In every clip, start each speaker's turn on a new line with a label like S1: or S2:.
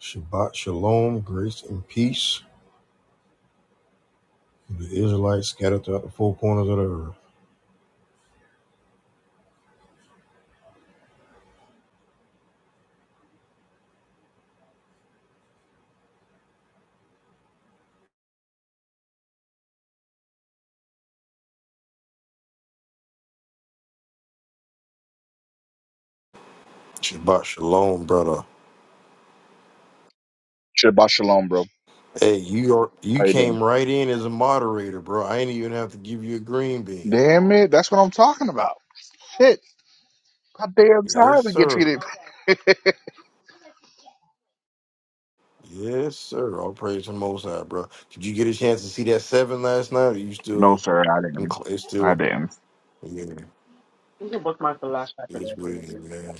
S1: Shabbat shalom, grace and peace to the Israelites scattered throughout the four corners of the earth. Shabbat shalom, brother.
S2: Shabbat shalom, bro.
S1: Hey, you are you
S2: How you doing?
S1: came right in as a moderator, bro. I ain't even have to give you a green bean.
S2: Damn it, that's what I'm talking about. Shit, how damn tired
S1: Yes,
S2: we get
S1: sir.
S2: treated.
S1: Yes, sir. All praise to the Most High, bro. Did you get a chance to see that seven last night? Or you
S2: no,
S1: still
S2: sir, I
S1: them
S2: didn't.
S1: cl- it's
S2: I
S1: still
S2: didn't.
S1: yeah, it's what it is, man.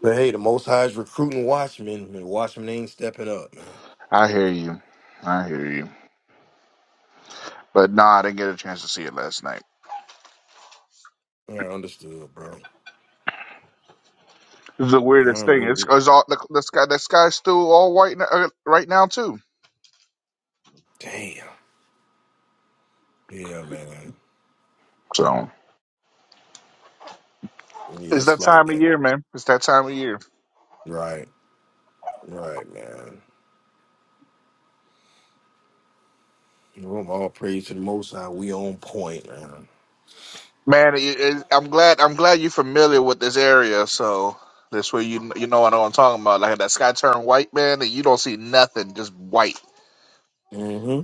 S1: But hey, the Most High is recruiting watchmen, and watchmen ain't stepping up, man.
S2: I hear you. I hear you. But nah, I didn't get a chance to see it last night.
S1: All right, understood, bro.
S2: It's the weirdest
S1: Yeah,
S2: thing. It's,
S1: bro.
S2: it's all the, the sky. The sky's still all white n- uh, right now too.
S1: Damn. Yeah, man.
S2: So
S1: Yeah,
S2: it's
S1: it's
S2: that
S1: like
S2: time of
S1: that.
S2: year, man. It's that time of year.
S1: Right, right, man. Well, all praise to the Most High. We on point, man.
S2: Man, it, it, I'm glad. I'm glad you're familiar with this area, so this way you you know what I'm talking about. Like that sky turned white, man, and you don't see nothing, just white.
S1: hmm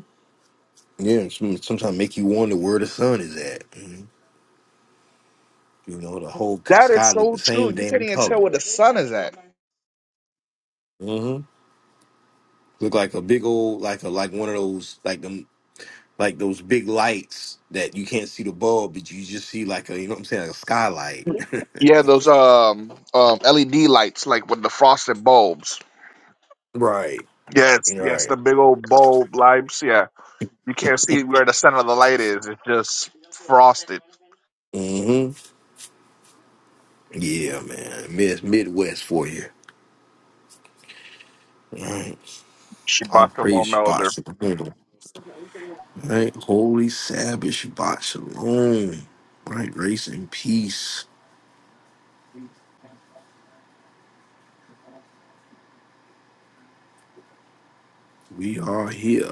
S1: Yeah, sometimes make you wonder where the sun is at. Mhm. You know, the whole c-
S2: That is
S1: sky look the
S2: so true.
S1: same
S2: You
S1: damn
S2: couldn't even
S1: color.
S2: tell where the sun is at.
S1: hmm Look like a big old, like a like one of those, like them, like those big lights that you can't see the bulb, but you just see like a, you know what I'm saying, like a skylight.
S2: Yeah, those um um LED lights, like with the frosted bulbs.
S1: right,
S2: Yes, yes,
S1: right.
S2: the big old bulb lights. Yeah, you can't see where the center of the light is. It's just frosted.
S1: hmm Yeah, man. Mid Midwest for you. Right. All
S2: Shabbat
S1: praise
S2: shalom,
S1: Shabbat
S2: elder.
S1: Shalom. Right? Holy Sabbath Shabbat Shalom. Right? Grace and peace. We are here.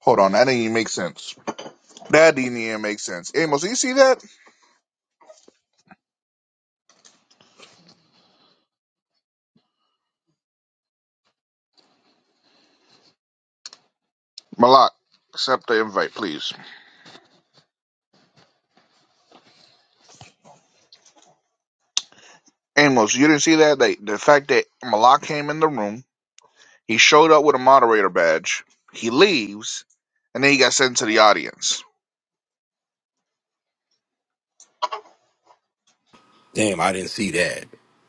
S2: Hold on, that didn't even make sense. That didn't even make sense. Amos, do you see that? Malak, accept the invite, please. Amos, you didn't see that? They, the fact that Malak came in the room, he showed up with a moderator badge, he leaves, and then he got sent to the audience.
S1: Damn, I didn't see that.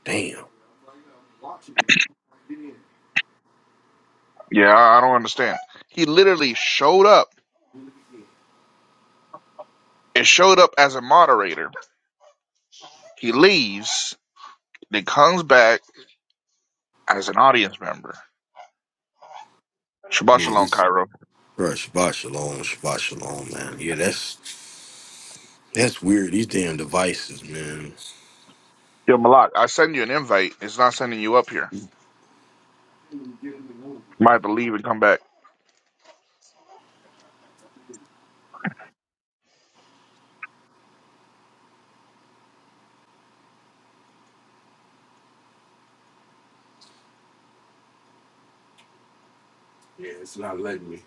S1: Damn.
S2: Yeah, I I don't understand. He literally showed up. It showed up as a moderator. He leaves, then comes back as an audience member. Shabbat
S1: Yeah,
S2: shalom,
S1: this
S2: Cairo.
S1: bro, Shabbat Shalom, Shabbat Shalom, man. Yeah, that's that's weird. These damn devices, man.
S2: Yo, Malak, I send you an invite. It's not sending you up here. might have to leave and come back.
S1: Yeah, it's not letting me.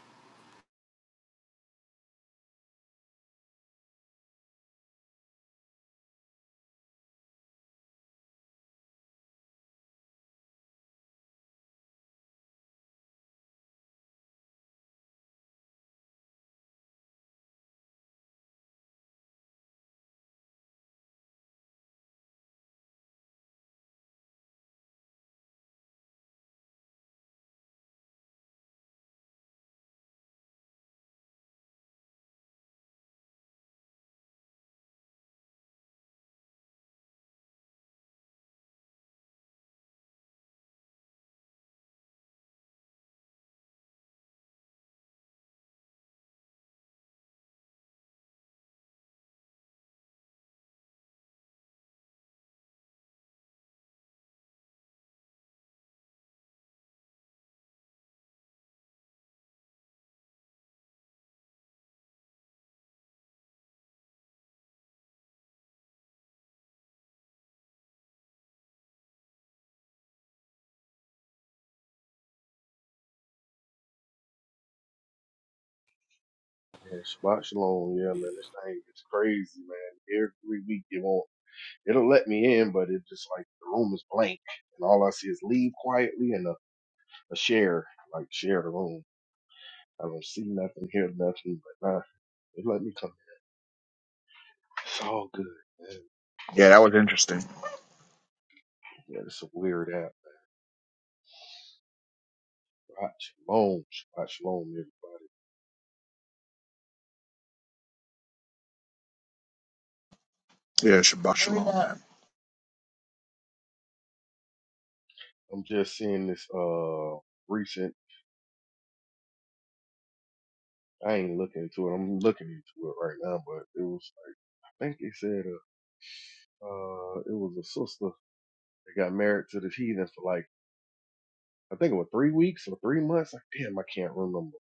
S3: Man, Shabbat Shalom, yeah, man, this thing is crazy, man. Every week it won't, it'll let me in, but it just like the room is blank, and all I see is leave quietly and a, a share, like share the room. I don't see nothing, hear nothing, but nah, it let me come. in. It's all good, man.
S2: Yeah, that was interesting.
S3: Yeah, it's a weird app. Shabbat Shalom, Shabbat Shalom, everybody.
S2: Yeah, Shabbat shalom.
S3: I'm just seeing this uh recent. I ain't looking into it. I'm looking into it right now, but it was like I think they said uh, uh it was a sister They got married to this heathen for like I think it was three weeks or three months. Like, damn, I can't remember.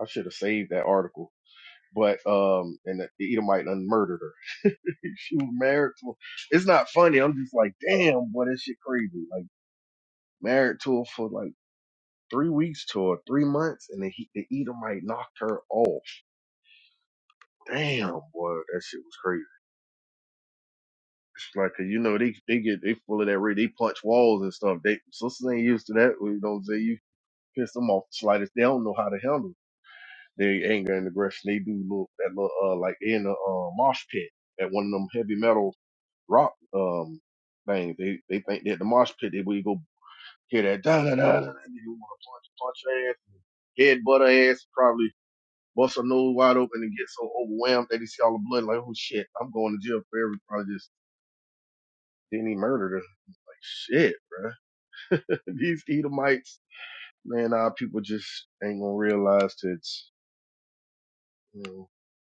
S3: I should have saved that article. But um, and the Edomite done murdered her. she was married to. her. It's not funny. I'm just like, damn, boy, that shit crazy. Like married to her for like three weeks to her, three months, and the, he- the Edomite knocked her off. Damn, boy, that shit was crazy. It's like 'cause you know they they get they full of that re they punch walls and stuff. They sisters ain't used to that. You know what I'm saying? You piss them off the slightest. They don't know how to handle. it. their anger and aggression. They do look that little uh like they in the uh, mosh pit at one of them heavy metal rock um things. They they think that the mosh pit they we go hear that da da da da. da, and You want to punch punch her ass, head butt her ass, probably bust her nose wide open and get so overwhelmed that they see all the blood like oh shit I'm going to jail for every probably just then he murdered her. Like shit, bruh. These Edomites, man, our people just ain't gonna realize that. Mm,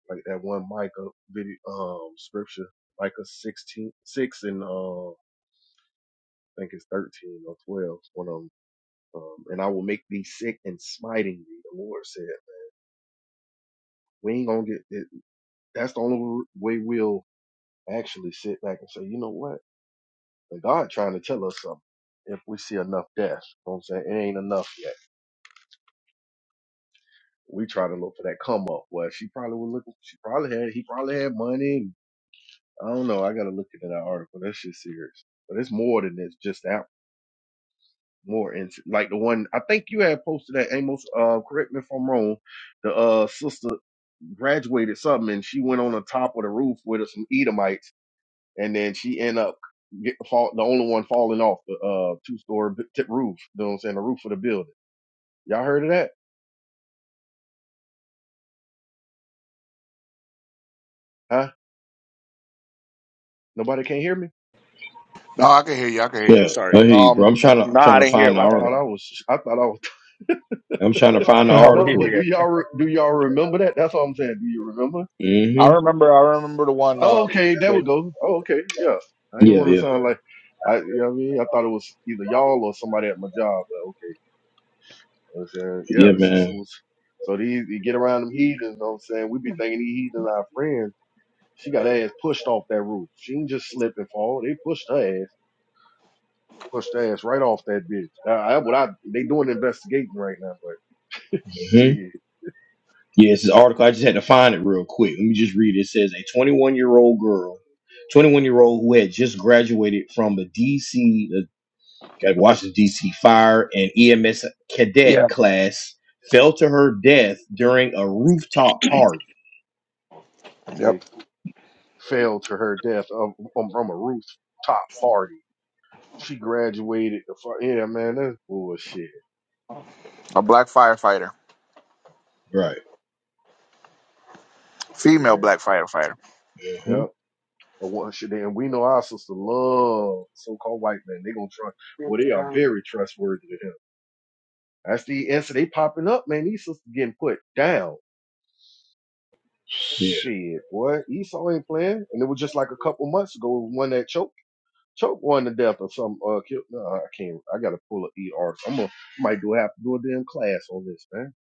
S3: like that one Micah video um scripture, Micah sixteen six and uh I think it's thirteen or twelve, one of them. Um, and I will make thee sick and smiting thee. The Lord said, we ain't gonna get it. That's the only way we'll actually sit back and say, you know what? The God trying to tell us something. If we see enough death, you know what I'm saying it ain't enough yet. We try to look for that come up. Well, she probably was looking. She probably had. He probably had money. I don't know. I gotta look into that article. That shit's serious. But it's more than this. Just that more into like the one I think you had posted that Amos. Uh, correct me if I'm wrong. The uh sister graduated something and she went on the top of the roof with some Edomites and then she end up get, fall, the only one falling off the uh two story tip roof. You know what I'm saying? The roof of the building. Y'all heard of that? Huh? Nobody can hear me.
S2: No, I can hear you. I can hear
S1: Yeah,
S2: you. Sorry. Um, no, I didn't hear
S3: Uh, I
S2: about that
S3: thought
S1: article.
S2: one.
S3: I was. I thought I was.
S1: I'm trying to find the
S2: No,
S3: No,
S2: we
S1: article.
S3: but do
S2: here.
S3: y'all re- do y'all remember that? That's all I'm saying. Do you remember?
S1: mm
S2: I
S1: hmm
S2: remember. I remember the one.
S3: Oh,
S2: Um,
S3: okay, there
S2: but
S3: we go. Oh, okay, yeah. I didn't
S1: Yeah,
S3: want to sound like I, you know what I mean? I thought it was either y'all or somebody at my job, but okay. I was saying, yeah,
S1: yeah,
S3: the sister was. So these, you get around them heathens, you know what I'm saying? We be thinking these heathens our friends. She got her ass pushed off that roof. She didn't just slip and fall. They pushed her ass, pushed her ass right off that bitch. Uh, I, what I, they doing investigating right now, but
S1: yeah.
S3: shit,
S1: Yeah, it's this article. I just had to find it real quick. Let me just read it. It says a 21 year old girl, 21 year old who had just graduated from the DC, the uh, Washington DC Fire and EMS
S2: yeah.
S1: cadet class, fell to her death during a rooftop party.
S2: Yep.
S3: they fell to her death um, um, from a rooftop party. She graduated. the fu- Yeah, man, that's bullshit.
S2: A black firefighter,
S1: Right.
S2: female
S3: Yeah.
S2: black firefighter.
S1: hmm
S3: Yep. And what should and we know our sister love so-called white man. They gonna trust. Well, they are very trustworthy to him. That's the answer. They popping up, man. These sisters getting put down.
S1: Yeah.
S3: Shit, boy. Esau ain't playing. And it was just like a couple months ago, one that choked, choked one to death or something. Uh, killed. No, I can't. I gotta pull an ER. I'm gonna I might do have to do a damn class on this, man.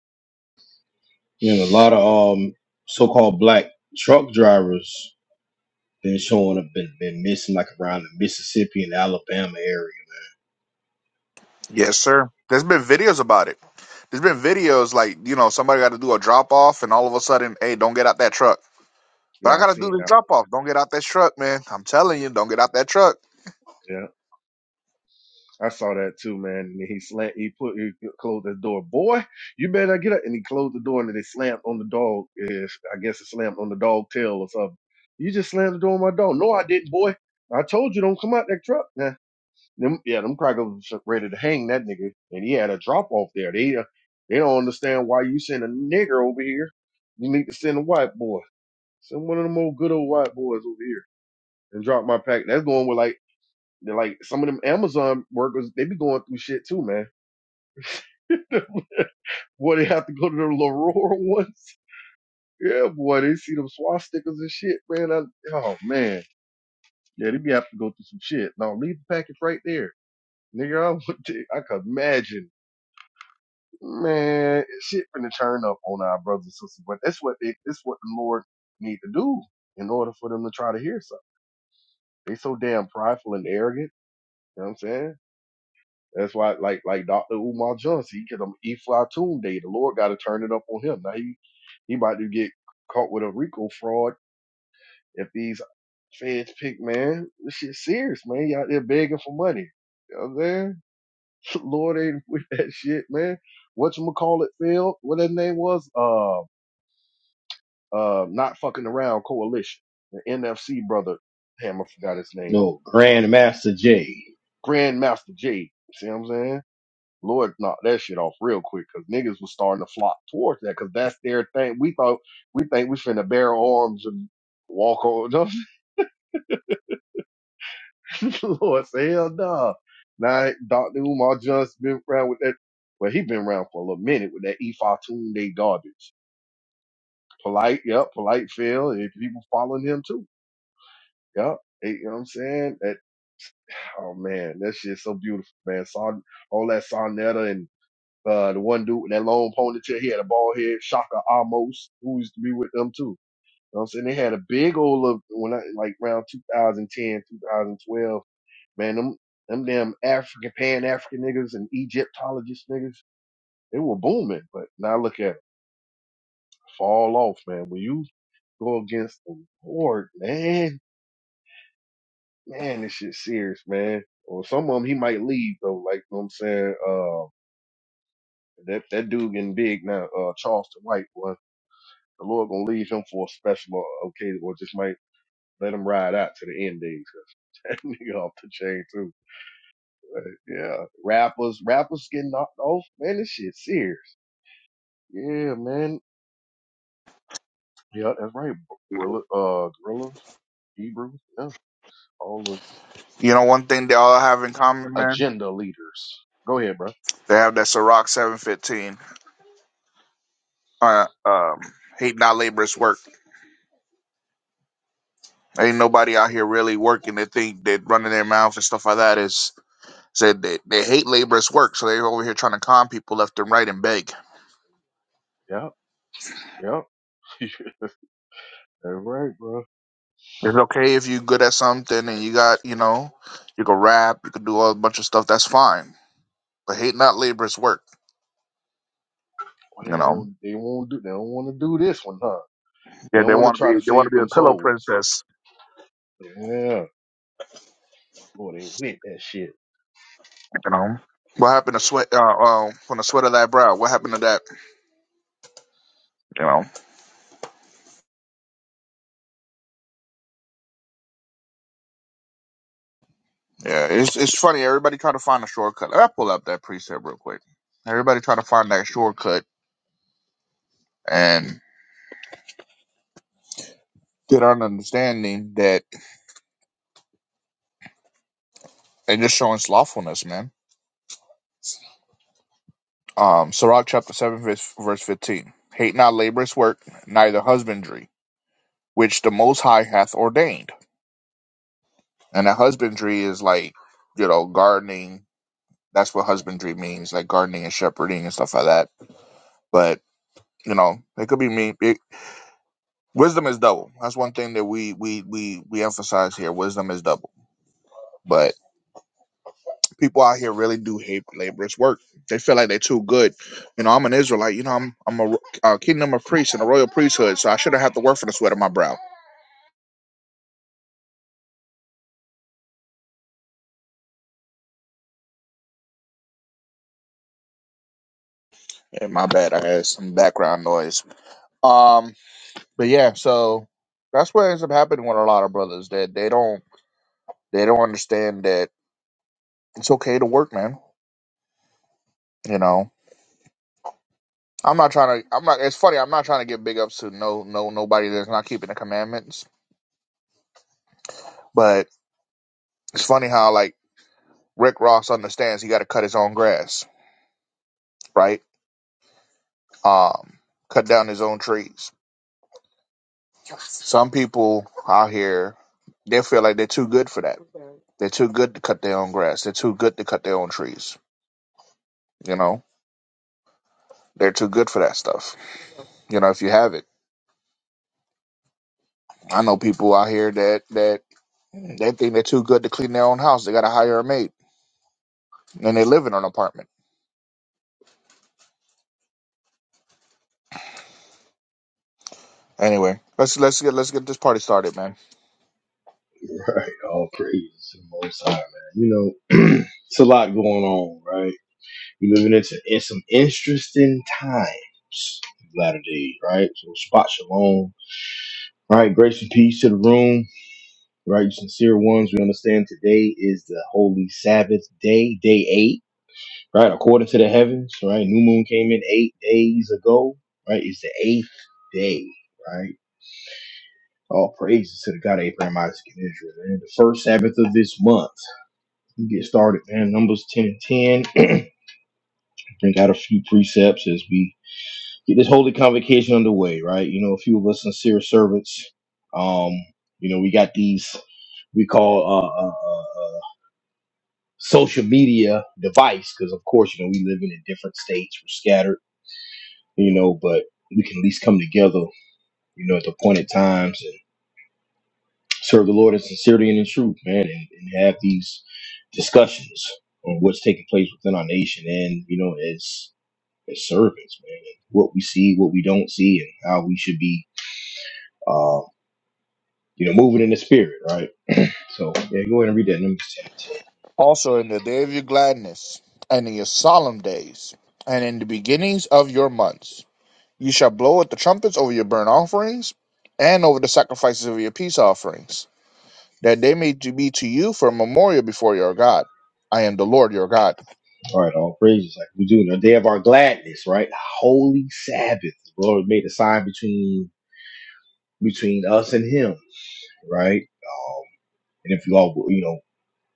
S1: And a lot
S3: Shit.
S1: of um so called black truck drivers been showing up, been, been missing like around the Mississippi and Alabama area.
S3: Yeah.
S2: Yes, sir. There's been videos about it. There's been videos like you know somebody got to do a drop off, and all of a sudden, hey, don't get out that truck. But I
S3: Yeah, I
S2: gotta do
S3: seen
S2: this
S3: that one.
S2: drop off. Don't get out that truck, man. I'm telling you, don't get out that truck.
S3: Yeah. I saw that too, man. And he slant, he put, he closed the door. Boy, you better get up. And he closed the door, and then he slammed on the dog. eh, I guess it slammed on the dog tail or something. You just slammed the door on my dog. No, I didn't, boy. I told you don't come out that truck. Nah, them, yeah, them crackers was ready to hang that nigga, and he had a drop off there. They, uh, they don't understand why you send a nigger over here. You need to send a white boy. Send one of them old good old white boys over here and drop my pack. That's going with like they're like some of them Amazon workers, they be going through shit too, man. Boy, they have to go to the Leroy ones. Yeah, boy, they see them swastikas and shit, man. I, oh man, yeah, they be have to go through some shit. Now leave the package right there, nigga. I would, t- I could imagine, man, shit finna turn up on our brothers and sisters. But that's what they, that's what the Lord need to do in order for them to try to hear something. They so damn prideful and arrogant. You know what I'm saying? That's why, like like Dr. Umar Johnson, he get him Eflatun Day. The Lord got to turn it up on him. Now he he about to get caught with a RICO fraud if these feds pick man. This shit serious, man. You out there begging for money. You know what I'm saying? Lord ain't with that shit, man. Whatchamacallit failed. What his name was? Uh uh not fucking around coalition. The NFC brother. Damn, I forgot his name.
S1: No, Grandmaster Jay.
S3: Grandmaster J. See what I'm saying? Lord knocked that shit off real quick because niggas was starting to flock towards that because that's their thing. We thought we think we finna bear arms and walk on. Lord say hell no. Now Dr. Umar Johnson been around with that. Well, he been around for a little minute with that E Fatun Day garbage. Polite, yep, polite feel, and people following him too. Yep. Hey, you know what I'm saying? That oh man, that shit's so beautiful, man. Saw all that Sarnetta and. Uh, the one dude with that long ponytail, he had a bald head. Shaka Amos, who used to be with them too. You know what I'm saying? They had a big old look when I, like around 2010, 2012. Man, them, them damn African, Pan African niggas and Egyptologist niggas, they were booming. But now look at it, fall off, man. When you go against the Lord, man, man, this shit serious, man. Or some of them, he might leave though. Like, you know what I'm saying? Uh, that, that dude getting big now, uh, Charleston White, boy. The Lord gonna leave him for a special o- occasion, or just might let him ride out to the end days. That nigga off the chain too. Yeah, rappers, rappers getting knocked off. Man, this shit serious. Yeah, man. Yeah, that's right. Gorilla, uh, gorillas, Hebrews. Yeah, all
S2: You know, one thing they all have in common,
S3: the
S2: man.
S3: agenda leaders. Go ahead, bro.
S2: They have that Ciroc 715. Uh, um, hate not labor's work. Ain't nobody out here really working. They think that running their mouth and stuff like that is Said they, they hate laborious work, so they're over here trying to con people left and right and beg.
S3: Yeah, yeah. that's right, bro.
S2: It's okay if you're good at something and you got, you know, you can rap, you can do a bunch of stuff. That's fine. But hate not laborious work.
S3: Why they
S2: You know.
S3: won't? They won't do. They don't want to do this one, huh? They
S2: Yeah,
S3: don't
S2: they
S3: want to
S2: want to
S3: try
S2: be
S3: to
S2: they want
S3: save
S2: to be a
S3: them
S2: pillow
S3: souls.
S2: princess.
S3: Yeah, Lord ain't with that shit.
S2: You know. What happened to sweat? Uh, uh, from the sweat of that brow. What happened to that? You know. Yeah, it's it's funny. Everybody try to find a shortcut. I pull up that precept real quick. Everybody try to find that shortcut and get an understanding that they're just showing slothfulness, man Um, Sirach chapter 7, verse, verse 15. Hate not laborious work, neither husbandry, which the Most High hath ordained. And a husbandry is like, you know, gardening. That's what husbandry means, like gardening and shepherding and stuff like that. But, you know, it could be me. It, wisdom is double. That's one thing that we, we, we, we emphasize here. Wisdom is double. But people out here really do hate laborious work. They feel like they're too good. You know, I'm an Israelite. You know, I'm I'm a, a kingdom of priests and a royal priesthood, so I shouldn't have to work for the sweat of my brow Hey, my bad. I had some background noise. Um, but yeah, so that's what ends up happening with a lot of brothers that they don't they don't understand that it's okay to work, man. You know, I'm not trying to. I'm not. It's funny. I'm not trying to give big ups to no no nobody that's not keeping the commandments. But it's funny how like Rick Ross understands he got to cut his own grass, right? Um, cut down his own trees Some people out here, they feel like they're too good for that. They're too good to cut their own grass. They're too good to cut their own trees. You know, they're too good for that stuff. You know, if you have it, I know people out here that that they think they're too good to clean their own house. They got to hire a maid, and they live in an apartment. Anyway, let's let's get let's get this party started, man.
S1: Right, all praise to the Most High, man. You know, it's a lot going on, right? We're living into in some interesting times, latter days, right? So, spot shalom. All right, grace and peace to the room, right? Sincere ones, we understand today is the holy Sabbath day, day eight, right? According to the heavens, right? New moon came in eight days ago, right? It's the eighth day, right? All praises to the God of Abraham, Isaac, and Israel, man. The first Sabbath of this month. and get started, man. Numbers 10 and 10. and got a few precepts as we get this holy convocation underway, right? You know, a few of us sincere servants. Um, you know, we got these we call uh, uh, uh, uh, social media device because, of course, you know, we live in in different states, we're scattered, you know, but we can at least come together, you know, at the appointed times and serve the Lord in sincerity and in truth, man, and, and have these discussions on what's taking place within our nation. And, you know, as as servants, man. And what we see, what we don't see, and how we should be, uh, you know, moving in the spirit, right? So yeah, go ahead and read that Numbers ten and ten.
S2: Also, in the day of your gladness, and in your solemn days, and in the beginnings of your months. You shall blow at the trumpets over your burnt offerings and over the sacrifices of your peace offerings, that they may to be to you for a memorial before your God. I am the Lord your God.
S1: All right, all praises like we do in the day of our gladness, right? Holy Sabbath. The Lord made a sign between between us and Him, right? Um, and if you all, you know,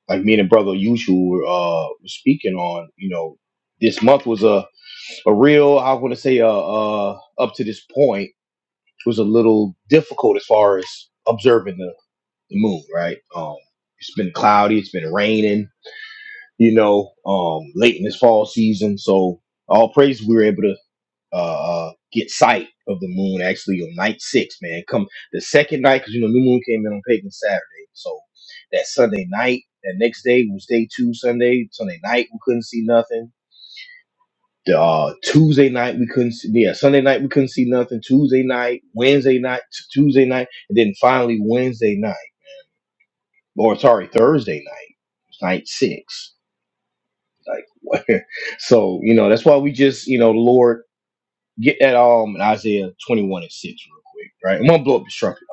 S1: like me and brother usual were uh, were speaking on, you know, this month was a a real I want to say uh, uh up to this point was a little difficult as far as observing the, the moon, right? Um it's been cloudy, it's been raining, you know, um late in this fall season, so all praise we were able to uh, uh get sight of the moon actually on night 6, man. Come the second night cuz you know new moon came in on pagan Saturday. So that Sunday night, that next day was day 2 Sunday, Sunday night we couldn't see nothing the uh, Tuesday night we couldn't see, yeah Sunday night we couldn't see nothing. Tuesday night, Wednesday night, t- Tuesday night, and then finally Wednesday night, or sorry Thursday night, night six. Like what? so you know that's why we just you know Lord get that um in Isaiah twenty one and six real quick, right? I'm gonna blow up the trumpet,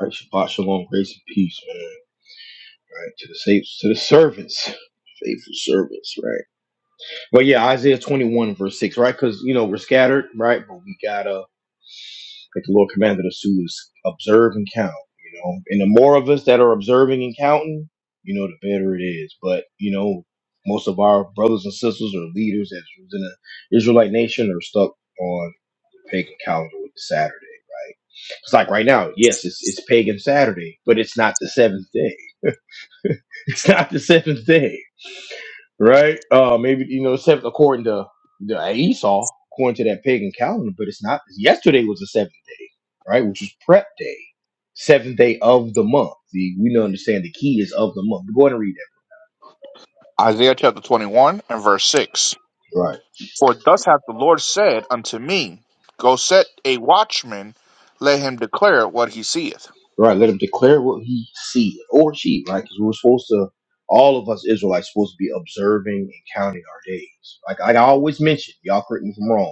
S1: right? Shabbat shalom, grace and peace, man. Right to the safe to the servants, faithful servants, right? But yeah, Isaiah 21 verse 6, right? Because you know we're scattered, right? But we gotta like the Lord commanded us to is observe and count, you know. And the more of us that are observing and counting, you know, the better it is. But, you know, most of our brothers and sisters or leaders that's in the Israelite nation are stuck on the pagan calendar with the Saturday, right? It's like right now, yes, it's it's pagan Saturday, but it's not the seventh day. It's not the seventh day right? Uh, maybe you know, except according to the Esau, according to that pagan calendar, but it's not. Yesterday was the seventh day, right? Which was prep day, seventh day of the month. See, we don't understand the key is of the month. Go ahead and read
S2: Isaiah chapter 21 and verse 6.
S1: that, right?
S2: For thus hath the Lord said unto me, Go set a watchman, let him declare what he seeth.
S1: Right. Let him declare what he sees or she, right? Because we're supposed to. All of us Israelites supposed to be observing and counting our days. Like like I always mention, y'all correct me if I'm wrong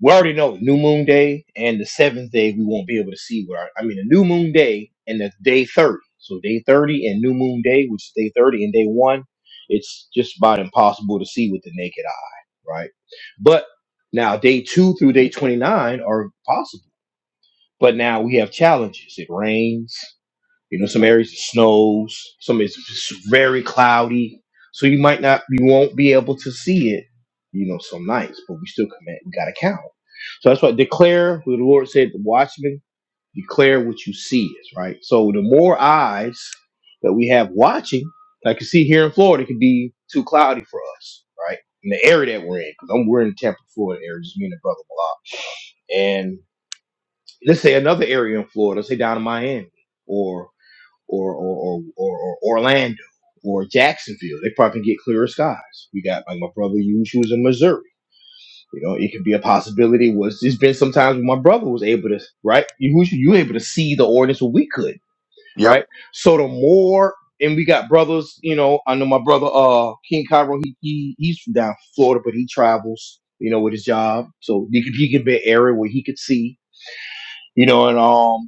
S1: we already know new moon day and the seventh day we won't be able to see what our, I mean the new moon day and the day 30. So day 30 and new moon day, which is day 30 and day 1, it's just about impossible to see with the naked eye, right? But now day 2 through day 29 are possible. But now we have challenges. It rains, you know, some areas it snows, some it's it's very cloudy, so you might not, you won't be able to see it. You know, some nights, but we still commit. We gotta count. So that's why declare. what The Lord said, "The watchman declare what you see is right." So the more eyes that we have watching, like you see here in Florida, it could be too cloudy for us, right? In the area that we're in, because I'm we're in Tampa, Florida area, just me and the brother Malak. And let's say another area in Florida, let's say down in Miami, or or or or, or, or Orlando or Jacksonville. They probably can get clearer skies. We got like my brother used who was in Missouri. You know, it could be a possibility. Was there's been sometimes when my brother was able to right? You was you were able to see the ordinance when we could,
S2: Yep.
S1: right? So the more and we got brothers, you know, I know my brother uh King Cairo, he, he he's from down Florida, but he travels, you know, with his job. So he could he could be an area where he could see, you know, and um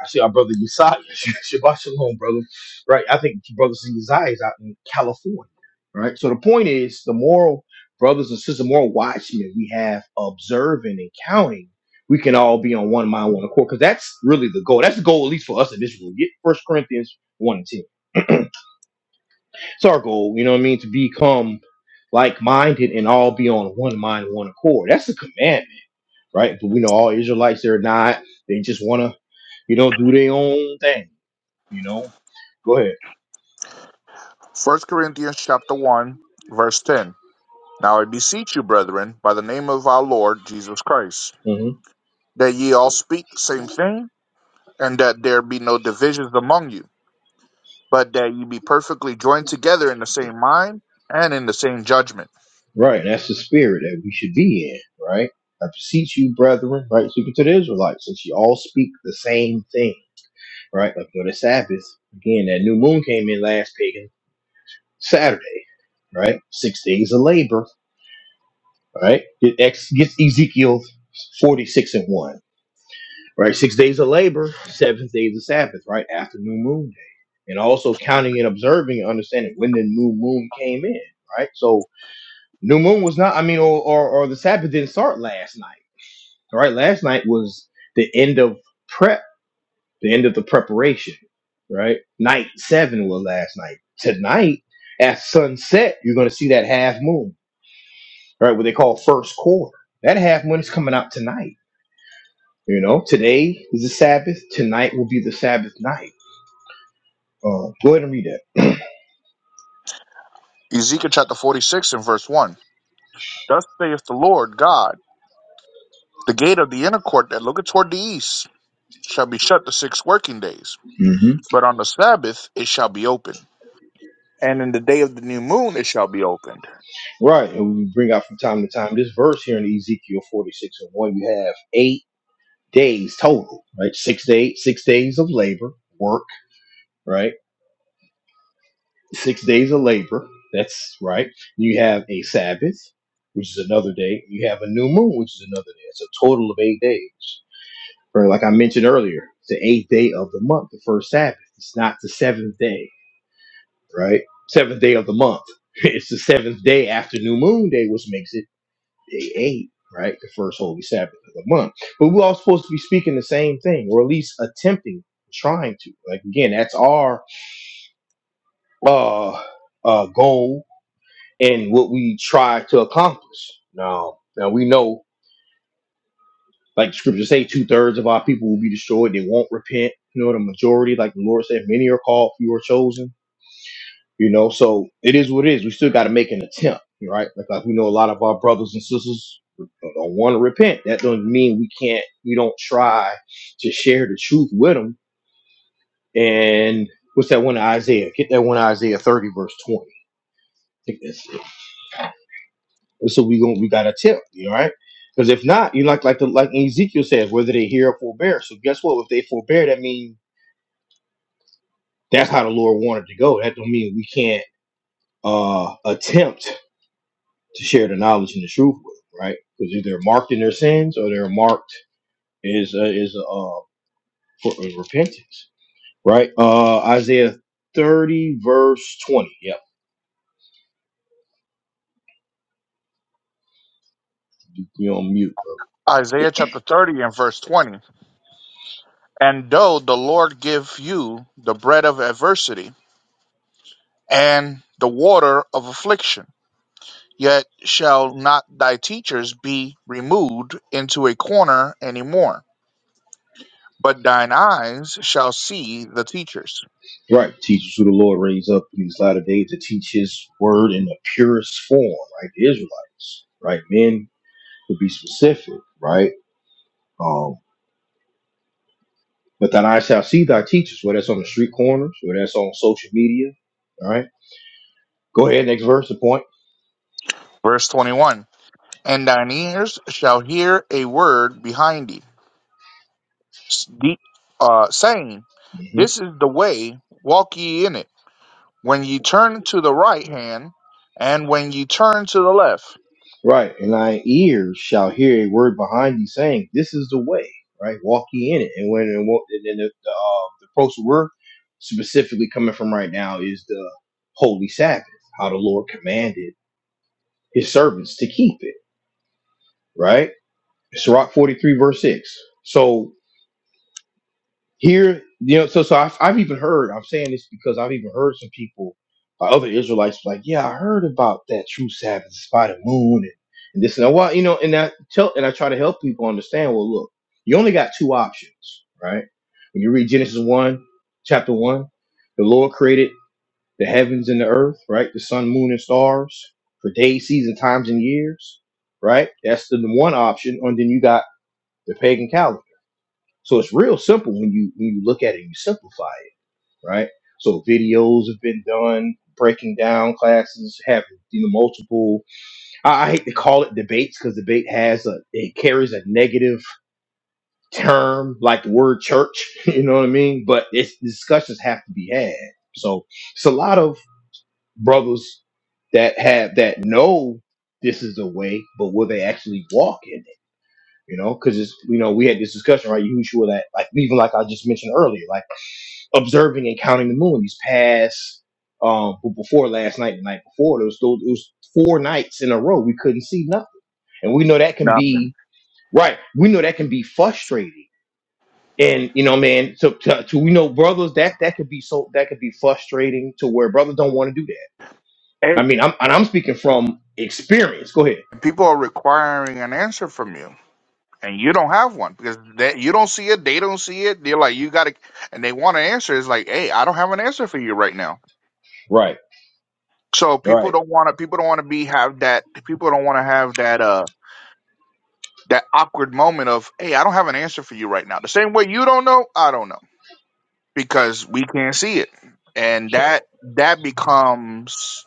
S1: I see our brother Uzziah. Shabbat shalom, brother. Right. I think brothers Uzziah is out in California. Right. So the point is the moral brothers and sisters, the moral watchmen we have observing and counting, we can all be on one mind, one accord. Because that's really the goal. That's the goal, at least for us in this room. Get First Corinthians 1 and 10. It's our goal, you know what I mean? To become like minded and all be on one mind, one accord. That's the commandment, right? If the lights are not, they just want to, you know, do things, you know? Go ahead.
S2: First Corinthians chapter 1, verse 10. Now I beseech you, brethren, by the name of our Lord Jesus Christ,
S1: Mm-hmm.
S2: that ye all speak the same thing and that there be no divisions among you, but that you be perfectly joined together in the same mind and in the same judgment.
S1: Right. That's the spirit that we should be in, right? I beseech you, brethren, right? Speaking to the Israelites, since you all speak the same thing, right? Like for the Sabbath, again, that new moon came in last pagan Saturday, right? Six days of labor, right? Get Ex Get Ezekiel 46 and 1, right? Six days of labor, seventh days of Sabbath, right? After new moon day. And also counting and observing and understanding when the new moon came in, right? So new moon was not, I mean, or, or, or the Sabbath didn't start last night All right? Last night was the end of prep, the end of the preparation, right? Night seven was last night. Tonight, at sunset, you're going to see that half moon, right? What they call first quarter. That half moon is coming out tonight. You know, today is the Sabbath. Tonight will be the Sabbath night. Uh, go ahead and read that.
S2: Ezekiel chapter 46 and verse 1. Thus saith the Lord God, the gate of the inner court that looketh toward the east shall be shut the six working days,
S1: hmm
S2: but on the Sabbath it shall be open, and in the day of the new moon it shall be opened.
S1: Right. And we bring out from time to time this verse here in Ezekiel 46 and 1. You have eight days total, right? Six to six days of labor, work, right? six days of labor. That's right. You have a Sabbath, which is another day. You have a new moon, which is another day. It's a total of eight days. Right, like I mentioned earlier, it's the eighth day of the month, the first Sabbath. It's not the seventh day, right? Seventh day of the month. It's the seventh day after New Moon Day, which makes it day eight, right? The first Holy Sabbath of the month. But we're all supposed to be speaking the same thing, or at least attempting, trying to. Like again, that's our uh, uh, goal and what we try to accomplish. Now, now we know, like the scriptures say, two thirds of our people will be destroyed. They won't repent. You know, the majority, like the Lord said, many are called, few are chosen. You know, so it is what it is. We still got to make an attempt, right? Like, like we know a lot of our brothers and sisters don't want to repent. That doesn't mean we can't. We don't try to share the truth with them. And what's that one in Isaiah? Get that one in Isaiah thirty verse twenty. I think that's it. So we going we got a tip, you know, right? Because if not, you like like the like Ezekiel says, whether they hear or forbear. So guess what? If they forbear, that means that's how the Lord wanted to go. That don't mean we can't uh attempt to share the knowledge and the truth with them, right? Because either they're marked in their sins or they're marked is uh, is uh for uh, repentance, right? Uh Isaiah thirty verse twenty. Yep, you on mute, bro.
S2: Isaiah chapter 30 and verse 20. And though the Lord give you the bread of adversity and the water of affliction, Yet shall not thy teachers be removed into a corner any more, but thine eyes shall see the teachers.
S1: Right. Teachers who the Lord raised up in these latter days to teach his word in the purest form, right? The Israelites, right? Men to be specific, right? Um, but that I shall see thy teachers, whether that's on the street corners, whether that's on social media, all right? Go ahead, next verse, the point.
S2: Verse 21 And thine ears shall hear a word behind thee, s- the- uh, saying,
S1: hmm
S2: This is the way, walk ye in it. When ye turn to the right hand, and when ye turn to the left,
S1: Right. And thy ears shall hear a word behind thee saying, This is the way, right? Walk ye in it. And when and what- and then the, the, uh, the post we're specifically coming from right now is the Holy Sabbath, how the Lord commanded. his servants to keep it, right? Sirach 43, verse 6. So here, you know, so so I've, I've even heard, I'm saying this because I've even heard some people, uh, other Israelites, like, yeah, I heard about that true Sabbath, it's by the moon, and, and this and that. Well, you know, and I tell, and I try to help people understand, well, look, you only got two options, right? When you read Genesis 1, chapter 1, the Lord created. the heavens and the earth, right? The sun, moon, and stars for days, seasons, times, and years, right? That's the one option. And then you got the pagan calendar. So it's real simple when you when you look at it and you simplify it, right? So videos have been done breaking down classes, having you know multiple. I, I hate to call it debates because debate has a it carries a negative term like the word church. You know what I mean? But it's discussions have to be had. So it's a lot of brothers that have that know this is the way, but will they actually walk in it? You know, because it's you know we had this discussion right, Yahushua, that like even like I just mentioned earlier, like observing and counting the moon. These past, um, b- before last night, the night before, there was those it was four nights in a row we couldn't see nothing, and we know that can
S2: nothing.
S1: be right. We know that can be frustrating, and you know, man, to to, to we know brothers that that could be so that could be frustrating to where brothers don't want to do that
S2: Hey,
S1: I mean, I'm and I'm speaking from experience. Go ahead.
S2: people are requiring an answer from you and you don't have one because they, you don't see it, they don't see it. They're like, you got to, and they want an answer. It's like, hey, I don't have an answer for you right now.
S1: Right.
S2: So people
S1: Right.
S2: don't want to, people don't want to be have that, people don't want to have that, uh, that awkward moment of, hey, I don't have an answer for you right now. The same way you don't know, I don't know because we can't see it, and that that becomes,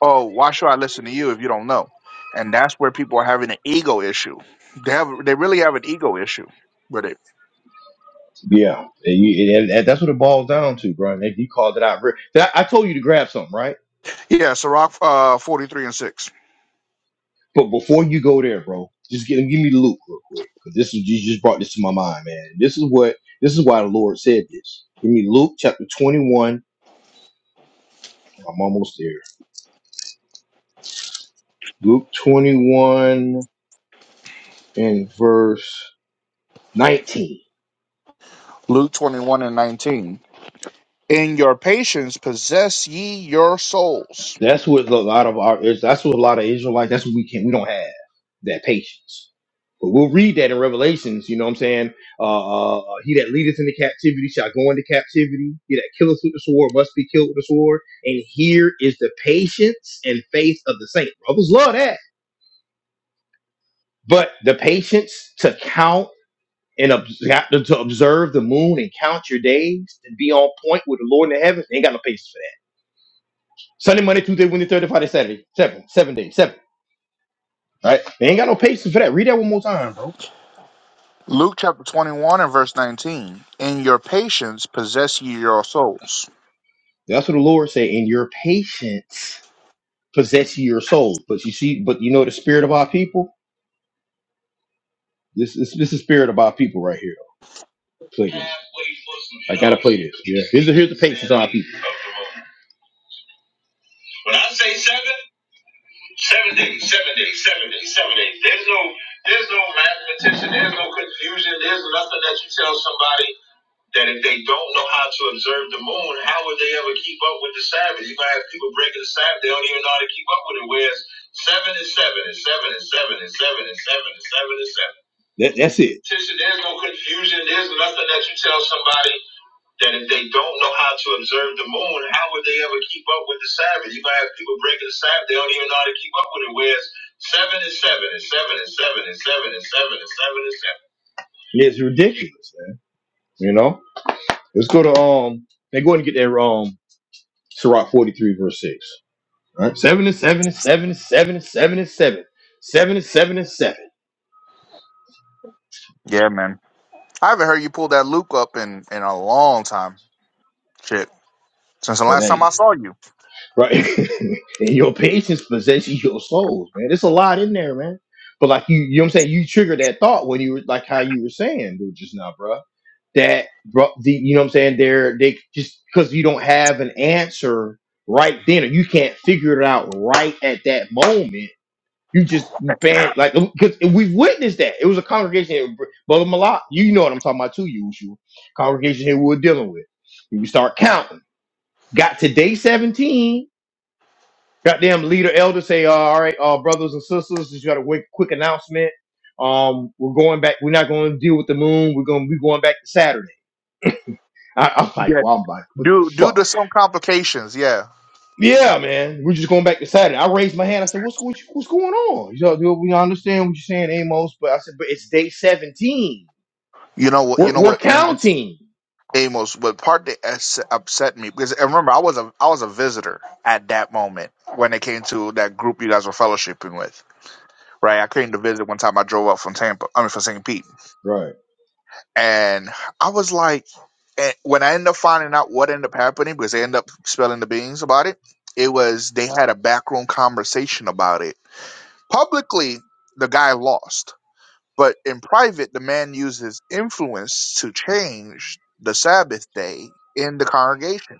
S2: oh, why should I listen to you if you don't know? And that's where people are having an ego issue. They have, they really have an ego issue with it.
S1: Yeah. And, you- and- and that's what it boils down to, bro. And you called it out. re- That- I told you to grab something, right?
S2: Yeah, Sirach uh, 43 and 6.
S1: But before you go there, bro, just give, give me the loop real quick. Cause this is you just brought this to my mind, man. This is what this is why the Lord said this. Give me Luke chapter 21. I'm almost there. Luke 21 and verse 19.
S2: Luke 21 and 19. In your patience possess ye your souls.
S1: That's what a lot of our is- that's what a lot of Israelites that's what we can not we don't have that patience. But we'll read that in Revelations, you know what I'm saying? Uh, uh uh, he that leadeth into captivity shall go into captivity, he that killeth with the sword must be killed with the sword. And here is the patience and faith of the saint. Brothers love that. But the patience to count and ob- to observe the moon and count your days and be on point with the Lord in the heavens, they ain't got no patience for that. Sunday, Monday, Tuesday, Wednesday, Thursday, Friday, Saturday, seven, seven days, seven. All right. They ain't got no patience for that. Read that one more time, bro.
S2: Luke chapter 21 and verse 19. In your patience possess ye your souls.
S1: That's what the Lord said. And your patience possess ye your soul. But you see, but you know the spirit of our people? This is this is spirit of our people right here. Play this. I gotta play this. Yeah. Here's the here's the patience of our people. When I say seven, seven days, seven days, seven days, seven days. There's no there's no mathematician, there's no confusion, there's nothing that you tell somebody. that if they don't know how to observe the moon, how would they ever keep up with the Sabbath? You're gonna have people breaking the Sabbath, they don't even know how to keep up with it. Whereas seven and seven and seven and seven and seven and seven and seven and seven. That, that's it. Sister, there's no confusion. There's nothing that you tell somebody that if they don't know how to observe the moon, how would they ever keep up with the Sabbath? You're gonna have people breaking the Sabbath, they don't even know how to keep up with it. Whereas seven and seven and seven and seven and seven and seven and seven and seven. It's ridiculous, man. You know. Let's go to um. They go and get their um. Sirach forty three verse six. All right. Seven and seven and seven and seven and seven and seven. Seven and seven and seven.
S2: Yeah, man. I haven't heard you pull that Luke up in, in a long time. Shit. Since the
S1: It
S2: last time I
S1: ain't
S2: saw you.
S1: right. and your patience possesses your souls, man. There's a lot in there, man. But like you, you know what I'm saying. You triggered that thought when you were like how you were saying dude, just now, bruh. That bro, the, you know what I'm saying. They're they just because you don't have an answer right then, or you can't figure it out right at that moment You just banned like because we've witnessed that. It was a congregation, here, Br- brother Malak. You know what I'm talking about too, you Congregation here we were dealing with. You start counting. Got to day 17. Goddamn leader elder say, uh, all right, uh, brothers and sisters, just got a quick, quick announcement. Um, we're going back. We're not going to deal with the moon. We're going to be going back to Saturday. I, I'm like,
S2: Yeah.
S1: well, I'm like, what the
S2: Due, due
S1: fuck?
S2: to some complications, yeah.
S1: Yeah, man. We're just going back to Saturday. I raised my hand. I said, "What's what you- what's going on?" You know, dude, we understand what you're saying, Amos, but I said, "But it's day 17.
S2: You know what? You
S1: We're
S2: know
S1: we're
S2: what? Amor
S1: counting."
S2: Amos, but part that ups- upset me because and remember I was a I was a visitor at that moment when it came to that group you guys were fellowshipping with, right? I came to visit one time. I drove up from Tampa, I mean from St. Pete,
S1: Right,
S2: and I was like, and when I ended up finding out what ended up happening because they ended up spilling the beans about it, it was they had a backroom conversation about it publicly. The guy lost, but in private, the man used his influence to change the Sabbath day in the congregation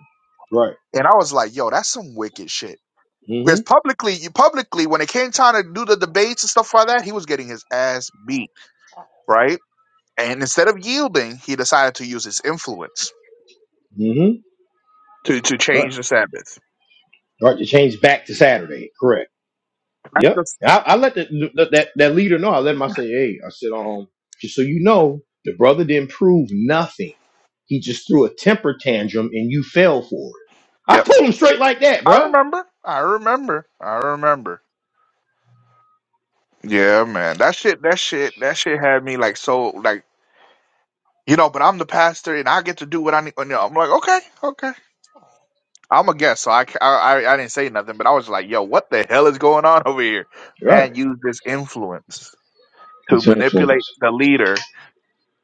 S1: right.
S2: And I was like, yo, that's some wicked shit. Because
S1: Mm-hmm.
S2: publicly, you publicly, when it came time to do the debates and stuff like that, he was getting his ass beat, right? And instead of yielding, he decided to use his influence
S1: Mm-hmm.
S2: to to
S1: Right,
S2: change the Sabbath.
S1: right. To change back to Saturday. Correct.
S2: That's
S1: Yep.
S2: just
S1: I, I let the, the- that that leader know. I let him. I say, "Hey," I said, "Um, just so you know, the brother didn't prove nothing. He just threw a temper tantrum, and you fell for it." I
S2: yep.
S1: told him straight like that,
S2: I
S1: bruh.
S2: remember. I remember. I remember. Yeah, man. That shit. That shit. That shit had me like so like you know. But I'm the pastor, and I get to do what I need. You know, I'm like, okay, okay. I'm a guest, so I, c- I- I- I didn't say nothing, but I was like, yo, what the hell is going on over here?
S1: Right.
S2: Man used his influence to
S1: It's
S2: manipulate
S1: influence.
S2: the leader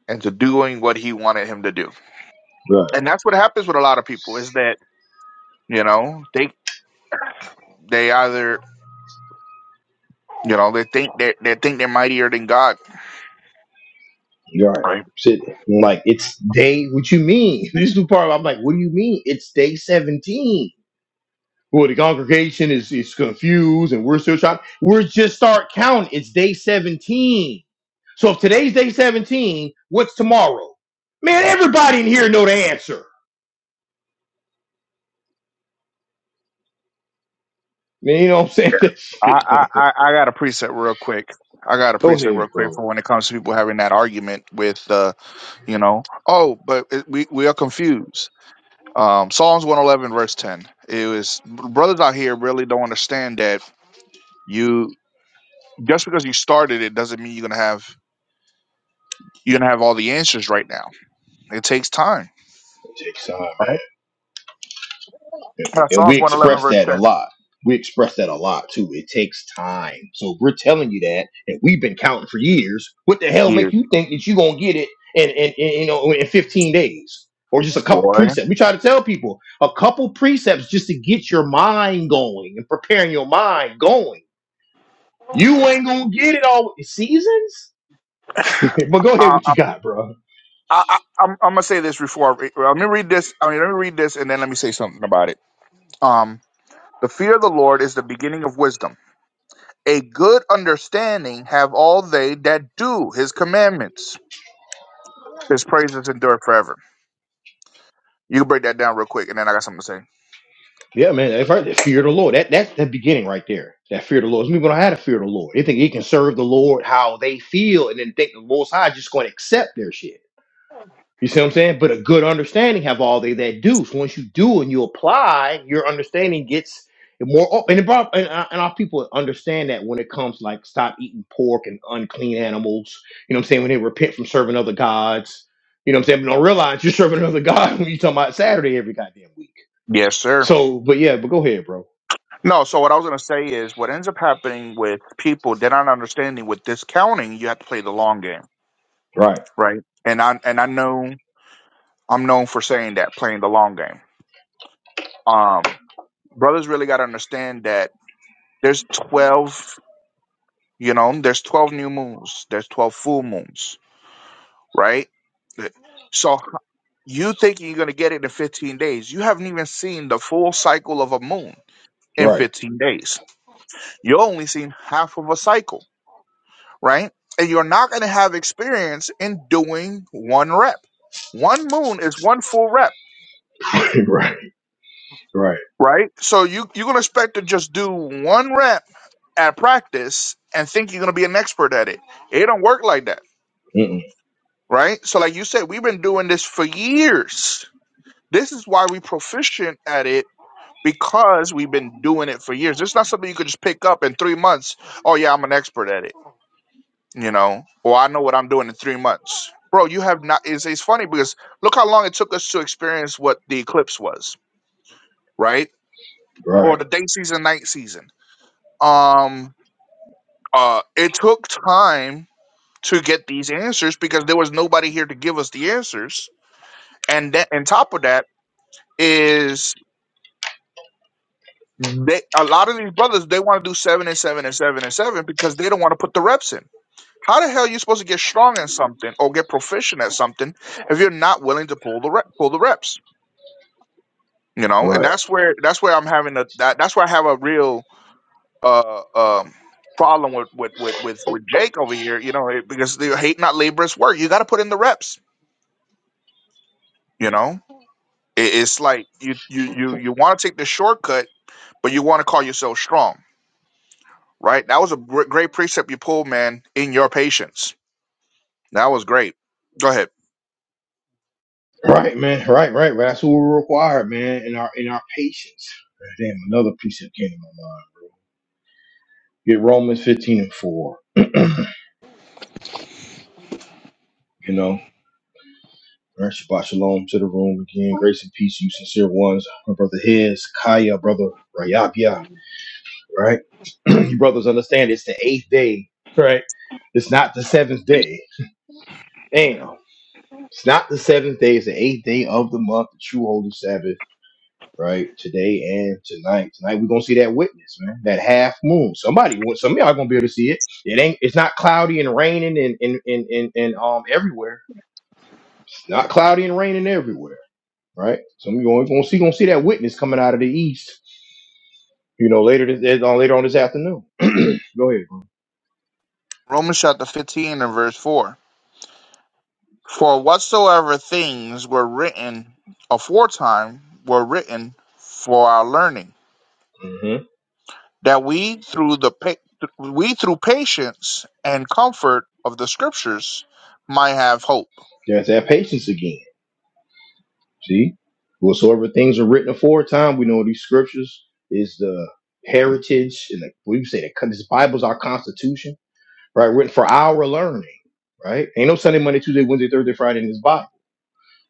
S2: into doing what he wanted him to do. And that's what happens with a lot of people is that, you know, they they either you know, they think they they think they're mightier than God.
S1: Right.
S2: Right.
S1: Shit. I'm like, it's day, what you mean? This new part, I'm like, what do you mean? It's day 17. Well, the congregation is, is confused and we're still trying. We're just start counting. It's day 17. So if today's day 17, what's tomorrow? Man, everybody in here know the answer. Man, you know what I'm saying? That
S2: I,
S1: shit,
S2: I,
S1: man.
S2: I I got a preset real quick. I got a
S1: Go
S2: preset
S1: ahead,
S2: real quick
S1: bro.
S2: for when it comes to people having that argument with uh, you know, oh, but it, we we are confused Um, Psalms 111, verse 10. It was brothers out here really don't understand that you just because you started it doesn't mean you're gonna have you're gonna have all the answers right now. It takes time.
S1: Take time.
S2: Right? Uh,
S1: and we
S2: Psalms 111,
S1: express
S2: verse
S1: that a
S2: 10.
S1: lot. We express that a lot too. It takes time. So if we're telling you that, and we've been counting for years. What the hell make
S2: Years,
S1: you think that you're gonna get it in, in, in you know in 15 days or just a couple
S2: boy.
S1: precepts? We try to tell people a couple precepts just to get your mind going and preparing your mind going. You ain't gonna get it all with the seasons. but go ahead,
S2: Uh,
S1: what you got, bro?
S2: I, I, I'm, I'm gonna say this before. I re- well, let me read this. I mean, let me read this, and then let me say something about it. Um, the fear of the Lord is the beginning of wisdom. A good understanding have all they that do His commandments. His praises endure forever. You can break that down real quick, and then I got something to say.
S1: Yeah, man, that's right. The fear of the Lord. That that's the beginning right there. That fear of the Lord. Some people don't have to fear of the Lord. They think they can serve the Lord how they feel, and then think the Most High is just going to accept their shit. You see what I'm saying? But a good understanding have all they that do. So once you do and you apply, your understanding gets more open. And, it brought, and, uh, and our people understand that when it comes like stop eating pork and unclean animals. You know what I'm saying? When they repent from serving other gods. You know what I'm saying? But don't realize you're serving another god when you talking about Saturday every goddamn week.
S2: Yes, sir.
S1: So, but yeah, but go ahead, bro.
S2: No, so what I was going to say is what ends up happening with people, they're not understanding with discounting, you have to play the long game,
S1: Right,
S2: right? And I and I know I'm known for saying that, playing the long game. Um, brothers really got to understand that there's 12, you know, there's 12 new moons, there's 12 full moons, right? So h- you thinking you're going to get it in 15 days. You haven't even seen the full cycle of a moon in
S1: right,
S2: 15 days You're only seeing half of a cycle, right? And you're not going to have experience in doing one rep. One moon is one full rep,
S1: right, right,
S2: right? So you, you're going to expect to just do one rep at practice and think you're going to be an expert at it. It don't work like that,
S1: Mm-mm.
S2: right? So, like you said, we've been doing this for years. This is why we proficient at it because we've been doing it for years. It's not something you could just pick up in three months. Oh, yeah, I'm an expert at it. you know, or I know what I'm doing in three months. Bro, you have not it's, it's funny because look how long it took us to experience what the eclipse was, right? Or
S1: right,
S2: the day season, night season. Um uh it took time to get these answers because there was nobody here to give us the answers. And that and top of that is they a lot of these brothers they want to do seven and seven and seven and seven because they don't want to put the reps in How the hell are you supposed to get strong in something or get proficient at something if you're not willing to pull the rep, pull the reps? You know, and
S1: right,
S2: that's where that's where I'm having a that, that's where I have a real uh um problem with with with with, with Jake over here. You know, it- because they hate not laborious work. You got to put in the reps. You know, it, it's like you you you you want to take the shortcut, but you want to call yourself strong, right? That was a gr- great precept you pulled, man. In your patience, that was great. Go ahead.
S1: right, man. Right, right, right. That's what we require, man. In our in our patience. Damn, another piece that came to my mind. Get Romans fifteen and four. You know, All right, Shabbat shalom to the room again. Grace and peace, you sincere ones. My brother His, Kaya, brother Rayabia. Right, you brothers understand it's the eighth day. Right, it's not the seventh day. Damn. It's not the seventh day, it's the eighth day of the month, the true holy Sabbath right? Today and tonight. Tonight we're gonna see that witness, man. That half moon. Somebody, some of y'all gonna be able to see it. It ain't. It's not cloudy and raining and and and and, and um everywhere. Not cloudy and raining everywhere, right? Some of you gonna, gonna see gonna see that witness coming out of the east. You know, later this on later on this afternoon. Go ahead.
S2: Romans chapter 15 and verse 4. For whatsoever things were written aforetime were written for our learning,
S1: Mm-hmm.
S2: that we through the pa- we through patience and comfort of the scriptures might have hope.
S1: There's that patience again. See, whatsoever things are written aforetime, we know these scriptures is the heritage and the, what do you say? The, this Bible's our constitution right? Written for our learning, right? Ain't no Sunday, Monday, Tuesday, Wednesday, Thursday, Friday in this Bible,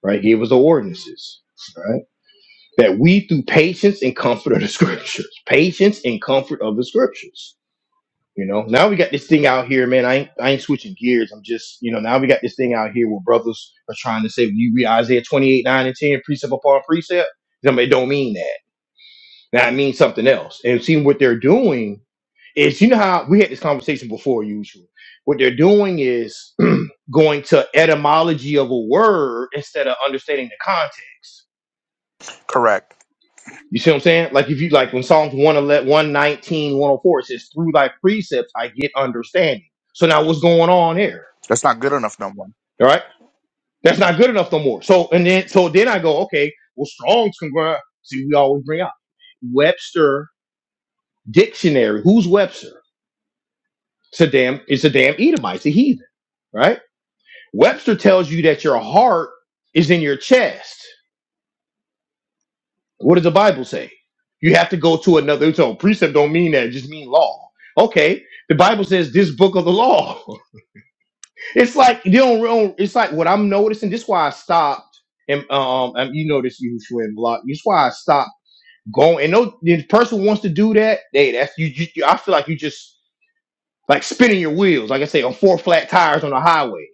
S1: right? Gave us the ordinances, right? That we through patience and comfort of the scriptures, patience and comfort of the scriptures. You know, now we got this thing out here, man. I ain't, I ain't switching gears. I'm just, you know, now we got this thing out here where brothers are trying to say, you read Isaiah 28, 9, and 10, precept upon precept. I mean, it don't mean that. Now it means something else. And seeing what they're doing is, you know, how we had this conversation before, usually. What they're doing is going to etymology of a word instead of understanding the context.
S2: Correct.
S1: You see what I'm saying? Like if you like when Psalms 111, 119, 104, it says, Through thy precepts I get understanding. So now what's going on there?
S2: That's not good enough no more.
S1: All right. That's not good enough no more. So and then so then I go, okay, well, Strong's congr see we always bring out Webster dictionary. Who's Webster? It's a damn, it's a damn Edomite, it's a heathen, right? Webster tells you that your heart is in your chest. What does the Bible say? You have to go to another. So precept don't mean that; it just mean law. Okay, the Bible says this book of the law. It's like you don't. real- It's like what I'm noticing. This is why I stopped. And um, and you notice you and block. This is why I stopped going. And no, the person wants to do that. Hey, that's you, you. I feel like you just like spinning your wheels. Like I say, on four flat tires on the highway.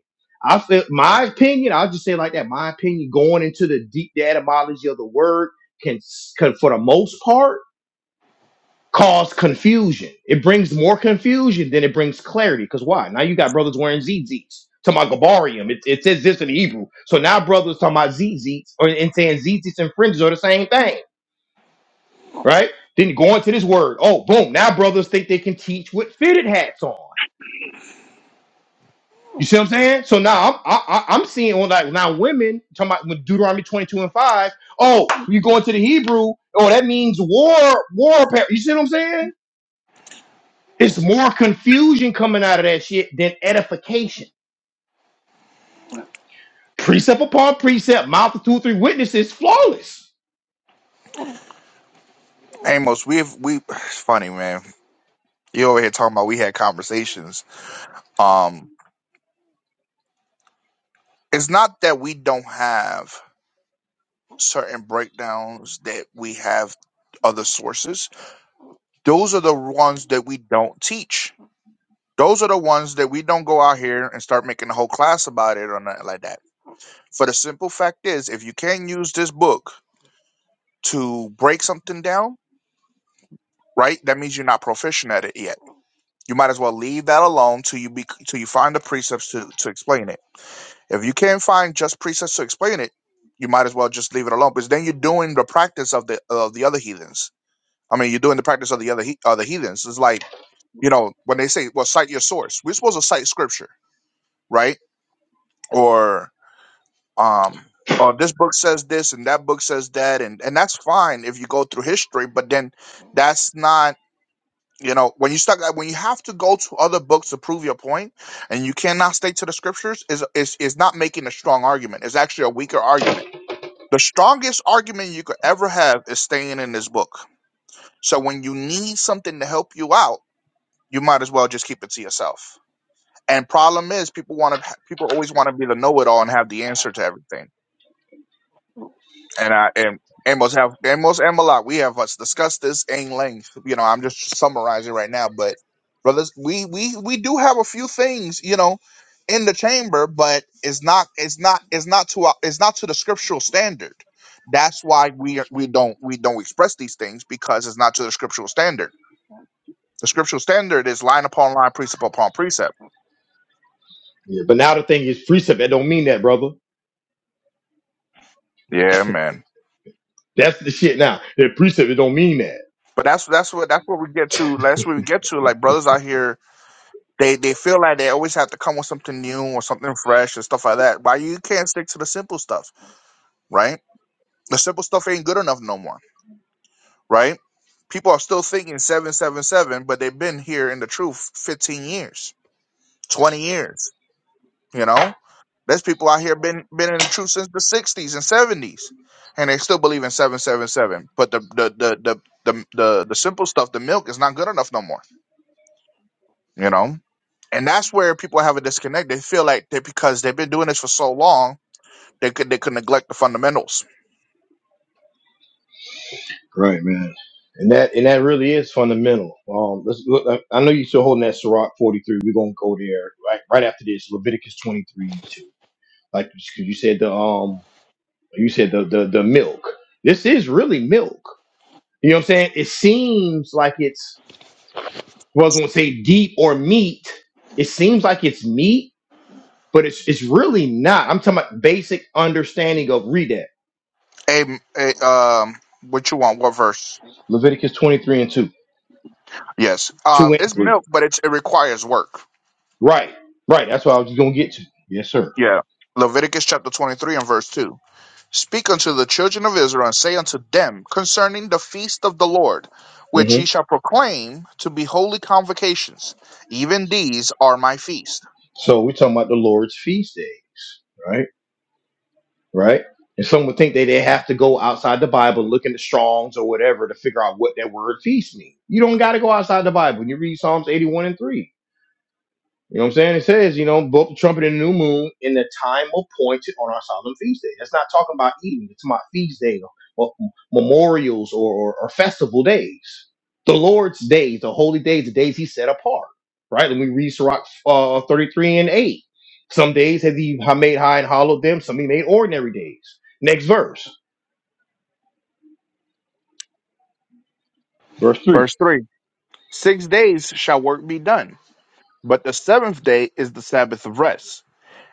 S1: I feel my opinion. I'll just say it like that. My opinion going into the deep etymology of the word can, can for the most part cause confusion. It brings more confusion than it brings clarity. Because why? Now you got brothers wearing zits. To my gabarium, it, it says this in the Hebrew. So now brothers talking about zits or and saying zits and fringes are the same thing, right? Then go into this word. Oh, boom! Now brothers think they can teach with fitted hats on. You see what I'm saying? So now I'm I, I- I'm seeing on like now women talking about with Deuteronomy 22 and five. Oh, you go into the Hebrew. Oh, that means war war. apparel. You see what I'm saying? It's more confusion coming out of that shit than edification. Precept upon precept, mouth of two, or three witnesses, flawless.
S2: Amos, we've we it's funny man. You over here talking about we had conversations. Um, it's not that we don't have certain breakdowns that we have other sources. Those are the ones that we don't teach Those are the ones that we don't go out here and start making a whole class about it or nothing like that. For the simple fact is, if you can't use this book to break something down, right, that means you're not proficient at it yet. You might as well leave that alone till you be till you find the precepts to, to explain it. If you can't find just precepts to explain it, you might as well just leave it alone because then you're doing the practice of the of the other heathens. I mean, you're doing the practice of the other he- other heathens. It's like you know when they say, "Well, cite your source." We're supposed to cite scripture, right? Or um oh this book says this and that book says that and and that's fine if you go through history but then that's not you know when you start when you have to go to other books to prove your point and you cannot stay to the scriptures is is is not making a strong argument it's actually a weaker argument the strongest argument you could ever have is staying in this book so when you need something to help you out you might as well just keep it to yourself and problem is people want to people always want to be the know-it-all and have the answer to everything and I and Amos have Amos and Malak, we have us discussed this in length. You know, I'm just summarizing right now, but brothers, we we we do have a few things, you know, in the chamber, but it's not it's not it's not to our, it's not to the scriptural standard. That's why we we don't we don't express these things because it's not to the scriptural standard. The scriptural standard is line upon line, precept upon precept.
S1: Yeah, but now the thing is precept, that don't mean that, brother.
S2: Yeah, man.
S1: That's the shit now. That precept, it don't mean that.
S2: But that's that's what that's what we get to. That's what we get to. Like brothers out here They they feel like they always have to come with something new or something fresh and stuff like that. Why you can't stick to the simple stuff, right? The simple stuff ain't good enough no more, right? People are still thinking seven seven seven, but they've been here in the truth fifteen years, twenty years. You know, there's people out here been been in the truth since the sixties and seventies, and they still believe in seven seven seven. But the the the the the the, the simple stuff, the milk, is not good enough no more. you know and that's where people have a disconnect they feel like they because they've been doing this for so long they could they could neglect the fundamentals
S1: Right, man. And that and that really is fundamental. Um, let's look. I I know you're still holding that Sirach 43. We're gonna go there right right after this. Leviticus 23 and 2. Like 'cause you said, the um, you said the the the milk. This is really milk. You know what I'm saying? It seems like it's. Well, I was gonna say deep or meat. It seems like it's meat, but it's it's really not. I'm talking about basic understanding of read that.
S2: a, a um what you want what verse
S1: Leviticus 23 and 2.
S2: yes uh
S1: 2 and
S2: it's
S1: 3.
S2: milk but it's it requires work
S1: Right. Right. That's what I was just gonna get to. Yes, sir.
S2: yeah leviticus chapter 23 and verse 2 speak unto the children of israel and say unto them concerning the feast of the lord which
S1: hmm
S2: ye shall proclaim to be holy convocations even these are my feast
S1: So we're talking about the Lord's feast days, right? Right. And some would think that they have to go outside the Bible, look in the Strongs or whatever to figure out what that word feast means. You don't gotta go outside the Bible. You read Psalms 81 and 3 You know what I'm saying? It says, you know, blow up the trumpet in the new moon in the time appointed on our solemn feast day. That's not talking about eating. It's about feast day or, or memorials or, or, or festival days. The Lord's days, the holy days, the days he set apart. Right? And we read Sirach uh, 33 and 8. Some days has he ha- made high and hollowed them. Some he made ordinary days. Next verse.
S2: verse 3 six days shall work be done But the seventh day is the Sabbath of rest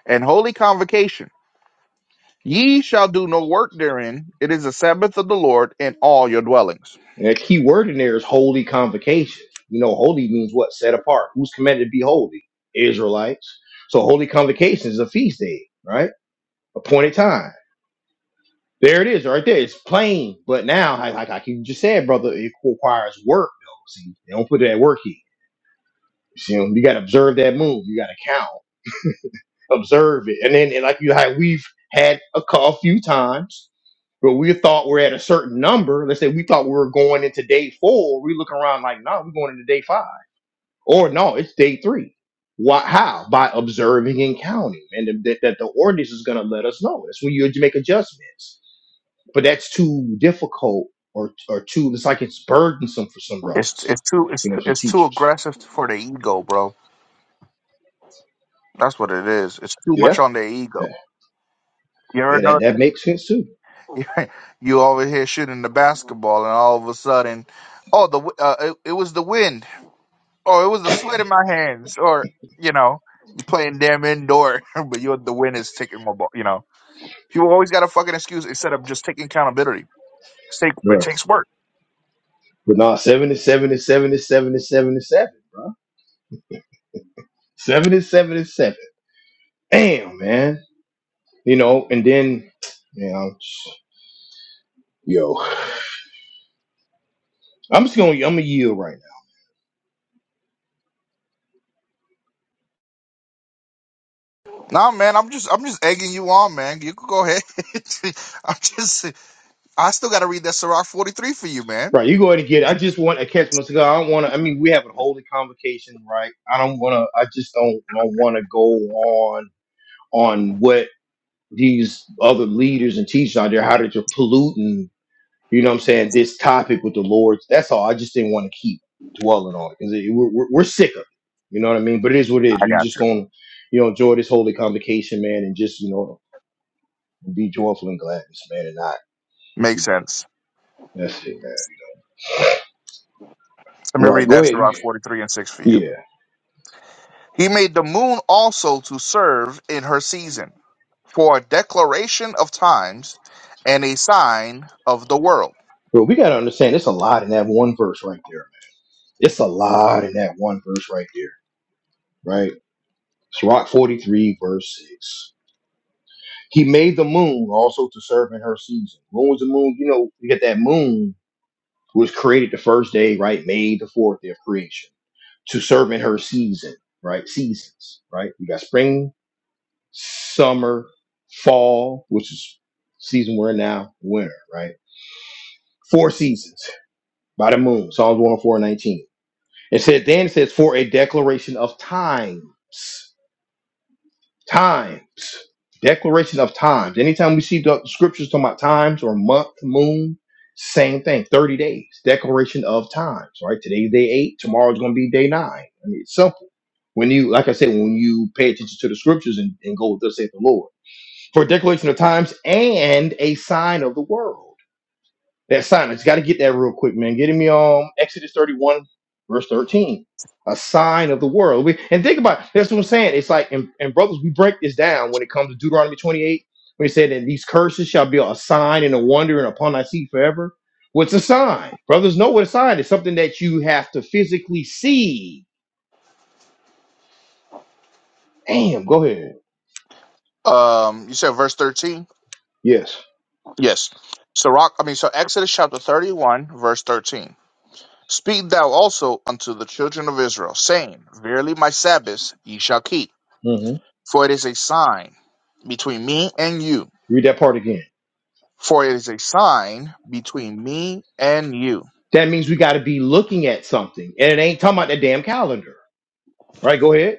S2: and holy convocation. Ye shall do no work therein. It is the Sabbath of the Lord in all your dwellings.
S1: And a key word in there is holy convocation. You know, holy means what? Set apart. Who's commanded to be holy? Israelites. So holy convocation is a feast day, right? Appointed time. There it is, right there. It's plain. But now, like, like, like you just said, brother, it requires work, though. See, they don't put that work in. You, know, you got to observe that move. You got to count, observe it. And then, and like you, like we've had a, cou- a few times but we thought we're at a certain number. Let's say we thought we were going into day four. We look around like, no, we're going into day five. Or no, it's day three. Why? How? By observing and counting, and th- that, that the ordinance is going to let us know. That's when you make adjustments. But that's too difficult, or or too. It's like it's burdensome for some
S2: It's
S1: brothers,
S2: it's too it's
S1: you know, for
S2: it's too
S1: teachers.
S2: aggressive for the ego, bro. That's what it is. It's too much
S1: Yeah,
S2: on the
S1: yeah,
S2: ego. You ever
S1: yeah
S2: know?
S1: that that makes sense too.
S2: you over here shooting the basketball, and all of a sudden, oh, the w- uh, it, it was the wind, or it was the sweat in my hands, or you know, you playing damn indoor, but you the wind is taking my ball. You know, people always got a fucking excuse instead of just taking accountability. It's take, it
S1: Right.
S2: takes work.
S1: But nah, seven is seven is seven is seven is seven is seven, bro. Seven is seven is seven. Damn, man. You know, and then, you know, yo, I'm just gonna I'm gonna yield right. now.
S2: Nah, man, I'm just I'm just egging you on, man. You could go ahead. I'm just I still got to read that Sirach 43 for you, man.
S1: Right, you go ahead and get it. I just want to catch my cigar. I don't want to. I mean, we have a holy convocation, right? I don't want to. I just don't don't want to go on on what these other leaders and teachers out there how they're just polluting. You know what I'm saying? This topic with the Lord's. That's all. I just didn't want to keep dwelling on it because we're, we're we're sick of it. You know what I mean? But it is what it is.
S2: I
S1: We
S2: got
S1: just
S2: you.
S1: gonna you know enjoy this holy convocation, man, and just you know be joyful and glad, man, and not
S2: Makes
S1: you know
S2: sense.
S1: that's it, man.
S2: Let me
S1: All right,
S2: read
S1: go
S2: that
S1: ahead.
S2: Sirach 43 and 6 for you.
S1: Yeah.
S2: He made the moon also to serve in her season, for a declaration of times and a sign of the world.
S1: But we got to understand it's a lot in that one verse right there. It's a lot in that one verse right there, right? Sirach 43, verse 6. He made the moon also to serve in her season. When was the moon? You know, you get that moon was created the first day, right? Made the fourth day of creation to serve in her season, right? Seasons, right? We got spring, summer, fall, which is season we're in now, winter, right? Four seasons by the moon. Psalms 104:19. It said then it says for a declaration of times, times, declaration of times. Anytime we see the scriptures talking about times or month, moon, same thing. Thirty days, declaration of times. Right? Today's day eight. Tomorrow's going to be day nine. I mean, it's simple. When you, like I said, when you pay attention to the scriptures and, and go with the saith the Lord for a declaration of times and a sign of the world. That sign, I got to get that real quick, man. Getting me on Exodus 31, verse 13. A sign of the world. We, and think about it. That's what I'm saying. It's like, and, and brothers, we break this down when it comes to Deuteronomy 28, when he said, and these curses shall be a sign and a wonder and upon thy seed forever. What's a sign? Brothers know what a sign is. Something that you have to physically see. Damn, go ahead.
S2: Um, you said verse 13?
S1: Yes.
S2: Yes. Sirach, I mean, so Exodus chapter 31, verse 13. Speak thou also unto the children of Israel, saying, Verily my Sabbaths ye shall keep,
S1: hmm
S2: for it is a sign between me and you.
S1: Read that part again.
S2: For it is a sign between me and you.
S1: That means we got to be looking at something. And it ain't talking about that damn calendar. Right? Go ahead.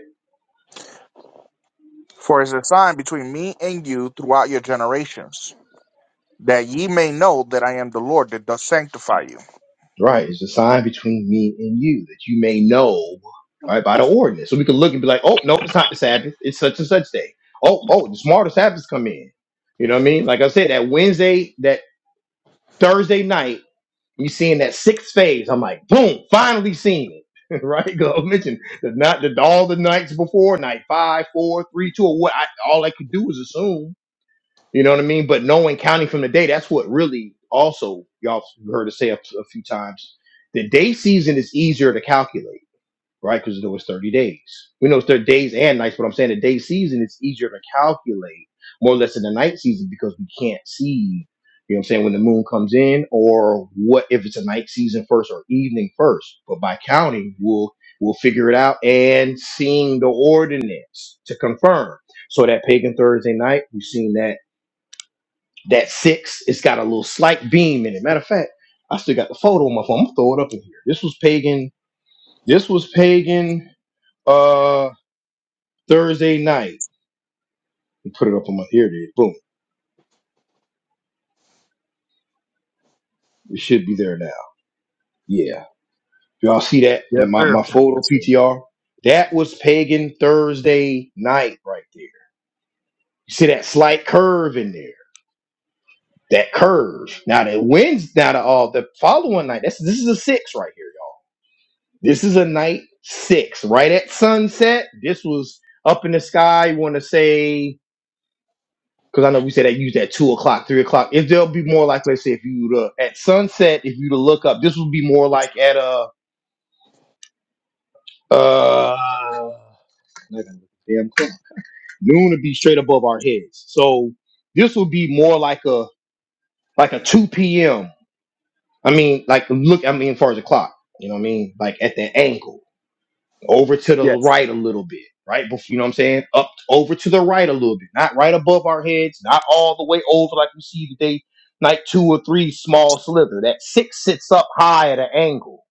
S2: For it is a sign between me and you throughout your generations that ye may know that I am the Lord that doth sanctify you.
S1: Right. It's a sign between me and you that you may know, right, by the ordinance. So we can look and be like, oh, no, it's not the Sabbath. It's such and such day. Oh, oh, the smarter Sabbaths come in. You know what I mean? Like I said, that Wednesday, that Thursday night, you seeing that sixth phase. I'm like, boom, finally seen it. right? Go mention the not the all the nights before, night five, four, three, two, or what I all I could do was assume. You know what I mean? But knowing counting from the day, that's what really also y'all heard us say a, a few times. The day season is easier to calculate, right? Because it was 30 days. We know it's 30 days and nights, but I'm saying the day season is easier to calculate more or less than the night season because we can't see, you know what I'm saying, when the moon comes in or what if it's a night season first or evening first. But by counting, we'll we'll figure it out and seeing the ordinance to confirm. So that pagan Thursday night, we've seen that that six, it's got a little slight beam in it. Matter of fact, I still got the photo on my phone. I'm gonna throw it up in here. This was pagan. This was pagan uh Thursday night. Put it up on my here it is. Boom. It should be there now. Yeah. Y'all see that?
S2: Yes,
S1: That my,
S2: sir.
S1: my photo
S2: Yes, sir.
S1: PTR? That was pagan Thursday night right there. You see that slight curve in there. That curve. Now that wins now the all the following night. That's this is a six right here. This is a night six, right at sunset. This was up in the sky. Want to say because I know we said that used at two o'clock, three o'clock. If there'll be more like, let's say, if you were to, at sunset, if you to look up, this would be more like at a uh, to damn clock. noon would be straight above our heads. So this would be more like a like a two p.m. I mean, like look, I mean, as far as the clock, you know what I mean, like at that angle. over to the
S2: Yes.
S1: right a little bit, right? Bef- You know what I'm saying? Up over to the right a little bit, not right above our heads, not all the way over like we see today. Night two or three, small slither. That six sits up high at an angle.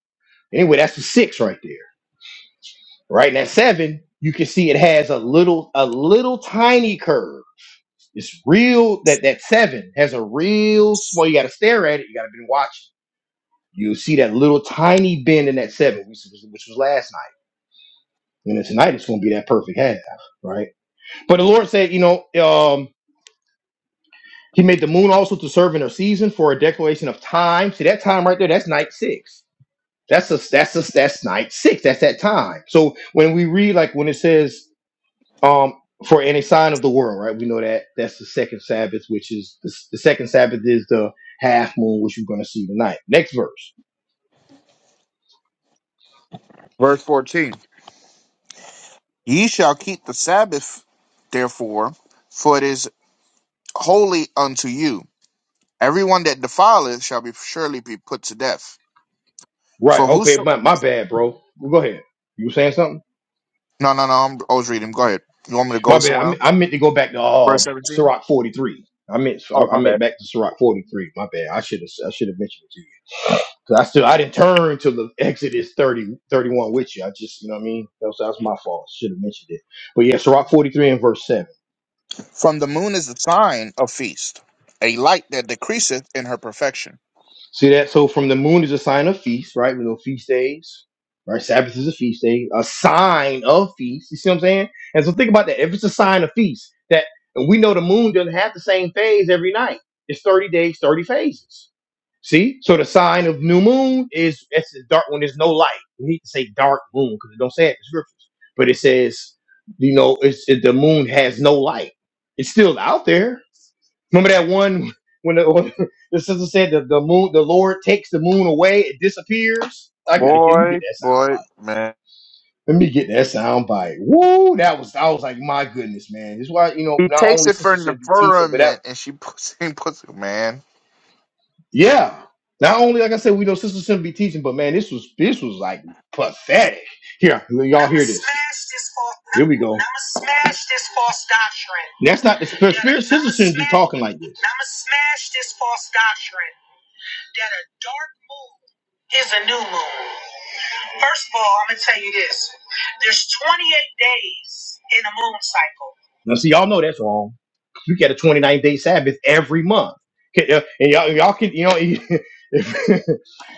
S1: Anyway, that's the six right there, right? And that seven, you can see it has a little, a little tiny curve. It's real that that seven has a real small. You got to stare at it. You got to been watching. You'll see that little tiny bend in that seven, which was, which was last night. And then tonight it's going to be that perfect half, right? But the Lord said, you know, um, He made the moon also to serve in her season for a declaration of time. See that time right there? That's night six. That's a, that's a, that's night six. That's that time. So when we read, like when it says, um, for any sign of the world, right? We know that that's the second Sabbath, which is the, the second Sabbath is the half moon, which you're going to see tonight. Next verse.
S2: Verse 14. Ye shall keep the Sabbath, therefore, for it is holy unto you. Everyone that defileth shall be surely be put to death.
S1: Right.
S2: For
S1: Okay.
S2: whoso
S1: My, my bad, bro. Go ahead. You were saying something?
S2: no no no I'm, I was reading. Go ahead. You want me to go
S1: My bad. I,
S2: somewhere
S1: me-
S2: else?
S1: I meant to go back to
S2: Verse
S1: um
S2: 17.
S1: Sirach 43. I meant so
S2: Oh
S1: I, I
S2: my bad.
S1: meant back to Sirach 43. My bad. I should have I should have mentioned it to you. Cause I still I didn't turn to the Exodus 30 31 with you. I just you know what I mean. That was, that was my fault. Should have mentioned it. But yeah, Sirach 43 and verse 7.
S2: From the moon is the sign of feast, a light that decreaseth in her perfection.
S1: See that? So from the moon is a sign of feast, right? We know feast days, right? Sabbath is a feast day, a sign of feast. You see what I'm saying? And so think about that. If it's a sign of feast, that and we know the moon doesn't have the same phase every night. It's 30 days, 30 phases. See? So the sign of new moon is it's the dark when there's no light. We need to say dark moon because it don't say it in the scriptures. But it says, you know, it's it, the moon has no light. It's still out there, Remember that one when the, when the sister said that the moon, the Lord takes the moon away, it disappears. I gotta get, let me get
S2: Boy,
S1: that sound.
S2: boy, man.
S1: Let me get that sound bite. Woo! That was I was like, my goodness, man. This is why you know
S2: He
S1: not
S2: takes
S1: only
S2: it for
S1: sisters shouldn't be teaching, but that
S2: Neferament and she puts him, puts it, man.
S1: yeah. Not only like I said, we know sisters shouldn't be teaching, but man, this was this was like pathetic. Here, y'all hear this. Here we go. That's not the spirit. Sisters shouldn't be talking like this. that a dark moon is a new moon. First of all, I'm gonna tell you this. There's 28 days in a moon cycle. Now, see, y'all know that's wrong. You get a 29 day Sabbath every month, Okay, uh, and y'all, y'all can, you know, if,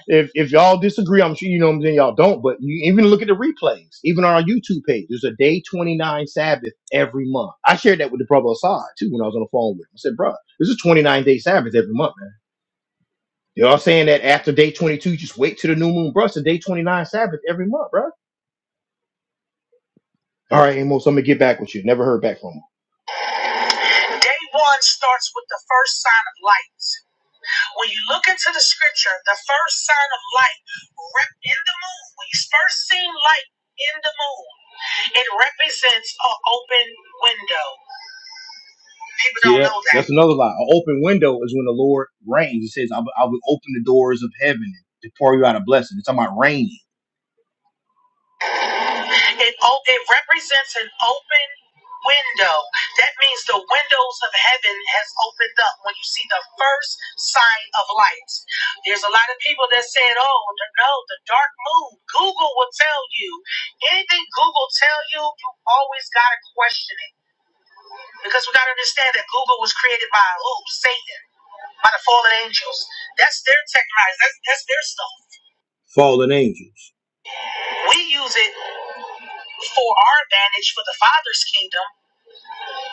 S1: if if y'all disagree, I'm sure you know what I'm saying. Y'all don't, but you even look at the replays, even on our YouTube page. There's a day 29 Sabbath every month. I shared that with the brother Assad too when I was on the phone with him. I said, "Bro, this is 29 day Sabbath every month, man." You're all saying that after day 22, you just wait to the new moon, bruh. It's the day 29 Sabbath every month, bruh. All right, Amos, I'm gonna get back with you. Never heard back from him. Day one starts with the first sign of light. When you look into the scripture, the first sign of light rep- in the moon, when you first seen light in the moon, it represents an open window. People don't that? know that. That's another lie. An open window is when the Lord reigns. It says, I, I will open the doors of heaven to pour you out a blessing. It's talking about raining. It, o- it represents an open window. That means the windows of heaven has opened up when you see the first sign of light. There's a lot of people that said, "Oh th- no, the dark moon." Google will tell you anything. Google tell you, you always gotta question it because we gotta understand that Google was created by who? Satan, by the fallen angels. That's their technology. That's that's their stuff. Fallen angels. We use it for our advantage for the Father's kingdom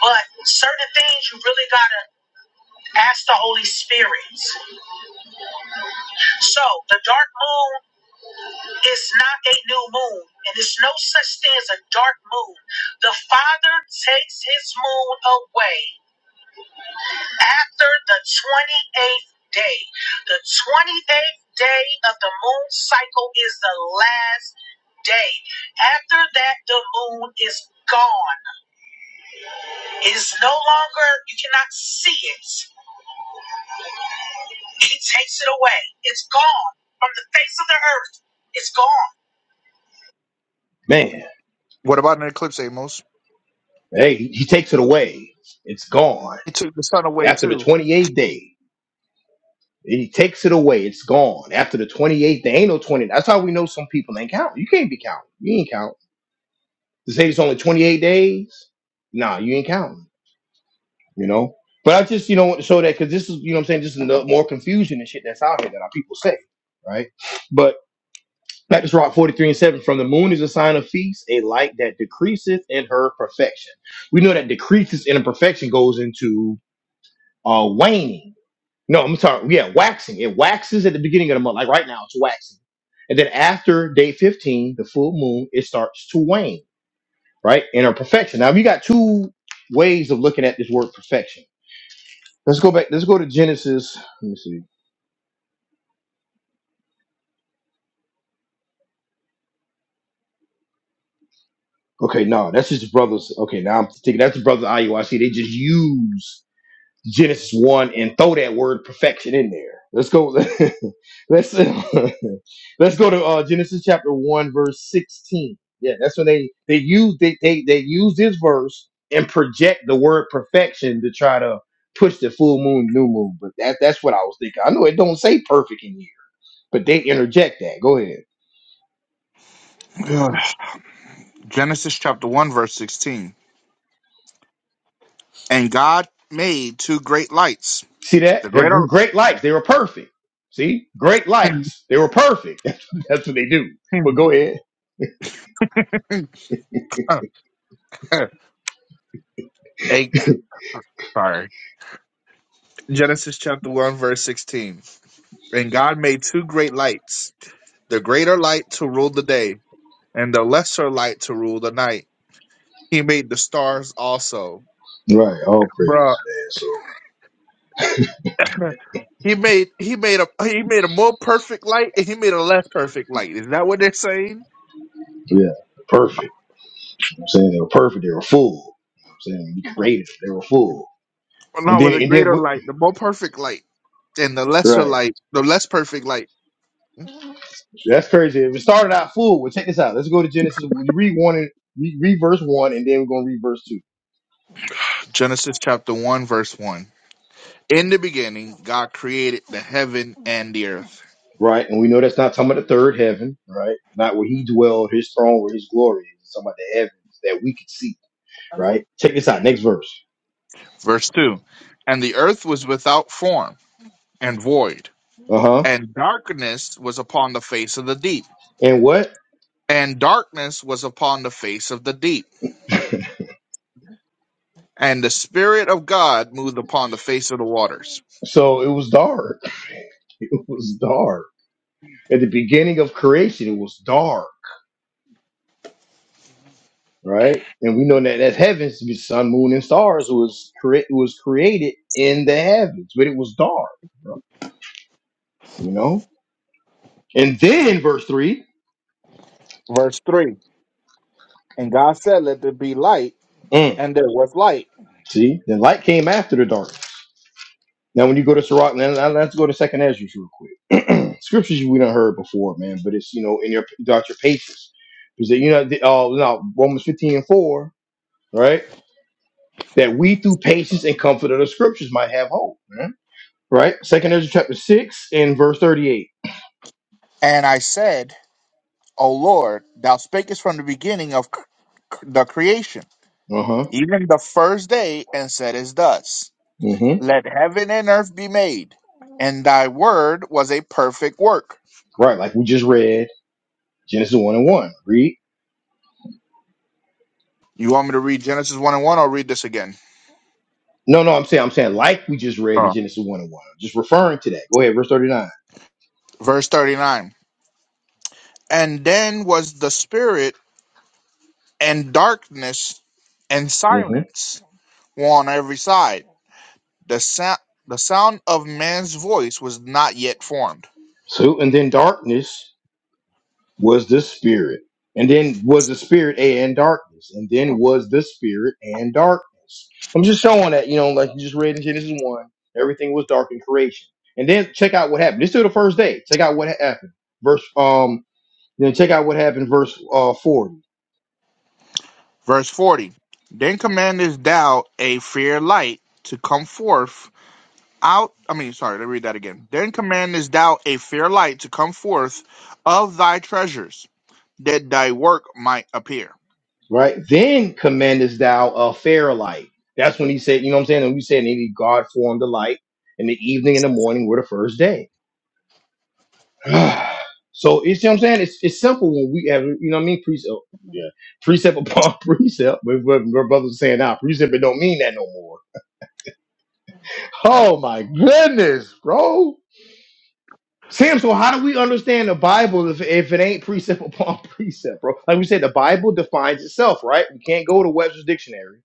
S1: But certain things you really gotta ask the Holy Spirit. So the dark moon is not a new moon, and there's no such thing as a dark moon. The Father takes his moon away after the 28th day. The 28th day of the moon cycle is the last day. After that, the moon is gone. It is no longer, you cannot see it. He takes it away. It's gone from the face of the earth. It's gone. Man,
S2: What about an eclipse, Amos?
S1: hey, he he takes it away. It's gone.
S2: He took the sun away
S1: After the
S2: too.
S1: 28th day, he takes it away. It's gone. After the 28th day, ain't no 20. That's how we know some people ain't counting. You can't be counting. You ain't counting. To say it's only 28 days, nah, you ain't counting. you know. But I just, you know, want to show that because this is, you know what I'm saying, this is no- more confusion and shit that's out here that our people say, right? But Baptist Rock 43 and 7 from the moon is a sign of feast, a light that decreaseth in her perfection. We know that decreases in perfection goes into uh waning. No, I'm sorry, yeah, waxing. It waxes at the beginning of the month, like right now, it's waxing. And then after day 15, the full moon, it starts to wane, right? In her perfection. Now, we got two ways of looking at this word perfection Let's go back. Let's go to Genesis. Let me see. Okay, no, that's just brothers. Okay, now I'm thinking that's the brothers of IUIC. They just use Genesis one and throw that word perfection in there. Let's go. let's let's go to uh, Genesis chapter one verse sixteen. Yeah, that's when they they use they, they they use this verse and project the word perfection to try to push the full moon, new moon. But that that's what I was thinking. I know it don't say perfect in here, but they interject that. Go ahead.
S2: Ugh. Genesis chapter 1, verse 16. And God made two great lights.
S1: See that?
S2: The
S1: They're
S2: greater.
S1: gr- great lights. They were perfect. See? Great lights. They were perfect. That's what they do. But go ahead.
S2: A- Sorry. Genesis chapter 1, verse 16. And God made two great lights, the greater light to rule the day, and the lesser light to rule the night. He made the stars also.
S1: Right, all
S2: Bruh.
S1: praises, man. So
S2: He made he made a he made a more perfect light and he made a less perfect light. Is that what they're saying?
S1: yeah, Perfect. you know what I'm saying they were perfect, they were full. You know what I'm saying you
S2: Or
S1: created them, they were full. And
S2: no, with
S1: then
S2: a
S1: and then
S2: greater
S1: what
S2: light, the more perfect light and the lesser
S1: Right.
S2: light, the less perfect light.
S1: that's crazy. If it started out full, well check this out. Let's go to Genesis. We read one and re- read verse one and then we're gonna read verse two.
S2: Genesis chapter one verse one. In the beginning, God created the heaven and the earth.
S1: Right? And we know that's not talking about the third heaven, right? Not where he dwelled, his throne, where his glory is. It's talking about the heavens that we could see. right? Check this out. Next verse.
S2: Verse two. And the earth was without form and void,
S1: Uh huh.
S2: and darkness was upon the face of the deep.
S1: And what?
S2: And darkness was upon the face of the deep. And the Spirit of God moved upon the face of the waters.
S1: So it was dark. It was dark. At the beginning of creation, it was dark, right? And we know that that's heavens, the sun, moon, and stars was cre- was created in the heavens, but it was dark, you know. And then verse three.
S2: Verse 3 And God said, Let there be light,
S1: mm,
S2: and there was light.
S1: see, then light came after the dark. Now, when you go to Sirach, now now let's go to Second Ezra real quick. Scriptures we done heard before, man, but it's you know in your about your patience because you know the, uh, now Romans fifteen and four, right? That we through patience and comfort of the Scriptures might have hope, man. Right? Second Ezra chapter six and verse thirty eight.
S2: And I said, O Lord, thou spakest from the beginning of c- c- the creation,
S1: Uh huh.
S2: even the first day, and saidest thus
S1: Mm-hmm.
S2: Let heaven and earth be made. And thy word was a perfect work.
S1: Right, like we just read Genesis one and one. Read.
S2: You want me to read Genesis 1 and 1? I'll read this again.
S1: No, no, I'm saying I'm saying like we just read in
S2: Uh.
S1: Genesis one and one. I'm just referring to that. Go ahead, verse thirty nine.
S2: Verse 39 And then was the Spirit and darkness and
S1: Mm-hmm.
S2: silence on every side The sound, the sound of man's voice was not yet formed.
S1: So and then darkness. was the spirit and then was the spirit and darkness and then was the spirit and darkness i'm just showing that you know like you just read in genesis 1 everything was dark in creation and then check out what happened this is still the first day check out what happened verse um then check out what happened verse uh 40
S2: Verse 40 Then commandest thou a fair light to come forth out. I mean, sorry, let me read that again. Then commandest thou a fair light to come forth of thy treasures, that thy work might appear.
S1: right then commandest thou a fair light that's when he said you know what i'm saying and we said and he god formed the light and the evening and the morning were the first day so you see what I'm saying? It's it's simple when we have you know what I mean precept. Yeah, precept upon precept. But what my brother's saying now, precept it don't mean that no more. Oh my goodness, bro. Sam, so how do we understand the Bible if, if it ain't precept upon precept, bro? Like we said, the Bible defines itself, right? We can't go to Webster's dictionary,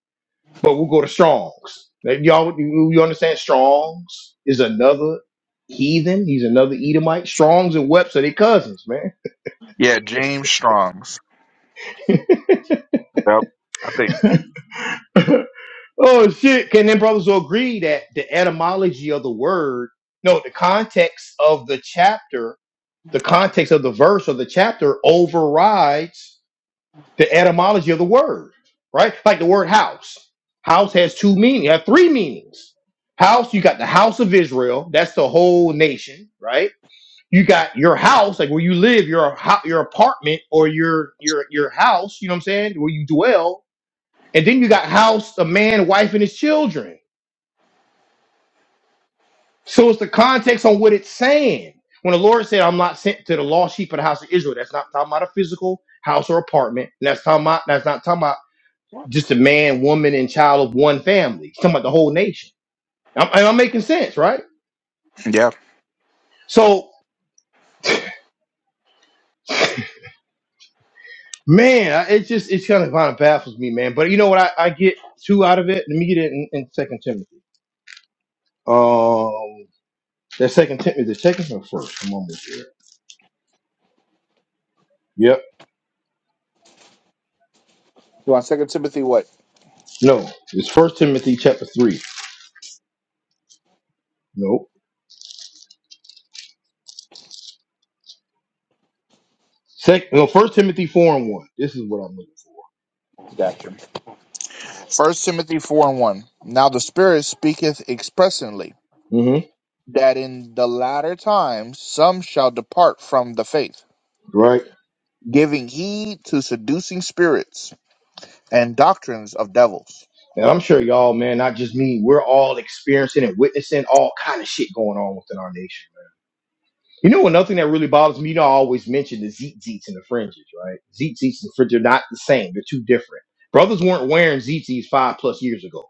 S1: but we'll go to Strong's. Like, Y'all, you, you understand Strong's is another heathen. He's another Edomite. Strong's and Webster, they cousins, man.
S2: Yeah, James Strong's. Yep, I think.
S1: Oh shit! Can them brothers all agree that the etymology of the word, no, the context of the chapter, the context of the verse or the chapter overrides the etymology of the word, right? Like the word house. House has two meanings, have three meanings. House, you got the house of Israel, that's the whole nation, right? You got your house, like where you live, your hou- your apartment or your your your house, you know what I'm saying, where you dwell, and then you got house, a man, wife, and his children So it's the context on what it's saying. When the Lord said, I'm not sent to the lost sheep of the house of Israel, that's not talking about a physical house or apartment. And that's talking about that's not talking about just a man, woman, and child of one family. It's talking about the whole nation. I'm, and I'm making sense, right?
S2: Yeah.
S1: So man, I- it just it's kind of kind of baffles me, man. But you know what I, I get two out of it? Let me get it in, in Second Timothy. Um that second Timothy, the second or first? I'm almost there. Yep.
S2: You want Second Timothy what?
S1: No, it's first Timothy chapter three. Nope. Second, no, First Timothy four and one. This is what I'm
S2: Gotcha. First Timothy four and one. Now the Spirit speaketh expressly
S1: looking.
S2: that in the latter times some shall depart from the faith,
S1: hmm Right,
S2: giving heed to seducing spirits and doctrines of devils.
S1: and I'm sure y'all, man, not just me. We're all experiencing and witnessing all kind of shit going on within our nation. man. You know, another thing that really bothers me, you know, I always mention the zeet zeets and the fringes, right? Zeet zeets and fringes are not the same; they're two different. Brothers weren't wearing zeet zeets five plus years ago.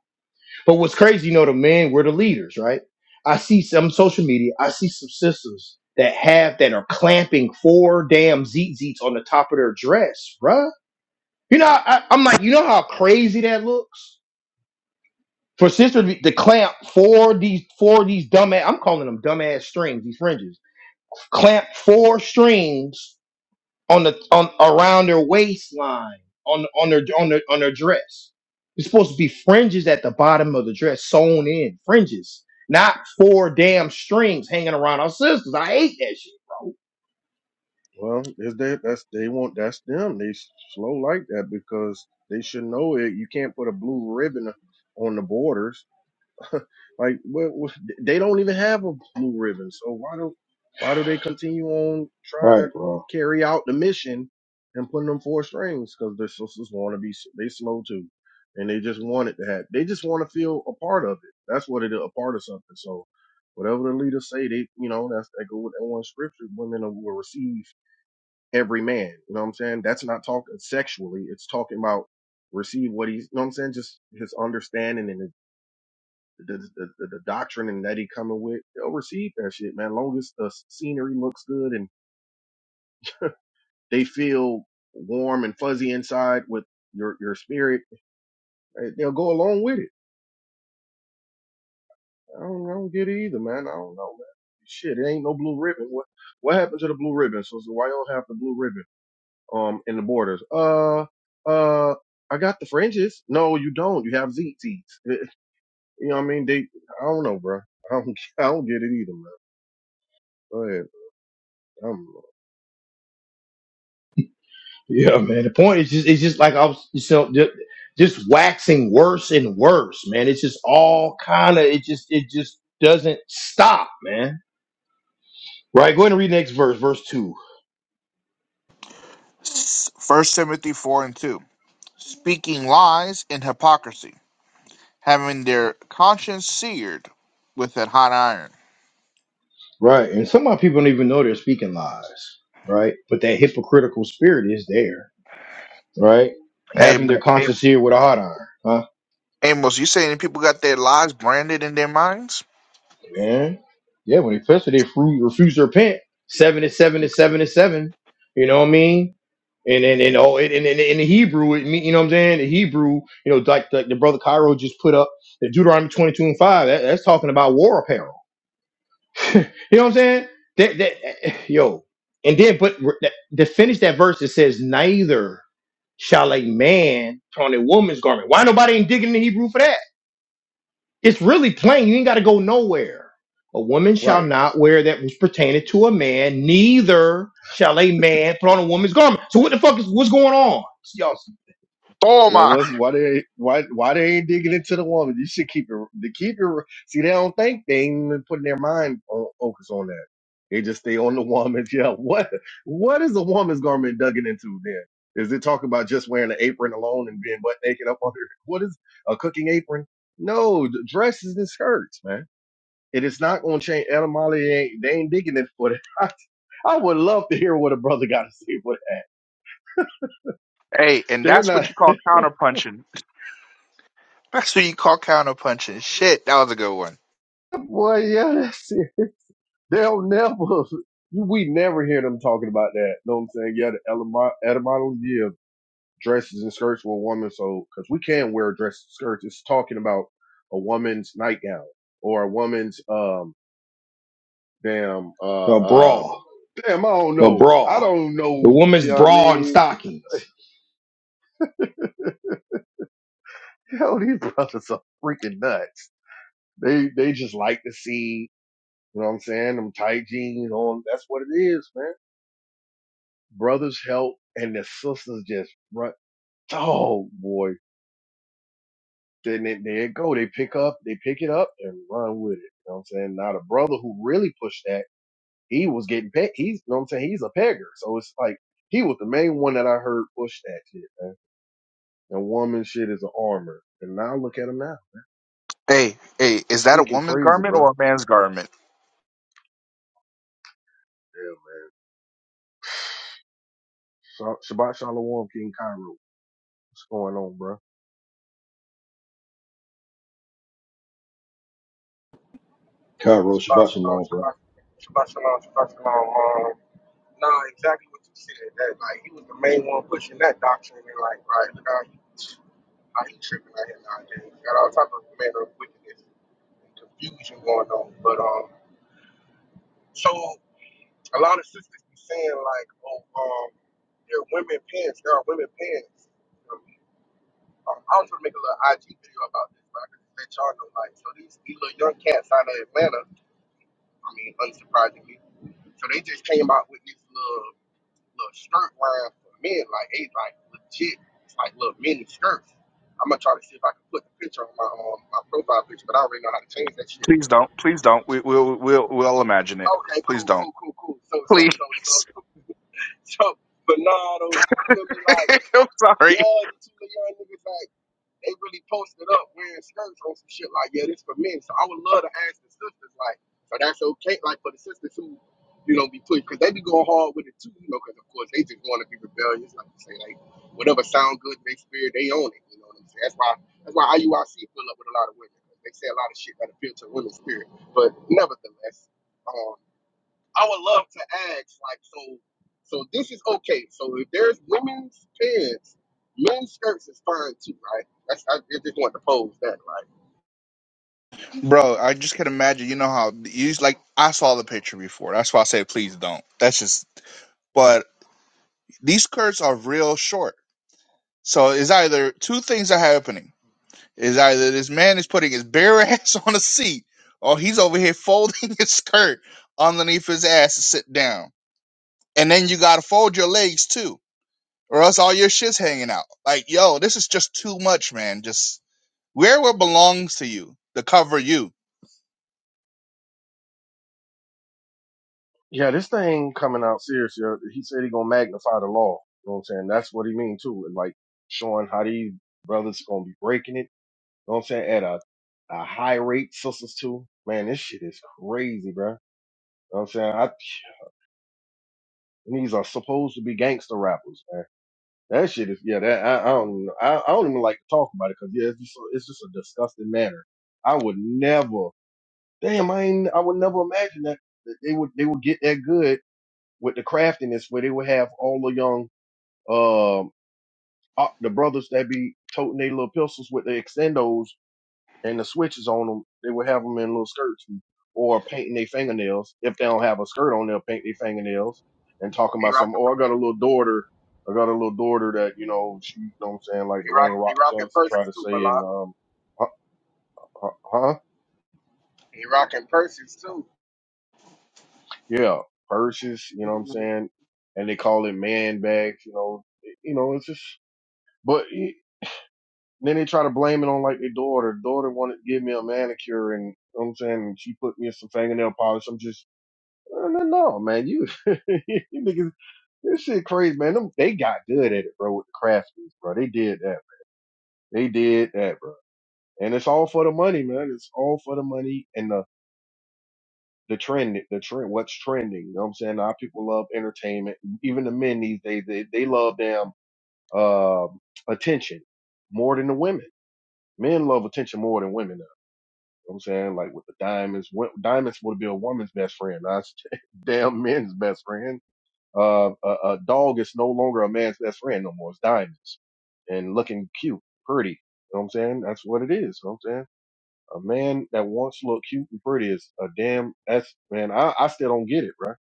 S1: But what's crazy, you know, the men were the leaders, right? I see some social media. I see some sisters that have that are clamping four damn zeet zeets on the top of their dress, bruh You know, I, I'm like, you know how crazy that looks for sister to be- to clamp four of these four of these dumbass. I'm calling them dumbass strings, these fringes. Clamp four strings on the on around their waistline on on their on their on their dress. It's supposed to be fringes at the bottom of the dress, sewn in fringes, not four damn strings hanging around our sisters. I hate that shit.
S3: Well, is that that's they want that's them. They slow like that because they should know it. You can't put a blue ribbon on the borders. like, what, what, they don't even have a blue ribbon. So why do why do they continue on trying to carry out the mission and putting them four strings? Because their sisters want to be s- they slow too, and they just want it to happen. They just want to feel a part of it. That's what it is, a part of something. So whatever the leaders say, they you know that's that go with that one scripture. Women will receive every man. You know what I'm saying? That's not talking sexually. It's talking about receive what he's. You know what I'm saying? Just his understanding and. his the, the, the, the doctrine and that he coming with, they'll receive that shit, man. Long as the scenery looks good and they feel warm and fuzzy inside with your your spirit, eh, they'll go along with it. I don't, I don't get it either, man. I don't know, man. Shit, it ain't no blue ribbon. What what happened to the blue ribbon? So, so why you don't have the blue ribbon um in the borders? Uh uh. I got the fringes. No, you don't. You have ZTs. Eh, eh, You know what I mean? They, I don't know, bro. I don't, I don't get it either, man. Go ahead. I'm
S1: Yeah, man. The point is just it's just like I was so ju- just waxing worse and worse, man. It's just all kind of it just it just doesn't stop, man. Right. Go ahead and read the next verse, verse two.
S2: First Timothy 4 and 2. Speaking lies in hypocrisy, having their conscience seared with a hot iron.
S1: Right. And some of our people don't even know they're speaking lies, right? But that hypocritical spirit is there, right?
S2: Hey,
S1: Having
S2: Am-
S1: their conscience here with a hot iron, huh?
S2: Amos, you saying people got their lies branded in their minds?
S1: Man. Yeah, when they first they fru- refuse to repent, seven is seven is seven is seven. You know what I mean? And and and oh, and, and, and in the Hebrew, it mean, you know what I'm saying? The Hebrew, you know, like the, the brother Cairo just put up the Deuteronomy 22 and 5. That, that's talking about war apparel. you know what I'm saying? That that eh, yo, and then but re- that, to finish that verse, it says neither shall a man put on a woman's garment. Why nobody ain't digging in the Hebrew for that? It's really plain. You ain't got to go nowhere. A woman shall
S3: right.
S1: not wear that which pertaineth to a man, neither shall a man put on a woman's garment. So what the fuck is what's going on? y'all?
S2: Oh
S3: Yeah,
S2: my!
S3: what's why they why why they ain't digging into the woman? You should keep it to keep it. See, they don't think they ain't even putting their mind on focus on that. They just stay on the woman. Yeah, what what is a woman's garment digging into then? Is it talking about just wearing an apron alone and being butt naked up under? What is a cooking apron? No, the dresses and skirts, man. It is not going to change. Etymology ain't they ain't digging it for that. I, I would love to hear what a brother got to say for that.
S2: Hey, and
S3: They're
S2: that's what
S3: not.
S2: you call counterpunching. That's what you call counterpunching. Shit, that was a good one.
S3: Boy, yeah, that's it. They'll never, we never hear them talking about that. Know what I'm saying? Yeah, the ele- etymology of dresses and skirts for a woman. So, because we can wear dresses and skirts, it's talking about a woman's nightgown or a woman's, um, damn, uh,
S1: A
S3: uh,
S1: bra.
S3: damn, I don't
S1: A
S3: know. I
S1: bra.
S3: don't
S1: The
S3: know. You
S1: woman's
S3: know what I
S1: bra and
S3: mean?
S1: stockings.
S3: Hell, these brothers are freaking nuts. They, they just like to see, you know what I'm saying? Them tight jeans on. That's what it is, man. Brothers help and the sisters just run. Oh boy. Then they, there it go. They pick up, they pick it up and run with it. You know what I'm saying? Now the brother who really pushed that, he was getting pegged. He's, you know what I'm saying? He's a pegger. So it's like, he was the main one that I heard push that shit, man. And woman shit is an armor. And now look at him now.
S2: Hey, hey, is
S3: It's
S2: that a
S3: freaking
S2: woman's
S3: crazy,
S2: garment
S3: bro.
S2: or a man's garment?
S3: Yeah, man. Sh- Shabbat Shalom, King Cairo. What's going on, bro?
S1: Cairo
S4: Shabbat
S1: Shabbat
S4: shalom,
S1: Shalom, brother.
S4: Shabbat shabbat shalom, Shabbat shalom. Um, no, exactly what you said. That like he was the main one pushing that doctrine, and like, right, look how he, how he tripping out here nowadays. We Got all type of manner of wickedness and confusion going on. But um, so a lot of sisters be saying like, oh, um, there are women pants, there are women pants. Um, um, I was gonna make a little IG video about this, but I can let y'all know. Like, so these these little young cats out of Atlanta. I mean, unsurprisingly. So they just came out with this little little skirt line for men, like they like legit, it's like little mini skirts. I'm gonna try to see if I can put the picture on my um, my profile picture, but I already know how to change that shit.
S2: Please
S4: But
S2: don't. Please
S4: okay,
S2: don't. We, we'll, we'll, we'll imagine it. Please
S4: cool,
S2: don't.
S4: cool, cool, cool. So, so,
S2: Please.
S4: so, so, so, Bernardo, you feel me? Like,
S2: I'm sorry.
S4: yeah, these two little young niggas. like. They really posted up wearing skirts on some shit like, yeah, this for men. So I would love to ask the sisters, like, so that's okay, like for the sisters who, you know, be pushed, because they be going hard with it too, you know, because of course they just want to be rebellious, like you say, like whatever sound good to their spirit, they own it. You know what I'm saying? That's why that's why IUIC fill up with a lot of women. They say a lot of shit that appeal to women's spirit, but nevertheless. um, I would love to ask, like, so, so this is okay. So if there's women's pants, men's skirts is fine too, right? That's I I just want to pose that, right?
S2: Bro, I just can imagine. You know how you just, like I saw the picture before. That's why I say please don't. That's just. But these skirts are real short. So it's either two things are happening. Is either this man is putting his bare ass on a seat, or he's over here folding his skirt underneath his ass to sit down. And then you gotta fold your legs too or else all your shit's hanging out. Like, yo, this is just too much, man. Just wear what belongs to you to cover you.
S3: Yeah, this thing coming out serious. yo. He said he gonna magnify the law. You know what I'm saying? That's what he mean too. And like showing how these brothers gonna be breaking it know what I'm saying? At a, a high rate, sisters too. Man, this shit is crazy, bro. You Know what I'm saying? I, these are supposed to be gangster rappers, man. That shit is, yeah, that, I, I don't, even- I, I don't even like to talk about it because, yeah, it's just, a- it's just a disgusting manner. I would never, damn, I ain't, I would never imagine that, that they would, they would get that good with the craftiness where they would have all the young, um, uh, the brothers that be toting their little pistols with the extendos and the switches on them, they would have them in little skirts and- or painting their fingernails. If they don't have a skirt on, they'll paint their fingernails and talking
S4: They
S3: about some.
S4: rocking,
S3: Oh,
S4: per-
S3: I got a little daughter. I got a little daughter that you know she, you know, what I'm saying like
S4: they
S3: the
S4: rock,
S3: Rain Rock
S4: they rocking
S3: Johnson try
S4: purses
S3: to
S4: too,
S3: say and
S4: Malak.
S3: um, huh, huh, huh?
S4: They rocking purses too.
S3: yeah, purses. You know what I'm saying? And they call it man bags. You know, it- you know it's just. But it, then they try to blame it on like their daughter. Daughter wanted to give me a manicure and you know what I'm saying and she put me in some fingernail polish. I'm just No, no, no, man. You, you niggas, this shit crazy, man. Them, they got good at it, bro, with the craftsmen, bro. They did that. They did that, bro. And it's all for the money, man. It's all for the money and the, the trend, the trend, what's trending. You know what I'm saying? Our people love entertainment. Even the men these days, they, they love damn, um, attention more than the women. Men love attention more than women now. You know what I'm saying? Like with the diamonds, wo- diamonds would be a woman's best friend. That's damn men's best friend Uh, a, a dog is no longer a man's best friend no more. It's diamonds and looking cute, pretty. You know what I'm saying? That's what it is. You know what I'm saying? A man that wants to look cute and pretty is a damn, that's, man, I, I still don't get it, right?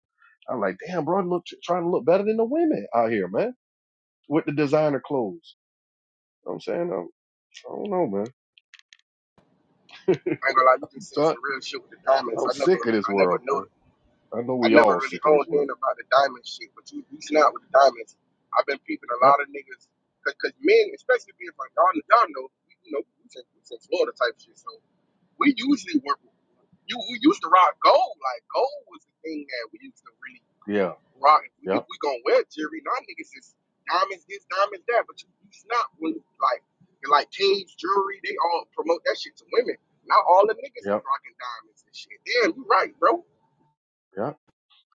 S3: I'm like, damn, bro, look, trying to look better than the women out here, man, with the designer clothes. You know what I'm saying? I'm, I don't know, man.
S4: I ain't gonna lie, you just said
S3: I'm,
S4: some real shit with the diamonds.
S3: I'm
S4: I never,
S3: sick of this
S4: I never
S3: world, man.
S4: noticed.
S3: I know
S4: I
S3: we
S4: never
S3: all sick
S4: really
S3: of this
S4: honed
S3: world.
S4: in about the diamond shit, but you reaching not with the diamonds. I've been peeping a
S3: Yep.
S4: lot of niggas, cause, 'cause men, especially being from y'all, y'all know, you know, we from we from Florida type shit, so. We usually were you we used to rock gold. Like gold was the thing that we used to really
S3: Yeah.
S4: rock. If we, if
S3: Yep.
S4: we gonna wear jewelry, now niggas is diamonds this, diamonds that. But you, you not when like and like Cage jewelry, they all promote that shit to women. Now all the niggas is
S3: Yep.
S4: rocking diamonds and shit. Damn, you right, bro.
S3: Yep.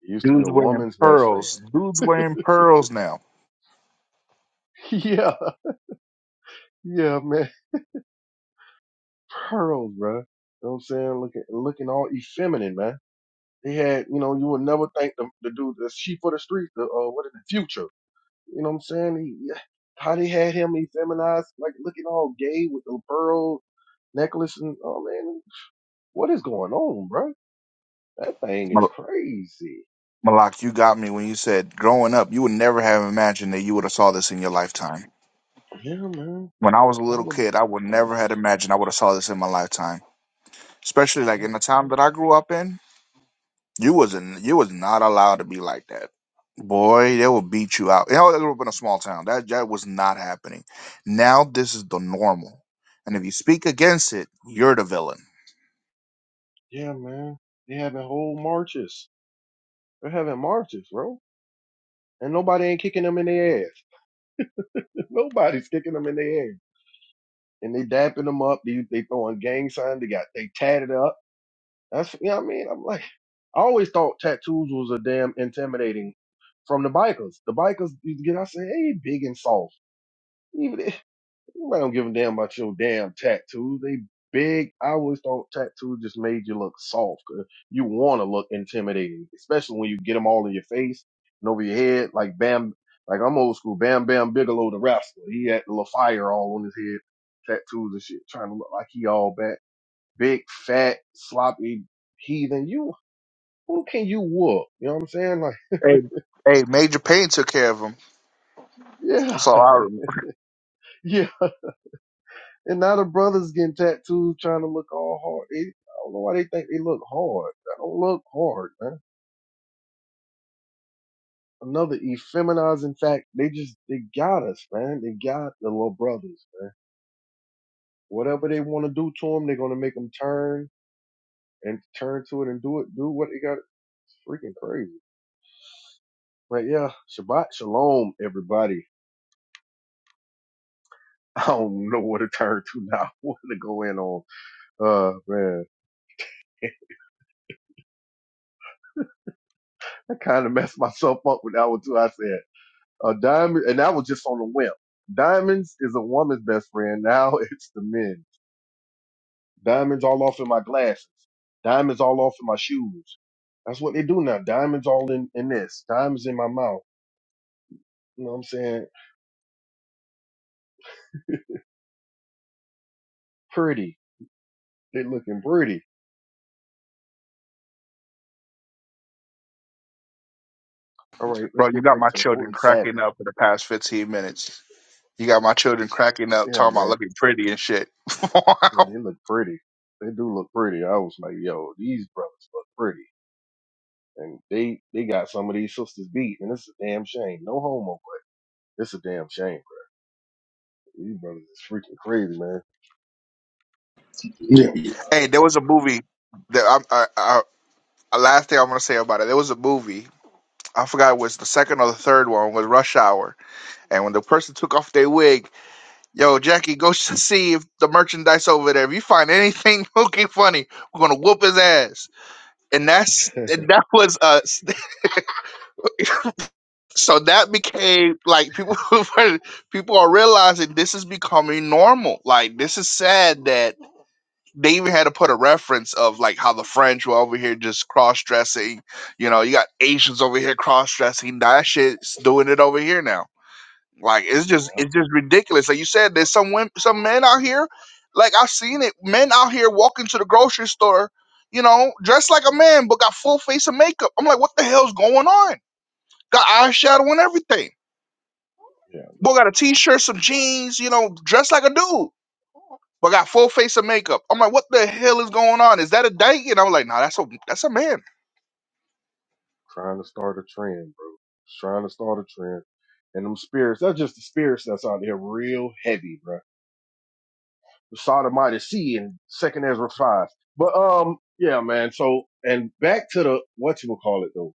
S3: It used to be
S2: Dudes
S3: a
S2: wearing
S3: woman's best friend.
S2: pearls. Dudes wearing pearls now.
S3: yeah. Yeah, man. pearls, bro. You know what I'm saying? Looking looking all effeminate, man. They had, you know, you would never think the, the dude, the sheep of the street, the uh, what is the future? You know what I'm saying? He, yeah, how they had him effeminized, like looking all gay with the pearl necklace and oh man, what is going on, bro? That thing is
S2: Mal-
S3: crazy.
S2: Malak, you got me when you said growing up, you would never have imagined that you would have saw this in your lifetime.
S3: Yeah, man.
S2: When I was a
S3: All
S2: little kid, I would
S3: the, all
S2: never had
S3: the
S2: imagined I would have saw this in my lifetime. Especially like
S3: yeah,
S2: in
S3: man.
S2: the time that I grew up in. You wasn't you was not allowed to be like that. Boy, they will beat you out. Hell, I grew up in a small town. That that was not happening. Now this is the normal. And if you speak against it, you're the villain.
S3: yeah, man. They having whole marches. They're having marches, bro. And nobody ain't kicking them in the ass. Nobody's kicking them in the ass. and they dapping them up. They they throwing gang signs. They got they tatted up. That's you know what I mean. I'm like, I always thought tattoos was a damn intimidating from the bikers. The bikers, you get I say, hey, big and soft. Even Nobody don't give a damn about your damn tattoos. They big. I always thought tattoos just made you look soft. 'cause You want to look intimidating, especially when you get them all in your face and over your head. Like Bam, like I'm old school. Bam Bam Bigelow, the wrestler. He had the little fire all on his head, tattoos and shit, trying to look like he all back. Big, fat, sloppy heathen. You, who can you whoop? You know what I'm saying? Like,
S2: Hey, hey, Major Payne took care of him.
S3: yeah,
S2: That's all I remember.
S3: yeah. And now the brothers getting tattoos trying to look all hard. They, I don't know why they think they look hard. They don't look hard, man. Another effeminizing fact. They just, they got us, man. They got the little brothers, man. Whatever they want to do to them, they're going to make them turn and turn to it and do it, do what they got. It's freaking crazy. But yeah, Shabbat Shalom, everybody. I don't know what to turn to now. What to go in on. Uh, man. I kind of messed myself up with that one too. I said. Uh, diamond, and that was just on a whim. Diamonds is a woman's best friend. Now it's the men. Diamonds all off in my glasses. Diamonds all off in my shoes. That's what they do now. Diamonds all in, in this. Diamonds in my mouth. You know what I'm saying? Pretty. They looking pretty. All right,
S2: Bro,
S3: let's
S2: you
S3: get
S2: got
S3: back
S2: my
S3: to the
S2: children
S3: holy Sabbath.
S2: cracking up for the past 15 minutes. You got my children cracking up,
S3: Yeah,
S2: talking about
S3: man.
S2: looking pretty and shit.
S3: Yeah, they look pretty. They do look pretty. I was like, yo, these brothers look pretty. And they they got some of these sisters beat, and it's a damn shame. No homo, but it's a damn shame. You brothers is freaking crazy, man.
S2: hey, there was a movie that I, I, A last thing I am going to say about it, there was a movie. I forgot it was the second or the third one was Rush Hour, and when the person took off their wig, yo Jackie, go s- see if the merchandise over there. If you find anything looking funny, we're gonna whoop his ass. And that's and that was uh s- so that became like people people are realizing this is becoming normal. Like this is sad that they even had to put a reference of like how the French were over here just cross dressing. You know, you got Asians over here cross dressing. That shit's doing it over here now. Like it's just
S3: Yeah,
S2: it's just ridiculous. Like you said, there's some women, some men out here. Like I've seen it, men out here walking to the grocery store, you know, dressed like a man but got full face of makeup. I'm like, what the hell's going on? Got eyeshadow and everything.
S3: Yeah,
S2: Boy got a t-shirt, some jeans, you know, dressed like a dude but got full face of makeup. I'm like, what the hell is going on? Is that a date? And I was like, nah, that's a that's a man.
S3: trying to start a trend, bro. Just trying to start a trend. And them spirits, that's just the spirits that's out there real heavy, bro. The Sodomite Sea and Second Ezra 5. But, um, yeah, man. So, and back to the, what you will call it though?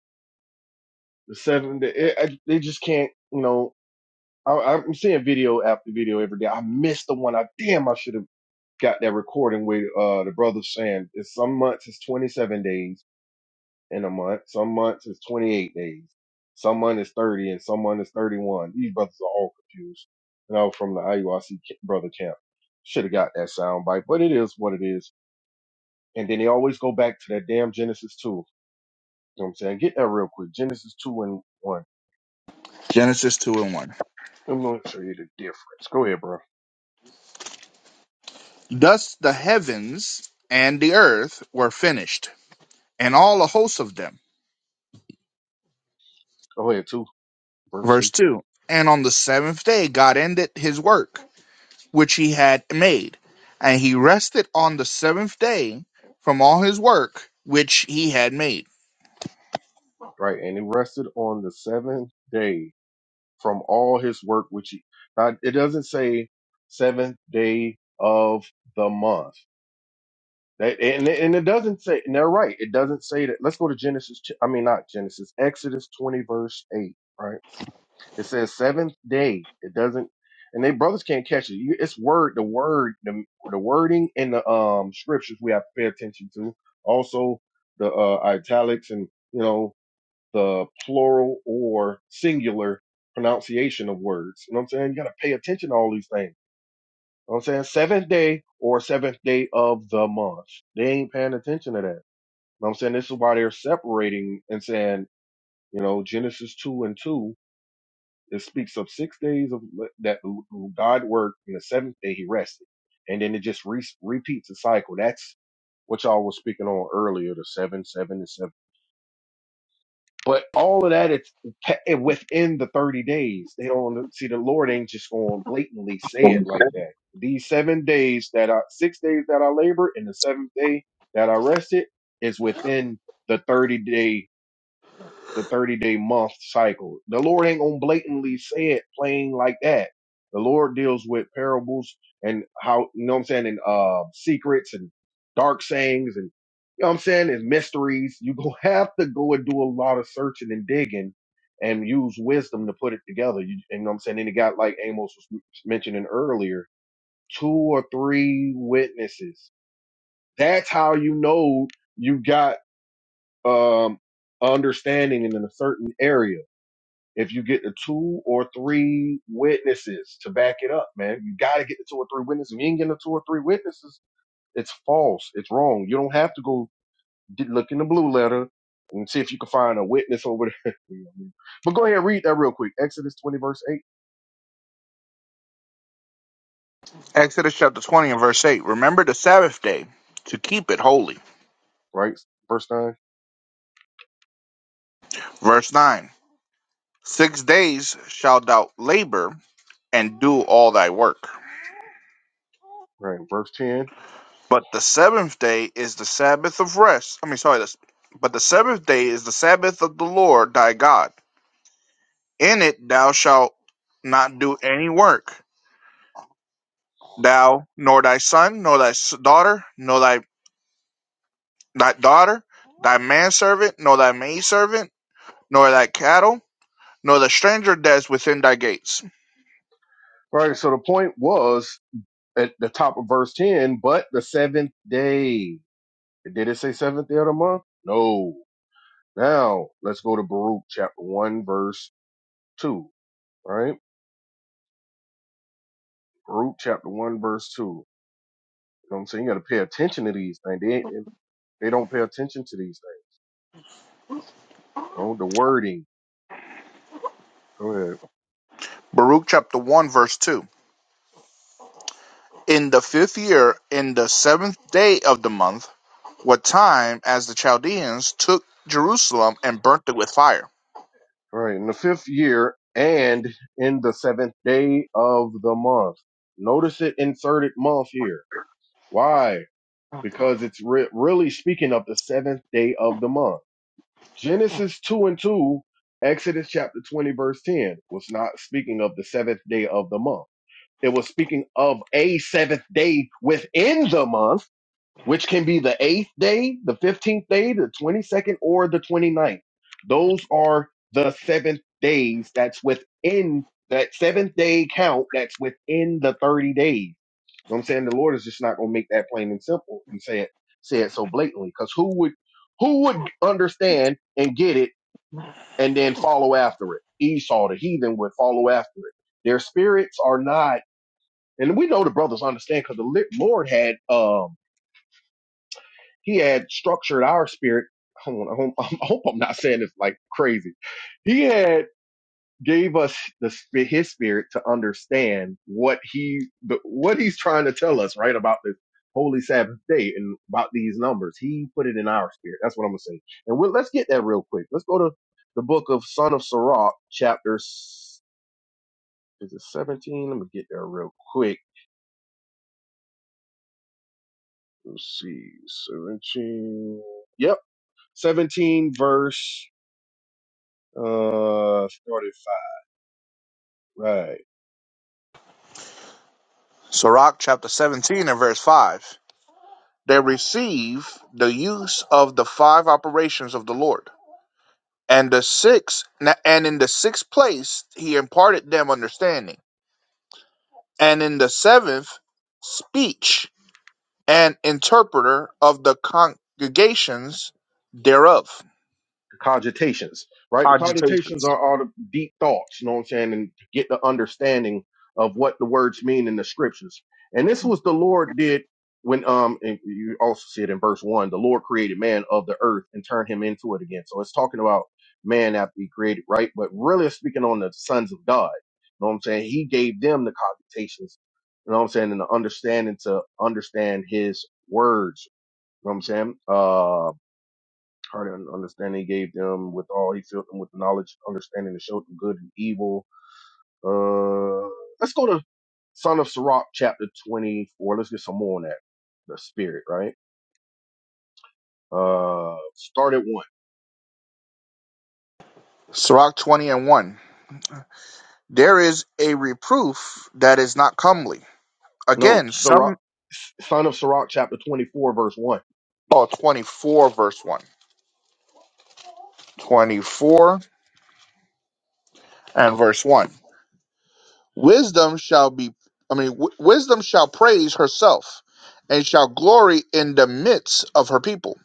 S3: The seven, the, it, I, they just can't, you know, I, I'm seeing video after video every day. I missed the one. I damn, I should have got that recording with, uh, the brothers saying it's some months, it's 27 days in a month. Some months is 28 days. Some month is 30 and some month is 31. These brothers are all confused. And I was from the IUIC brother camp. Should have got that sound bite, but it is what it is. And then they always go back to that damn Genesis 2. You know what I'm saying? Get that real quick. Genesis 2 and 1.
S2: Genesis two and one.
S3: I'm going to show you the difference. Go ahead, bro.
S2: Thus the heavens and the earth were finished, and all the hosts of them.
S3: Go ahead, 2, verse
S2: Verse
S3: 2.
S2: two. And on the seventh day God ended his work which he had made. And he rested on the seventh day from all his work which he had made.
S3: Right. And he rested on the seventh day from all his work, which he, now, it doesn't say seventh day of the month That, and, it- and it doesn't say, and they're right. It doesn't say that. Let's go to Genesis. ch- I mean, not Genesis, Exodus 20, verse 8, right? It says seventh day. It doesn't, and they brothers can't catch it. You, it's word, the word, the, the wording in the um scriptures we have to pay attention to. Also, the uh, italics and, you know, the plural or singular pronunciation of words. You know what I'm saying? You got to pay attention to all these things. You know what I'm saying? Seventh day or seventh day of the month. They ain't paying attention to that know what I'm saying this is why they're separating and saying, you know, Genesis two and two, it speaks of six days of that God worked, and the seventh day He rested, and then it just re- repeats the cycle. That's what y'all was speaking on earlier, the seven, seven, and seven. But all of that, it's pe- it- within the thirty days. They don't see the Lord ain't just going to blatantly say it like that. These seven days that I, six days that I labor, and the seventh day that I rested is within the 30 day the 30 day month cycle. The Lord ain't gonna blatantly say it plain like that. The Lord deals with parables and how, you know what I'm saying, and uh, secrets and dark sayings and, you know what I'm saying, and mysteries. you gonna have to go and do a lot of searching and digging and use wisdom to put it together. You, you know what I'm saying? And it got, like Amos was mentioning earlier, two or three witnesses. That's how you know you got um understanding in a certain area if you get the two or three witnesses to back it up, man, you got to get the two or three witnesses. If you ain't getting the two or three witnesses, it's false. It's wrong. You don't have to go get, look in the blue letter and see if you can find a witness over there. You know what I mean? but go ahead and read that real quick. Exodus 20, verse 8,
S2: Exodus chapter 20 and verse 8 Remember the Sabbath day to keep it holy.
S3: right? Verse 9,
S2: Verse 9 Six days shalt thou labor and do all thy work.
S3: right? Verse 10.
S2: But the seventh day is the Sabbath of rest. I mean, sorry, this, but the seventh day is the Sabbath of the Lord thy God. In it thou shalt not do any work, thou, nor thy son, nor thy daughter, nor thy thy daughter, thy manservant, nor thy maidservant, nor thy cattle, nor the stranger that is within thy gates.
S3: All Right. So the point was at the top of verse 10, but the seventh day. Did it say seventh day of the month? No. Now let's go to Baruch chapter 1, verse 2. All right? Ruth chapter one verse two. You know what I'm saying? You got to pay attention to these things. They ain't, they don't pay attention to these things. Oh, the wording. Go ahead.
S2: Baruch chapter 1, verse 2. In the fifth year, in the seventh day of the month, what time as the Chaldeans took Jerusalem and burnt it with fire.
S3: All right. In the fifth year and in the seventh day of the month. Notice it inserted month here. Why? Because it's re- really speaking of the seventh day of the month. Genesis two and two, Exodus chapter 20 verse 10 was not speaking of the seventh day of the month. It was speaking of a seventh day within the month which can be the eighth day, the 15th day, the 22nd, or the twenty-ninth. Those are the seventh days that's within that seventh day count that's within the 30 days. You know what I'm saying? The Lord is just not going to make that plain and simple and say it, say it so blatantly because who would, who would understand and get it and then follow after it? Esau, the heathen, would follow after it. Their spirits are not, and we know the brothers understand because the Lord had, um, he had structured our spirit. Hold on, I hope, I hope I'm not saying this like crazy. He had gave us the spi- his spirit to understand what he what he's trying to tell us right about this holy Sabbath day and about these numbers. He put it in our spirit. That's what I'm gonna say. And we'll, let's get that real quick. Let's go to the book of Son of Sirach, chapter s- is it 17? Let me get there real quick. Let's see, 17. Yep, 17 verse. Uh, started Right.
S2: Sirach chapter 17 and verse 5. They receive the use of the five operations of the Lord. And the sixth, and in the sixth place, he imparted them understanding and in the seventh, speech and interpreter of the congregations thereof.
S3: The cogitations. Right. The cogitations
S2: Cogitations.
S3: are all the deep thoughts. You know what I'm saying? And to get the understanding of what the words mean in the scriptures. And this was the Lord did when um and you also see it in verse one. The Lord created man of the earth and turned him into it again. So it's talking about man after he created, right? But really it's speaking on the sons of God. You know what I'm saying? He gave them the cogitations. You know what I'm saying? And the understanding to understand his words You know what I'm saying? Uh, heart and understanding he gave them with all he filled them with the knowledge, understanding to show them good and evil. Uh, let's go to Son of Sirach chapter 24. Let's get some more on that. The spirit, right? Uh, start at one.
S2: Sirach 20 and 1. There is a reproof that is not comely.
S3: No,
S2: Again,
S3: Sirach,
S2: some.
S3: Son of Sirach chapter 24 verse one.
S2: Oh, 24 verse 1. 24 and verse 1. Wisdom shall be, I mean, w- wisdom shall praise herself and shall glory in the midst of her people.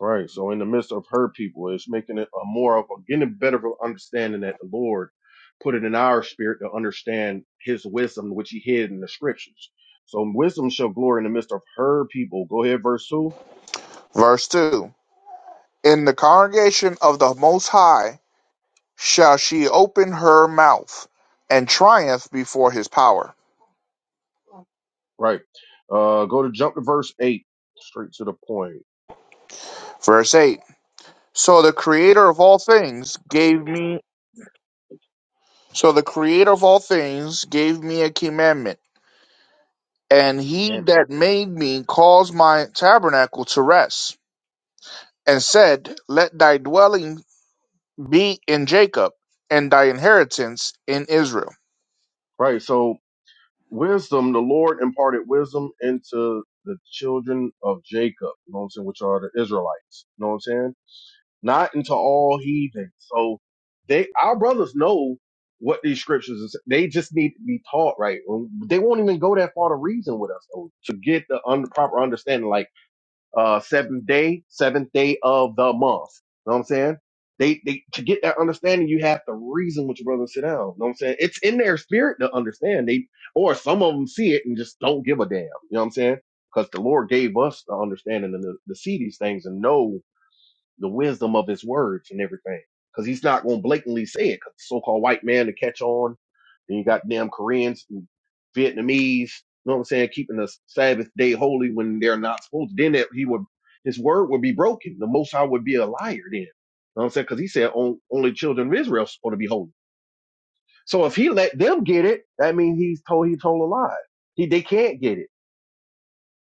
S3: Right. So in the midst of her people, it's making it a more of a getting a better of an understanding that the Lord put it in our spirit to understand his wisdom, which he hid in the scriptures. So wisdom shall glory in the midst of her people. Go ahead, verse two.
S2: Verse 2. In the congregation of the Most High shall she open her mouth and triumph before his power.
S3: Right. Uh go to jump to verse eight. Straight to the point.
S2: Verse 8. So the creator of all things gave me so the creator of all things gave me a commandment, and he
S3: Damn it.
S2: that made me caused my tabernacle to rest, and said, Let thy dwelling be in Jacob, and thy inheritance in Israel.
S3: Right. So wisdom, the Lord imparted wisdom into the children of Jacob, you know what I'm saying, which are the Israelites. You know what I'm saying? not into all heathens. So they, our brothers know what these scriptures is. They just need to be taught right. Um, They won't even go that far to reason with us though, to get the un- proper understanding, like, uh, seventh day, seventh day of the month. Know what I'm saying? They, they, to get that understanding, you have to reason with your brother and sit down. Know what I'm saying? It's in their spirit to understand. They, or some of them see it and just don't give a damn. You know what I'm saying? Because the Lord gave us the understanding and the, to see these things and know the wisdom of his words and everything. Because he's not going to blatantly say it. Cause so-called white man to catch on. Then you got damn Koreans, and Vietnamese. You know what I'm saying? Keeping the Sabbath day holy when they're not supposed. to. Then that he would, his word would be broken. The Most High would be a liar then. You know what I'm saying? Because he said on, only children of Israel are supposed to be holy. So if he let them get it, that means he's told he told a lie. He they can't get it.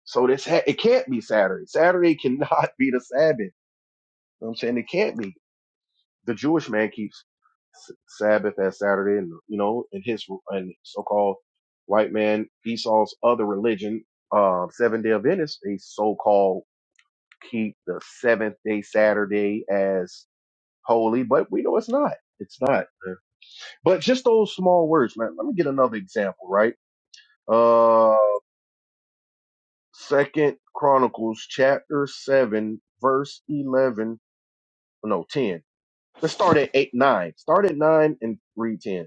S3: So this ha- it can't be Saturday. Saturday cannot be the Sabbath. You know what I'm saying it can't be. the Jewish man keeps Sabbath as Saturday, and you know, in his and so-called white man Esau's other religion, uh, Seven Day Adventists, they so-called keep the seventh day Saturday as holy, but we know it's not. It's not. But just those small words, man. Let me get another example, right? Uh, Second Chronicles chapter seven, verse eleven. No, ten. Let's start at eight, nine. Start at nine and read ten.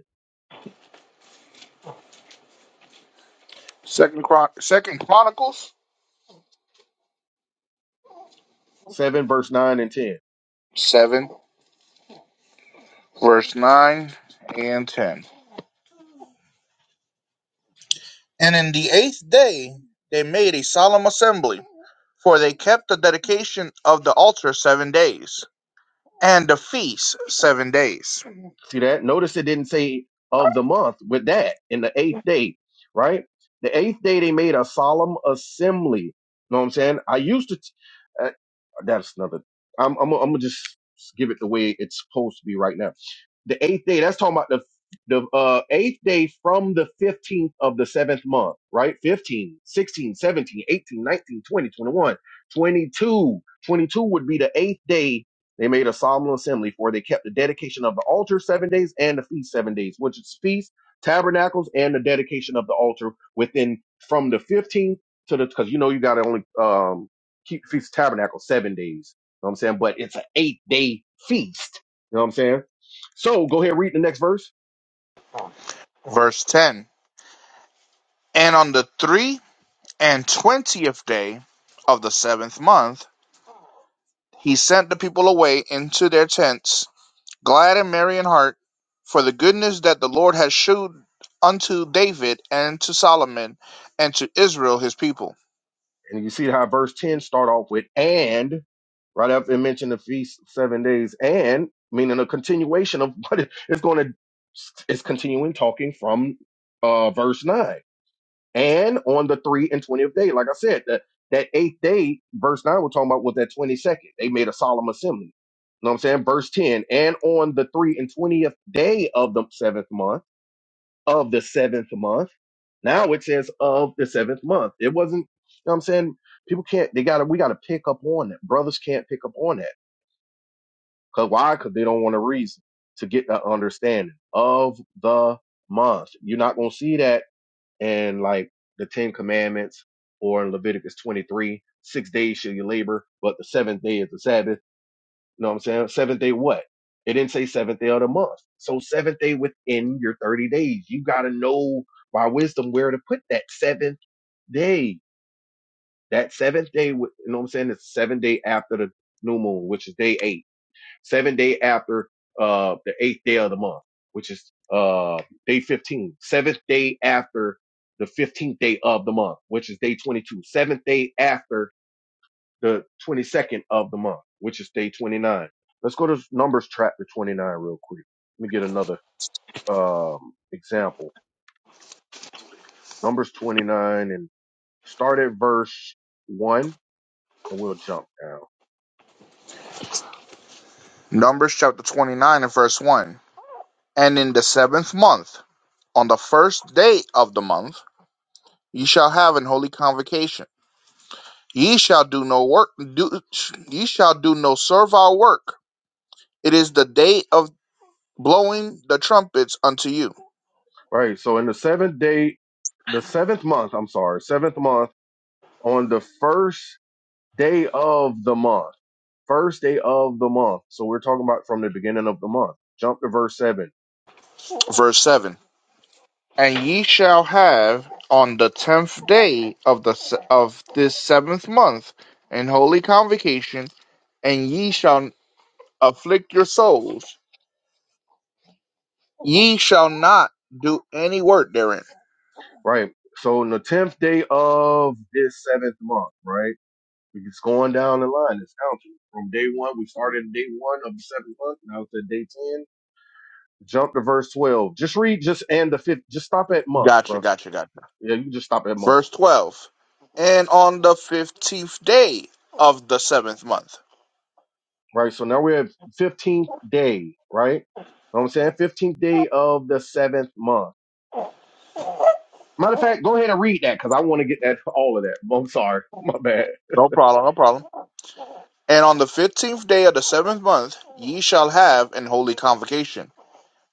S2: Second, Chron- Second Chronicles
S3: 7, verse 9 and 10.
S2: 7, verse 9 and 10. And in the eighth day they made a solemn assembly, for they kept the dedication of the altar seven days, and the feast seven days.
S3: See that? Notice it didn't say of the month with that in the eighth day, right? The eighth day they made a solemn assembly. You know what I'm saying? I used to, uh, that's another, I'm, I'm, I'm going to just give it the way it's supposed to be right now. The eighth day, that's talking about the the uh, eighth day from the 15th of the seventh month, right? 15, sixteen, seventeen, eighteen, nineteen, twenty, twenty-one, 22 twenty-two would be the eighth day they made a solemn assembly for. They kept the dedication of the altar seven days and the feast seven days, which is feast, tabernacles, and the dedication of the altar within from the 15th to the, because you know you got to only um, keep feast tabernacle seven days. You know what I'm saying? But it's an eight day feast. You know what I'm saying? So go ahead, read the next verse,
S2: Verse 10 And on the three and twentieth day of the seventh month, he sent the people away into their tents, glad and merry in heart, for the goodness that the Lord had shewed unto David and to Solomon and to Israel his people.
S3: and you see how verse ten start off with and right after it mentioned the feast of seven days, and meaning a continuation of what it- it's going to. It's continuing talking from uh, verse nine, and on the three and twentieth day, like I said, that that eighth day, verse nine, we're talking about was that twenty second. They made a solemn assembly. You know what I'm saying? Verse ten, and on the three and twentieth day of the seventh month of the seventh month. Now it says of the seventh month. It wasn't, you know what I'm saying? People can't, they gotta, we gotta pick up on that. Brothers can't pick up on that. Cause why? Cause they don't want to reason to get that understanding of the month. You're not gonna see that in like the Ten Commandments or in Leviticus 23. Six days shall you labor, but the seventh day is the Sabbath you know what I'm saying? Seventh day what? It didn't say seventh day of the month. So seventh day within your 30 days. You gotta know by wisdom where to put that seventh day. That seventh day, wi- you know what I'm saying? It's seven day after the new moon, which is day eight. Seven day after uh the eighth day of the month, which is uh day 15. Seventh day after the 15th day of the month, which is day 22. Seventh day after the 22nd of the month, which is day 29. Let's go to Numbers chapter 29 real quick. Let me get another um, example. Numbers 29 and start at verse 1 and we'll jump down.
S2: Numbers chapter 29 and verse 1. And in the seventh month, on the first day of the month, ye shall have an holy convocation. Ye shall do no work. Do, ye shall do no servile work. It is the day of blowing the trumpets unto you.
S3: All right. So in the seventh day, the seventh month, I'm sorry, seventh month on the first day of the month, first day of the month. So we're talking about from the beginning of the month. Jump to verse 7.
S2: Verse seven. And ye shall have on the tenth day of the of this seventh month an holy convocation, and ye shall afflict your souls Ye shall not do any work therein.
S3: Right. So in the 10th day of this seventh month, right? It's going down the line. It's counting from day one. We started at day one of the seventh month. Now it's at day ten. Jump to verse twelve. Just read just and the fifth. Just stop at month,
S2: Gotcha,
S3: bro.
S2: gotcha, gotcha.
S3: Yeah, you just stop at month,
S2: Verse 12. And on the 15th day of the seventh month.
S3: right? So now we're at fifteenth day, right? You know what I'm saying fifteenth day of the seventh month. Matter of fact, go ahead and read that because I want to get that all of that. I'm sorry, my bad.
S2: No problem, no problem. And on the 15th day of the seventh month, ye shall have an holy convocation.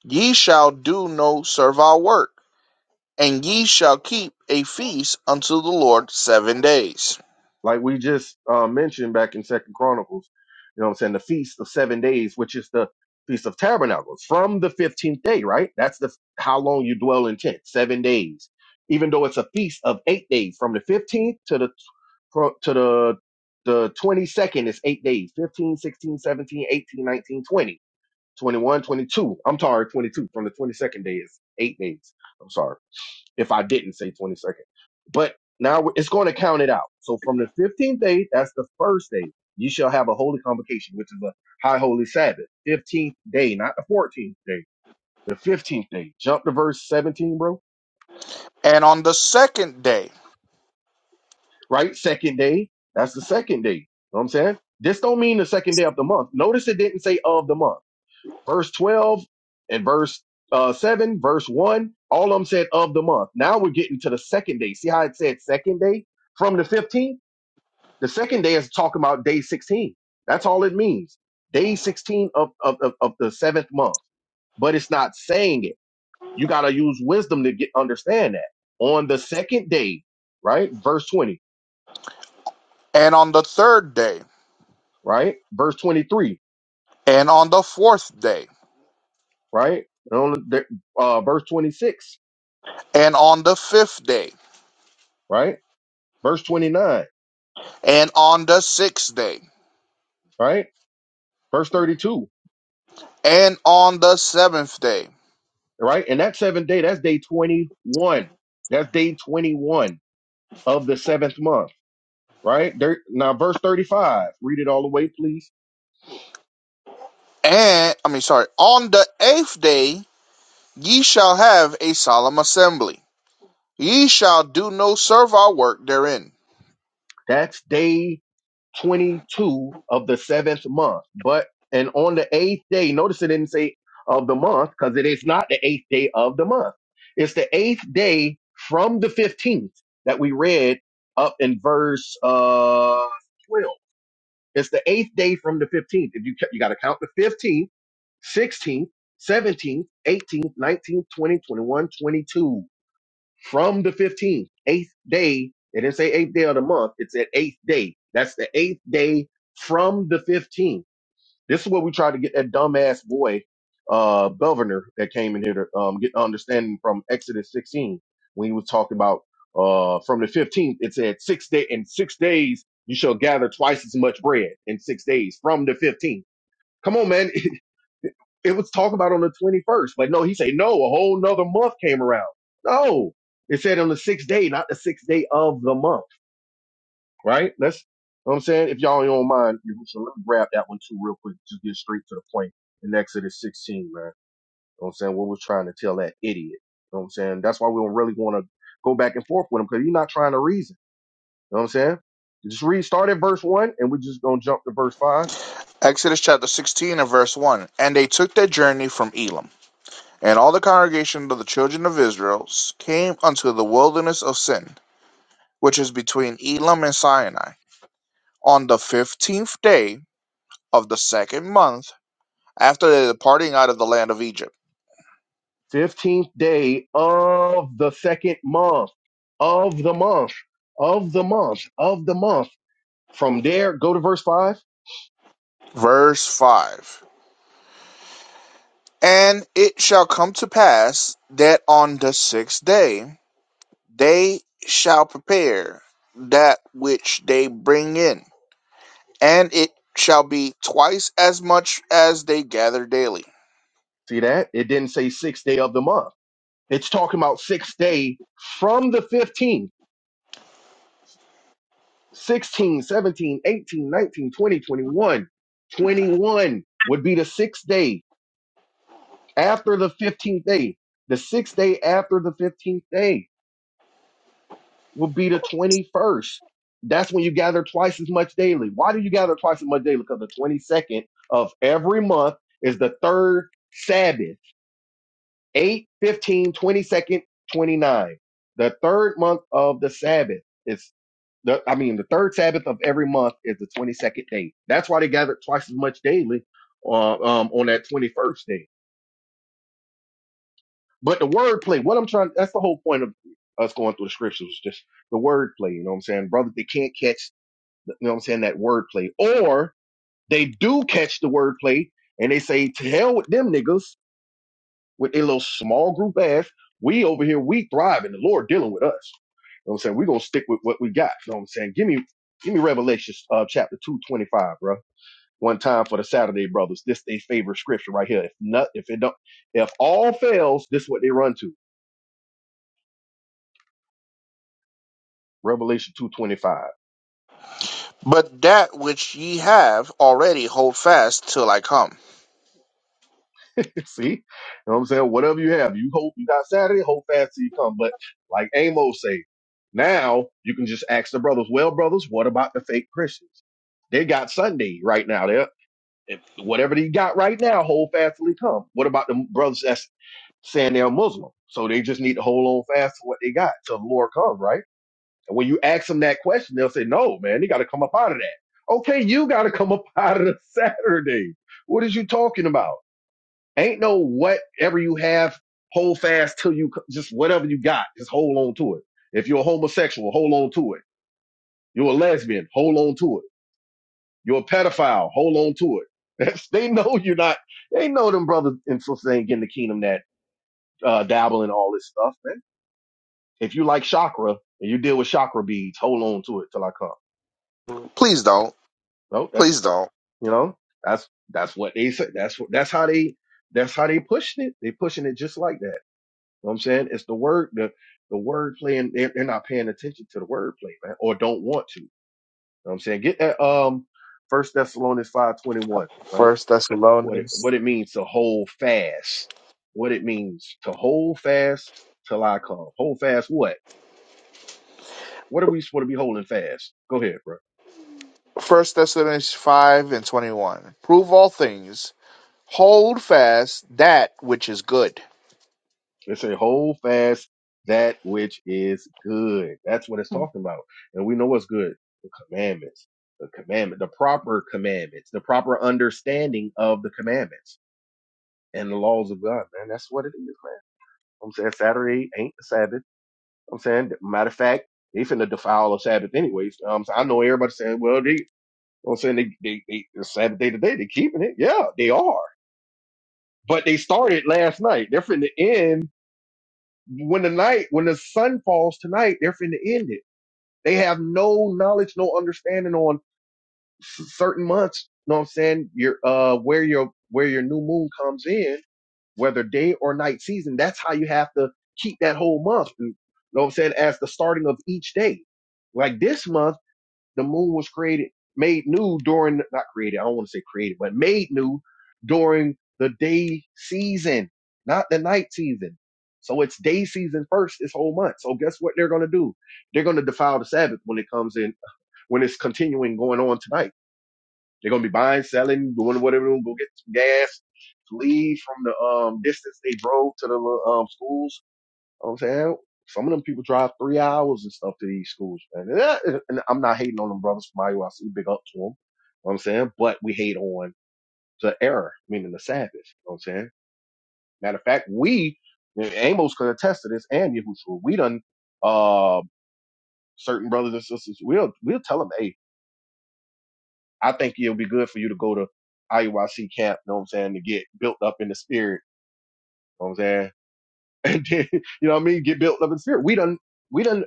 S2: Ye shall do no servile work, and ye shall keep a feast unto the Lord seven days.
S3: like we just uh, mentioned back in second chronicles you know what i'm saying the feast of seven days which is the feast of tabernacles from the 15th day right that's the how long you dwell in tent seven days even though it's a feast of eight days from the 15th to the fro- to the the 22nd is eight days Fifteen, sixteen, seventeen, eighteen, nineteen, twenty, twenty-one, twenty-two. i'm sorry 22 from the 22nd day is eight days i'm sorry if I didn't say 22nd. But now it's going to count it out. So from the 15th day, that's the first day, you shall have a holy convocation, which is a high holy Sabbath. 15th day, not the 14th day, the 15th day. Jump to verse 17, bro.
S2: And on the second day,
S3: Right? Second day, that's the second day. You know what I'm saying? This don't mean the second day of the month. Notice it didn't say of the month. Verse 12 and verse uh, 7, verse 1, all of them said of the month. Now we're getting to the second day. See how it said second day from the 15th? The second day is talking about day 16. That's all it means. Day 16 of, of, of, of the seventh month. But it's not saying it. You got to use wisdom to get understand that. On the second day, right? Verse 20,
S2: and on the third day,
S3: right? Verse 23,
S2: and on the fourth day,
S3: right? And on the, uh, verse 26,
S2: and on the fifth day,
S3: right? Verse 29,
S2: and on the sixth day,
S3: right? Verse 32,
S2: and on the seventh day,
S3: right? And that seventh day, that's day 21. That's day 21 of the seventh month right? There, now, verse 35, read it all the way, please.
S2: and I mean, sorry, on the eighth day, ye shall have a solemn assembly. Ye shall do no servile work therein.
S3: That's day 22 of the seventh month. But, and on the eighth day, notice it didn't say of the month because it is not the eighth day of the month. It's the eighth day from the 15th that we read up in verse uh, 12. It's the eighth day from the 15th. If you, ca- you got to count the 15th, 16th, 17th, 18th, 19th, 20, 21, 22 from the 15th, eighth day. It didn't say eighth day of the month. It said eighth day. That's the eighth day from the 15th. This is what we tried to get that dumbass boy, uh, governor that came in here to um, get understanding from Exodus 16 when he was talking about uh, from the 15th. It said six day in six days you shall gather twice as much bread in six days from the 15th. Come on, man. It was talked about on the 21st, but no, he said, no, a whole nother month came around. No, it said on the sixth day, not the sixth day of the month, right? That's you know what I'm saying. If y'all don't mind, you- so let me grab that one too real quick. Just get straight to the point in Exodus 16, man. You know what I'm saying? What we're trying to tell that idiot. You know what I'm saying? That's why we don't really want to go back and forth with him because you're not trying to reason. You know what I'm saying? Just read, start at verse one, and we're just gonna jump to verse five.
S2: Exodus chapter 16 and verse 1. And they took their journey from Elam. And all the congregation of the children of Israel came unto the wilderness of Sin, which is between Elam and Sinai, on the fifteenth day of the second month after the departing out of the land of Egypt.
S3: 15th day of the second month, of the month, of the month, of the month. From there, go to verse 5.
S2: Verse 5 And it shall come to pass that on the sixth day they shall prepare that which they bring in, and it shall be twice as much as they gather daily
S3: See that? It didn't say sixth day of the month. It's talking about sixth day from the 15th, 16, seventeen, eighteen, nineteen, twenty, 21 twenty-one would be the sixth day after the 15th day. The sixth day after the 15th day. will be the 21st. That's when you gather twice as much daily. Why do you gather twice as much daily? Because the 22nd of every month is the third Sabbath, Eight, fifteen, twenty 29. The third month of the Sabbath is the, I mean, the third Sabbath of every month is the 22nd day. That's why they gather twice as much daily uh, um, on that 21st day. But the wordplay, what I'm trying, that's the whole point of us going through the scriptures, just the wordplay, you know what I'm saying? Brother, they can't catch You know what I'm saying? That wordplay. Or they do catch the wordplay and they say, to hell with them niggas, with their little small group ass. We over here, we thriving. The Lord dealing with us. You know what I'm saying? We're gonna stick with what we got. You know what I'm saying? Give me give me Revelation uh, chapter two twenty five, bro. One time for the Saturday brothers. This they favorite scripture right here. If not if it don't if all fails, this is what they run to. Revelation two twenty five.
S2: But that which ye have already hold fast till I come.
S3: See, you know what I'm saying? Whatever you have, you hope you got Saturday, hold fast till you come. But like Amos say, now you can just ask the brothers, well, brothers, what about the fake Christians? They got Sunday right now. They're, if, whatever they got right now, hold fast till they come. What about the brothers that's saying they're Muslim? So they just need to hold on fast to what they got till the Lord comes, right? And when you ask them that question, they'll say, no, man, they got to come up out of that. Okay, you got to come up out of the Saturday. What is you talking about? Ain't no whatever you have, hold fast till you just whatever you got, just hold on to it. If you're a homosexual, hold on to it. You're a lesbian, hold on to it. You're a pedophile, hold on to it. That's, they know you're not. They know them brothers and sisters ain't getting the kingdom that uh, dabble in all this stuff, man. If you like chakra and you deal with chakra beads, hold on to it till I come.
S2: Please don't.
S3: No, that's
S2: Please don't.
S3: you know that's that's what they say. That's what that's how they that's how they pushing it. They pushing it just like that. know what I'm saying? It's the word, the, the word play, and they're, they're not paying attention to the word play, man, or don't want to. You know what I'm saying? Get that, um, First Thessalonians 5:21, right?
S2: First
S3: What it,
S2: Thessalonians
S3: what it means to hold fast. What it means to hold fast till I come. Hold fast what? What are we supposed to be holding fast? Go ahead, bro.
S2: First Thessalonians five and twenty one. Prove all things. Hold fast that which is good.
S3: It say, hold fast that which is good. That's what it's talking about. And we know what's good. The commandments, the commandment, the proper commandments, the proper understanding of the commandments and the laws of God, man. That's what it is, man. I'm saying Saturday ain't the Sabbath. I'm saying, matter of fact, they finna defile the Sabbath anyways. Um, so I know everybody saying, well, they, I'm saying they, they, they, the Sabbath day today, they keeping it. Yeah, they are. But they started last night. They're finna end. when the night, when the sun falls tonight, they're finna end it. They have no knowledge, no understanding on s- certain months. You know what I'm saying? Your uh, where your where your new moon comes in, whether day or night season. That's how you have to keep that whole month. You know what I'm saying? As the starting of each day, like this month the moon was created, made new during, not created, I don't want to say created, but made new during the day season, not the night season. So it's day season first this whole month. So guess what they're going to do? They're going to defile the Sabbath when it comes in, when it's continuing going on tonight. They're going to be buying, selling, doing whatever, go get some gas, leave from the um, distance they drove to the um, schools you know what I'm saying some of them people drive three hours and stuff to these schools, man. And, that- and I'm not hating on them brothers from IUIC. Big up to them. You know what I'm saying? But we hate on the error, meaning the Sabbath. You know what I'm saying? Matter of fact, we, and Amos could attest to this and Yahushua, we done, uh, certain brothers and sisters, we'll, we'll tell them, hey, I think it'll be good for you to go to IUIC camp, you know what I'm saying, to get built up in the spirit, you know what I'm saying? And then, you know what I mean? Get built up in the spirit. We done, we done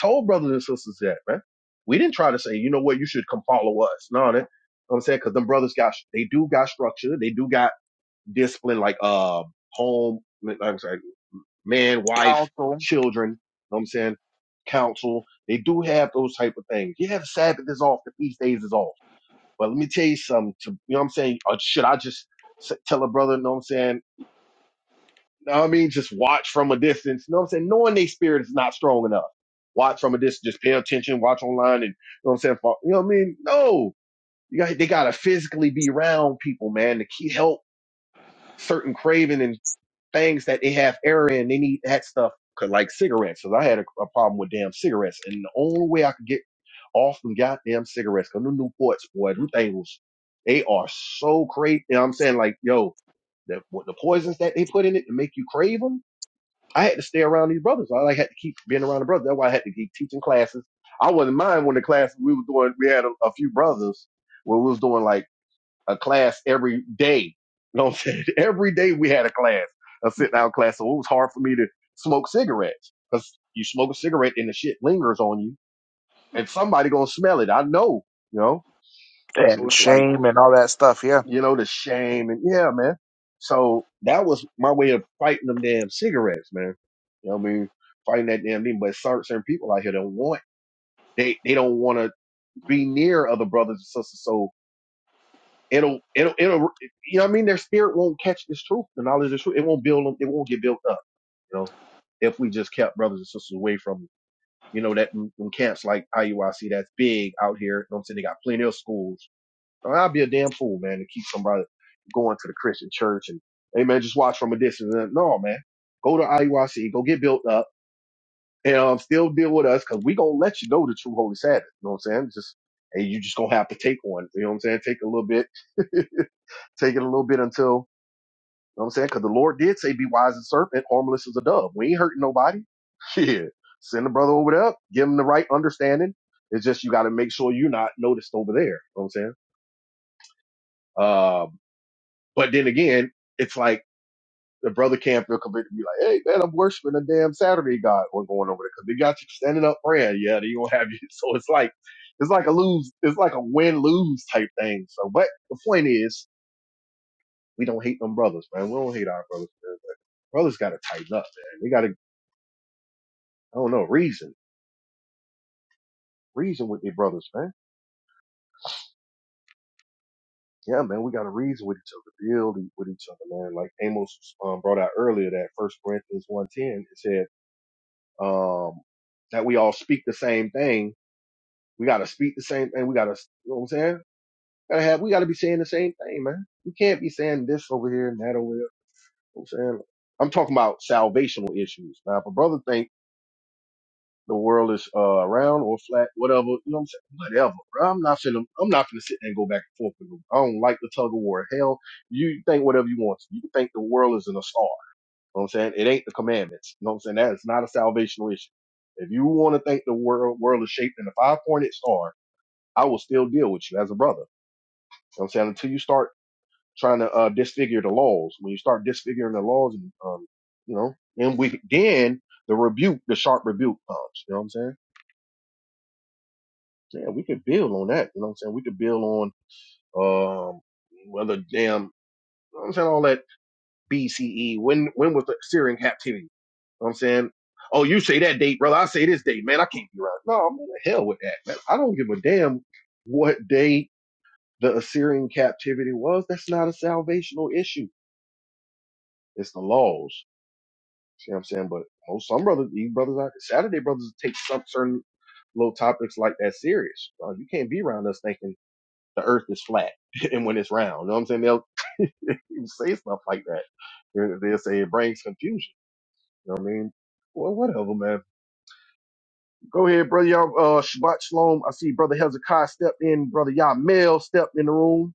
S3: told brothers and sisters that, man. We didn't try to say, you know what, you should come follow us. No, that, you know what I'm saying, cause them brothers got, they do got structure. They do got discipline, like, uh, home, like, I'm sorry, man, wife,
S2: Counsel
S3: children. you know what I'm saying? Counsel. They do have those type of things. Yeah, the Sabbath is off. The feast days is off. But let me tell you something. To, you know what I'm saying? Or should I just tell a brother, you know what I'm saying? know what I mean, just watch from a distance. You know what I'm saying? Knowing their spirit is not strong enough. Watch from a distance, just pay attention, watch online, and you know what I'm saying? You know what I mean? No, you got they gotta physically be around people, man, to keep help certain craving and things that they have error in. They need that stuff, 'cause like cigarettes. Cause I had a, a problem with damn cigarettes, and the only way I could get off them goddamn cigarettes, cause them Newports, boy, them things, they are so crazy. You know what I'm saying? Like, yo, the, what the poisons that they put in it to make you crave them I had to stay around these brothers. I like had to keep being around the brothers. That's why I had to keep teaching classes. I wasn't mind when the class we were doing. We had a, a few brothers where we was doing like a class every day. You know what I'm saying? Every day we had a class, a sit down class. So it was hard for me to smoke cigarettes because you smoke a cigarette and the shit lingers on you, and somebody gonna smell it. I know, you know. So
S2: and
S3: it's like
S2: shame and yeah.
S3: you know, the shame and yeah, man. So that was my way of fighting them damn cigarettes, man. You know what I mean? Fighting that damn thing. But certain, certain people out here don't want they they don't want to be near other brothers and sisters. So it'll it'll it'll you know what I mean? Their spirit won't catch this truth, the knowledge of the truth. It won't build them. It won't get built up. You know, if we just kept brothers and sisters away from you know that them camps like IUIC that's big out here. You know what I'm saying? They got plenty of schools I'd be a damn fool, man, to keep somebody going to the Christian church and, hey, man, just watch from a distance. Uh, No, man. Go to IUIC, go get built up, and um, still deal with us because we going to let you know the true Holy Sabbath. You know what I'm saying? Just, and you just going to have to take one. You know what I'm saying? Take a little bit, take it a little bit until, you know what I'm saying? Because the Lord did say, be wise as a serpent, harmless as a dove. We ain't hurting nobody. Yeah. Send the brother over there, give him the right understanding. It's just you got to make sure you're not noticed over there. You know what I'm saying? um. But then again, it's like the brother can't feel convicted to be like, hey, man, I'm worshiping a damn Saturday God. we going over there because they got you standing up praying. Yeah, they gonna have you. So it's like it's like a lose, it's like a win lose type thing. So, but the point is, we don't hate them brothers, man. We don't hate our brothers. Man. But brothers got to tighten up, man. They got to, I don't know, reason, reason with their brothers, man. Yeah, man, we got to reason with each other, build e, with each other, man. Like Amos um, brought out earlier, that First Corinthians one ten, it said. um, that we all speak the same thing. We got to speak the same thing. We got to, you know what I'm saying? Gotta have, we got to be saying the same thing, man. We can't be saying this over here and that over there. You know what I'm saying? I'm talking about salvational issues. Now, if a brother think the world is, uh, round or flat, whatever, you know what I'm saying? Whatever, bro. I'm not finna, I'm not finna sit there and go back and forth with them. I don't like the tug of war. Hell, you think whatever you want. to. You think the world is an assault. You know what I'm saying? It ain't the commandments. You know what I'm saying? That is not a salvational issue. If you want to think the world world is shaped in a five pointed star, I will still deal with you as a brother. You know what I'm saying? Until you start trying to uh, disfigure the laws. When you start disfiguring the laws and um, you know, then we then the rebuke, the sharp rebuke comes. You know what I'm saying? Yeah, we could build on that. You know what I'm saying? We could build on um whether damn you know what I'm saying all that BCE? When when was the Syrian captivity? You know what I'm saying? Oh, you say that date, brother. I say this date, man. I can't be right. No, I'm in the hell with that, man. I don't give a damn what date the Assyrian captivity was. That's not a salvational issue. It's the laws. See what I'm saying? But most some brothers, these brothers out Saturday brothers take some certain little topics like that serious. Uh, you can't be around us thinking the earth is flat and when it's round. You know what I'm saying? They'll say stuff like that. They'll say it brings confusion. You know what I mean? Well, whatever, man. Go ahead, brother. Y'all, uh, Shabbat Shalom. I see brother Hezekiah stepped in. Brother Yamel stepped in the room.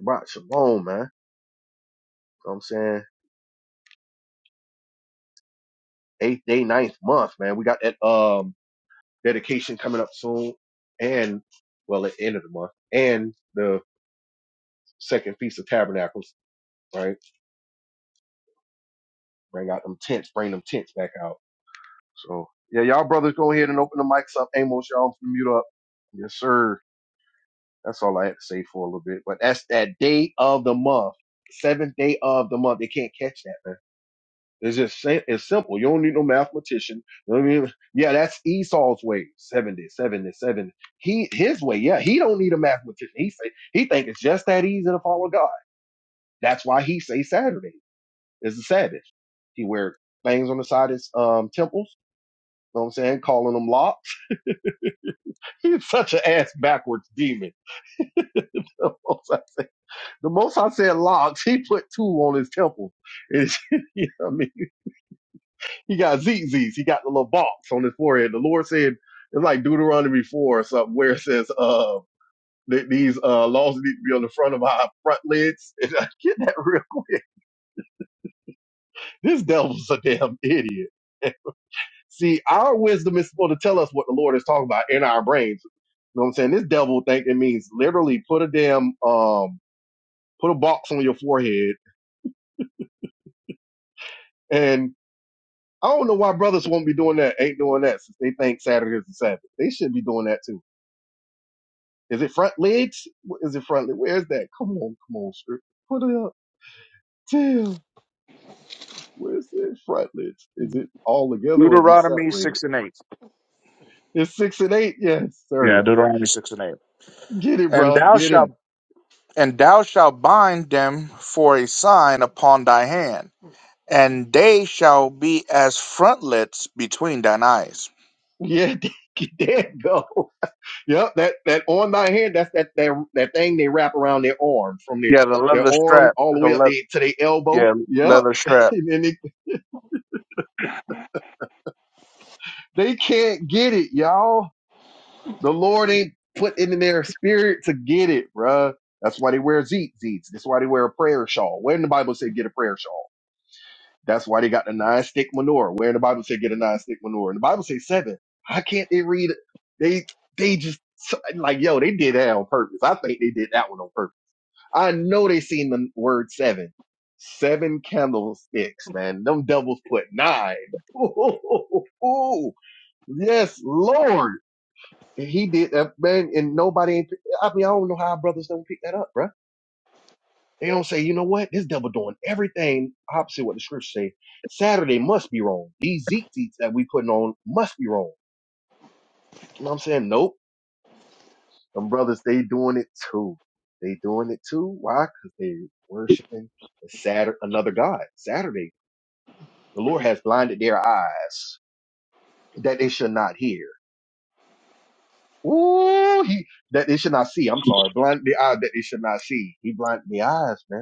S3: Shabbat Shalom, man. You know what I'm saying? Eighth day, ninth month, man. We got that, um, dedication coming up soon. And, well, at the end of the month. And the second Feast of Tabernacles, right? Bring out them tents, bring them tents back out. So, yeah, y'all brothers go ahead and open the mics up. Amos, y'all mute up. Yes, sir. That's all I had to say for a little bit. But that's that day of the month, seventh day of the month. They can't catch that, man. It's just sa- it's simple. You don't need no mathematician. You know what I mean, yeah, that's Esau's way. Seven days, seven days, seven. He his way. Yeah, he don't need a mathematician. He say he think it's just that easy to follow God. That's why he say Saturday is the Sabbath. He wear things on the side of his um, temples. You know what I'm saying? Calling them locks. He's such an ass backwards demon. The most I said locks. he put two on his temple. And, you know what I mean? He got ZZs. He got the little box on his forehead. The Lord said, it's like Deuteronomy 4 or something where it says, uh, that these uh, laws need to be on the front of our front lids. And I get that real quick. This devil's a damn idiot. See, our wisdom is supposed to tell us what the Lord is talking about in our brains. You know what I'm saying? This devil think it means literally put a damn um put a box on your forehead and I don't know why brothers won't be doing that, ain't doing that since they think Saturday is the Sabbath. They should be doing that too. Is it front legs? What Is it front leg? Where's that? Come on, come on, script. Put it up. Damn. Where's that front legs? Is it all together or is it
S2: Deuteronomy
S3: separated?
S2: six and eight.
S3: It's six and eight? Yes,
S2: Yeah,
S3: sir.
S2: Deuteronomy six and eight.
S3: Get it,
S2: And
S3: bro.
S2: thou
S3: Get
S2: shalt
S3: him.
S2: and thou shalt bind them for a sign upon thy hand, and they shall be as frontlets between thine eyes.
S3: Yeah, there you go. Yep, that that on thy hand, that's that that that thing they wrap around their arm from their their arm all the way up there to their
S2: Yeah.
S3: elbow. Yep. and then they. They can't get it, y'all. The Lord ain't put it in their spirit to get it, bruh. That's why they wear zeet zeets. That's why they wear a prayer shawl. Where in the Bible say get a prayer shawl? That's why they got the nine stick menorah. Where in the Bible say get a nine stick menorah? And the Bible say seven. How can't they read? it? They they just like yo, they did that on purpose. I think they did that one on purpose. I know they seen the word seven. Seven candlesticks, man. Them devils put nine. Yes, Lord. He did that, man, and nobody. ain't- I mean, I don't know how brothers don't pick that up, bruh. They don't say, you know what, this devil doing everything opposite what the scriptures say. Saturday must be wrong. These Zeke teats that we putting on must be wrong. You know what I'm saying? Nope. Them brothers, they doing it too. They doing it too. Why? Because they worshiping the Saturday, another god. Saturday, the Lord has blinded their eyes that they should not hear. Ooh, he that they should not see. I'm sorry, blind the eye that they should not see. He blinded the eyes, man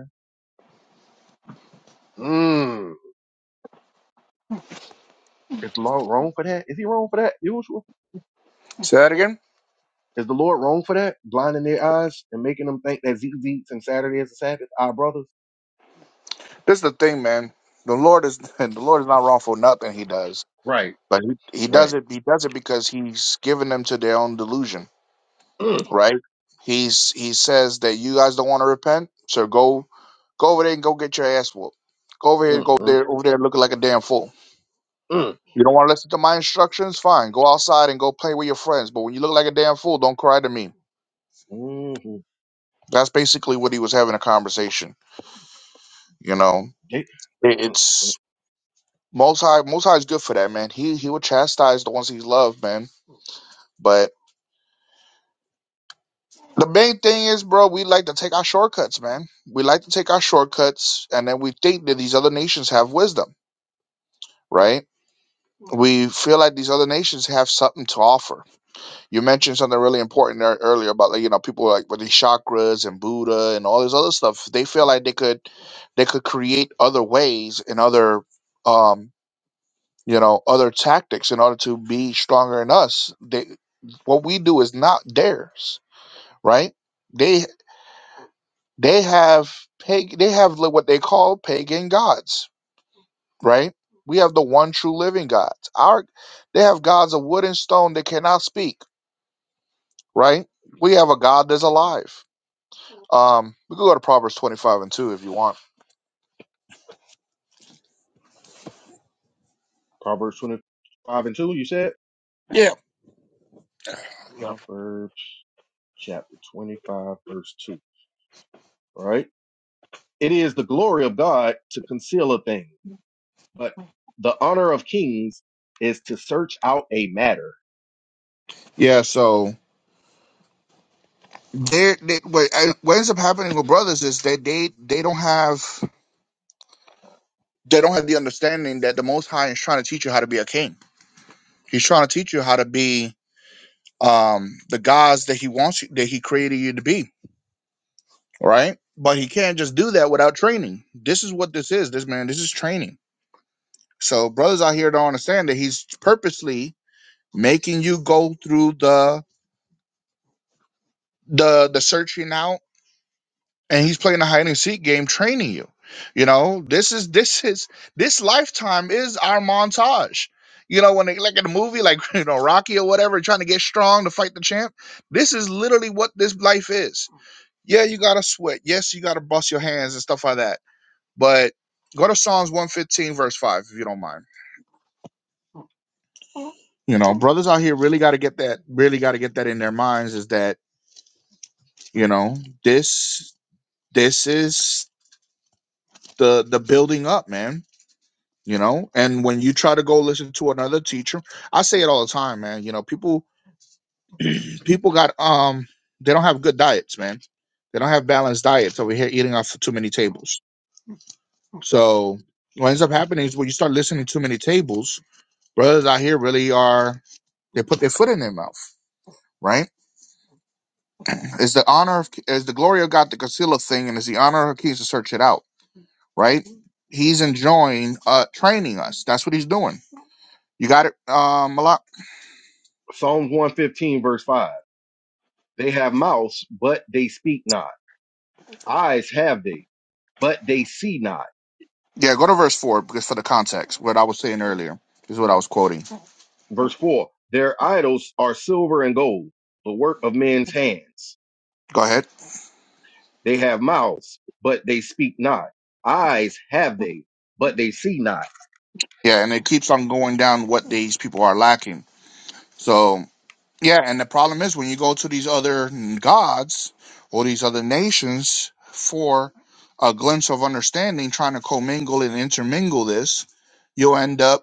S3: Mm. Is the Lord wrong for that? Is he wrong for that? Usual.
S2: Say that again.
S3: Is the Lord wrong for that? Blinding their eyes and making them think that ZZ and Saturday is a Sabbath, our brothers.
S2: This is the thing, man. The Lord is the Lord is not wrong for nothing He does,
S3: Right,
S2: but He, he does
S3: right.
S2: it. He does it because He's given them to their own delusion, right? He's He says that you guys don't want to repent, so go go over there and go get your ass whooped. Go over here,
S3: Mm,
S2: and go
S3: mm,
S2: there, over there, looking like a damn fool.
S3: mm,
S2: You don't want to listen to my instructions? Fine, go outside and go play with your friends. But when you look like a damn fool, don't cry to me.
S3: mm. Mm-hmm.
S2: That's basically what he was having a conversation. You know,
S3: Yeah.
S2: It-
S3: Mm,
S2: it's
S3: mm.
S2: Most High, Most High is good for that, man. He he will chastise the ones he loved, man. But the main thing is, bro, we like to take our shortcuts, man. We like to take our shortcuts, and then we think that these other nations have wisdom, right? We feel like these other nations have something to offer. You mentioned something really important there earlier about, like, you know, people like with these chakras and Buddha and all this other stuff. They feel like they could, they could create other ways and other, um, you know other tactics in order to be stronger than us they what we do is not theirs right they they have pag- they have li- what they call pagan gods right we have the one true living god our they have gods of wood and stone that cannot speak right we have a god that's alive um we could go to proverbs 25 and 2 if you want
S3: Proverbs 25 and 2, you said?
S2: yeah yeah
S3: Proverbs chapter 25, verse 2. All right. It is the glory of God to conceal a thing, but the honor of kings is to search out a matter.
S2: yeah so they, they what, I- what ends up happening with brothers is that they they don't have they don't have the understanding that the Most High is trying to teach you how to be a king. He's trying to teach you how to be um, the gods that He wants you, that He created you to be, right? But He can't just do that without training. This is what this is. This man, this is training. So brothers out here don't understand that He's purposely making you go through the the the searching out and he's playing a hide and seek game training you you know this is this is this lifetime is our montage you know when they like in a movie like you know rocky or whatever trying to get strong to fight the champ this is literally what this life is yeah you gotta sweat yes you gotta bust your hands and stuff like that but go to psalms 115 verse 5 if you don't mind you know brothers out here really got to get that really got to get that in their minds is that you know this this is the the building up man you know and when you try to go listen to another teacher i say it all the time man you know people people got um they don't have good diets man they don't have balanced diets over here eating off too many tables so what ends up happening is when you start listening to too many tables brothers out here really are they put their foot in their mouth right it's the honor of it's the glory of god the Casilla thing and it's the honor of kings to search it out right he's enjoying uh training us that's what he's doing you got it um a
S3: Psalms 115, verse 5 They have mouths, but they speak not. Eyes have they, but they see not.
S2: Yeah, go to verse four because for the context, what I was saying earlier is what I was quoting.
S3: Verse 4 Their idols are silver and gold, the work of men's hands.
S2: Go ahead.
S3: They have mouths, but they speak not. Eyes have they, but they see not.
S2: Yeah, and it keeps on going down what these people are lacking. So yeah, and the problem is when you go to these other gods or these other nations for a glimpse of understanding, trying to commingle and intermingle this, you'll end up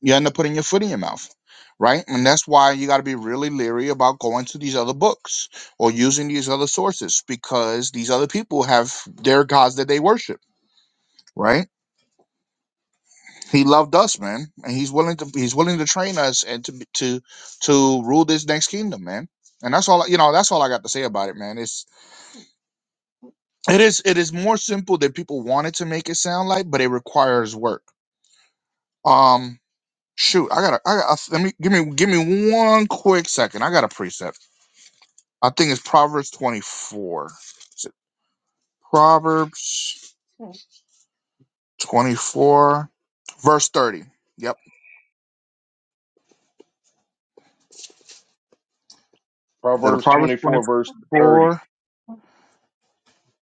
S2: you end up putting your foot in your mouth right and that's why you got to be really leery about going to these other books or using these other sources because these other people have their gods that they worship right he loved us man and he's willing to he's willing to train us and to be- to to rule this next kingdom man and that's all I- you know that's all i got to say about it man it's it is it is more simple than people wanted to make it sound like but it requires work um shoot i gotta i gotta let me give me give me one quick second i got a precept I think it's Proverbs 24. Is it Proverbs 24, verse 30? Yep. Is that a
S3: Proverbs
S2: Proverbs
S3: 24, verse 30.
S2: 24?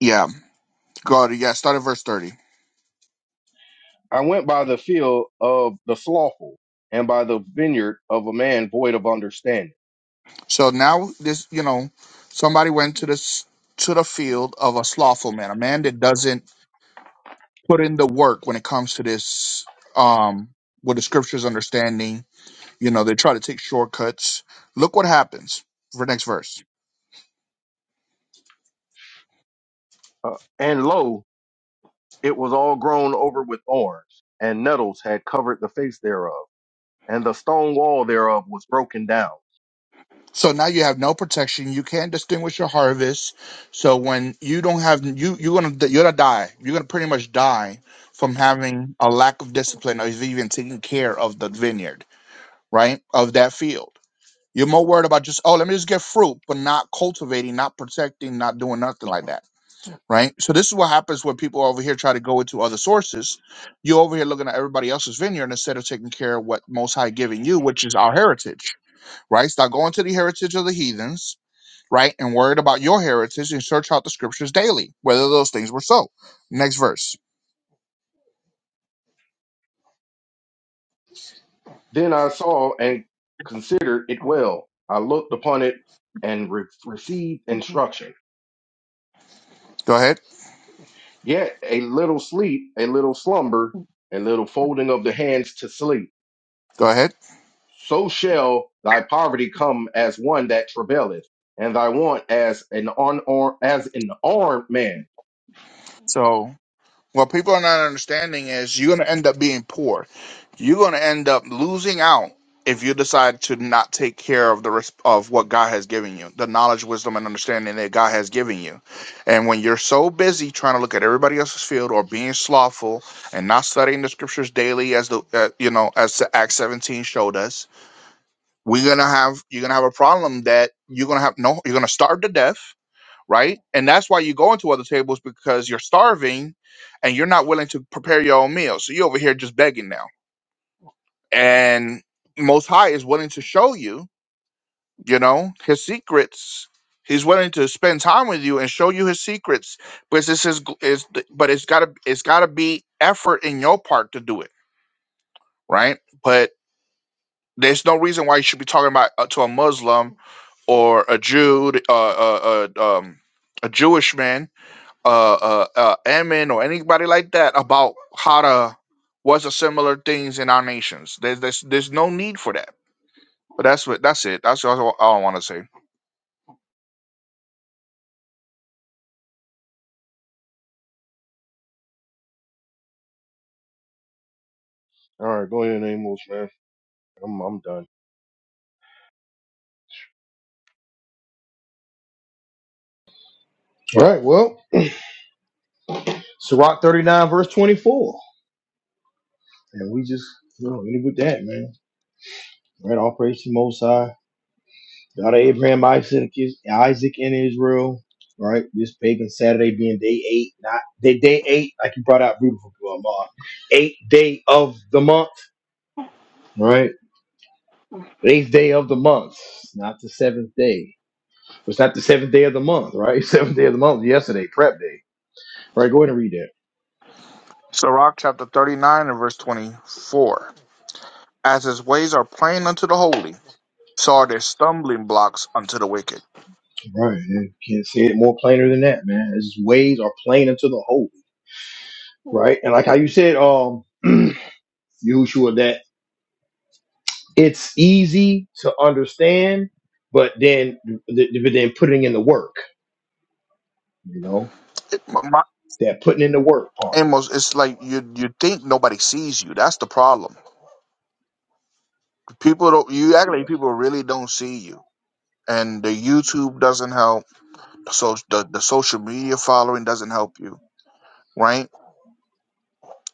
S2: Yeah. Go to, yeah, start at verse 30.
S3: I went by the field of the slothful and by the vineyard of a man void of understanding.
S2: So now this, you know, somebody went to this to the field of a slothful man, a man that doesn't put in the work when it comes to this um with the scriptures understanding. You know, they try to take shortcuts. Look what happens for next verse.
S3: Uh, and lo, it was all grown over with thorns, and nettles had covered the face thereof and the stone wall thereof was broken down.
S2: So now you have no protection. You can't distinguish your harvest. So when you don't have you you're gonna you're gonna die. You're gonna pretty much die from having a lack of discipline or even taking care of the vineyard, right? Of that field. You're more worried about just oh let me just get fruit, but not cultivating, not protecting, not doing nothing like that, right? So this is what happens when people over here try to go into other sources. you over here looking at everybody else's vineyard instead of taking care of what Most High giving you, which is our heritage, right? Start going to the heritage of the heathens right? And worried about your heritage and search out the scriptures daily, whether those things were so. Next verse.
S3: Then I saw and considered it well. I looked upon it and re- received instruction.
S2: Go ahead.
S3: Yet a little sleep, a little slumber, a little folding of the hands to sleep.
S2: Go ahead.
S3: So shall thy poverty come as one that travaileth, and thy want as an unarmed as an armed man.
S2: So, what people are not understanding is you're going to end up being poor. You're going to end up losing out if you decide to not take care of the res- of what God has given you, the knowledge, wisdom, and understanding that God has given you. And when you're so busy trying to look at everybody else's field or being slothful and not studying the scriptures daily, as the uh, you know as Acts 17 showed us, we're gonna have you're gonna have a problem that you're gonna have no you're gonna starve to death right and that's why you go into other tables because you're starving and you're not willing to prepare your own meal so you over here just begging now and most high is willing to show you you know his secrets he's willing to spend time with you and show you his secrets but this is is but it's gotta it's gotta be effort in your part to do it right But There's no reason why you should be talking about uh, to a Muslim or a Jew, uh, uh, uh, um, a Jewish man, uh, uh, uh, Ammon, or anybody like that about how to what's the similar things in our nations. There's there's there's no need for that. But that's what that's it. That's all, all I want to say.
S3: All right, go ahead, Amos, man. I'm I'm done.
S1: All right, well, Sirach 39, verse 24. And we just, you know, ended with that, man. All Right, all praise to Most High. God of Abraham, Isaac, Isaac, and Israel. All right, this pagan Saturday being day eight, not day, day eight, like you brought out beautiful, Mom. Eighth day of the month, All right? Eighth day of the month, not the seventh day. It's not the seventh day of the month, right? Seventh day of the month, yesterday, prep day. Right, go ahead and read that.
S2: Sirach chapter 39 and verse 24. As his ways are plain unto the holy, so are their stumbling blocks unto the wicked.
S1: Right. You can't say it more plainer than that, man. His ways are plain unto the holy. Right. And like how you said, um, Yahushua, that it's easy to understand, but then th- th- but then putting in the work, you know,
S2: It, my,
S1: that putting in the work part.
S2: Amos, it's like you you think nobody sees you. That's the problem. People don't. You act like people really don't see you, and the YouTube doesn't help. So the the social media following doesn't help you, right?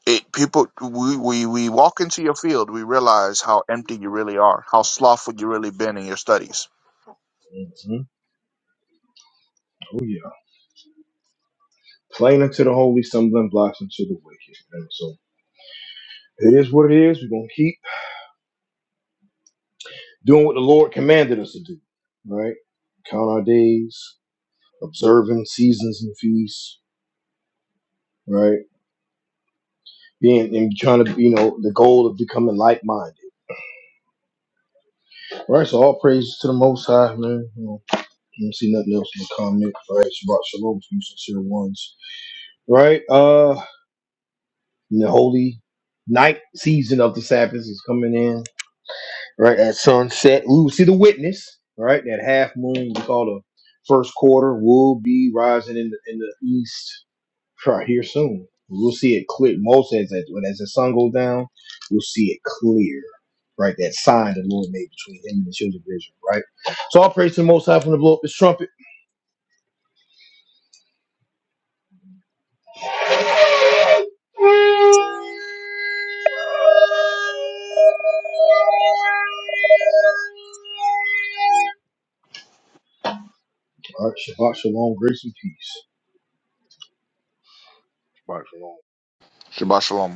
S2: It people we, we we walk into your field, we realize how empty you really are, how slothful you really been in your studies.
S1: hmm Oh yeah. Plain unto the holy, stumbling blocks unto the wicked. And so it is what it is. We're gonna keep doing what the Lord commanded us to do, right? Count our days, observing seasons and feasts, right? Being and trying to, you know, the goal of becoming like minded, right? So all praise to the Most High, man. You know, you don't see nothing else in the comment, right? Shabbat shalom to you sincere ones, right? Uh, and the holy night season of the Sabbath is coming in, right? At sunset, we will see the witness, right? That half moon we call the first quarter will be rising in the in the east Right here soon. We'll see it clear. Most says that when as the sun goes down, we'll see it clear. Right, that sign the Lord made between him and the children of Israel. Right. So I'll praise to the Most High from the blow up his trumpet.
S3: Bye. for now.
S2: Shabbat shalom.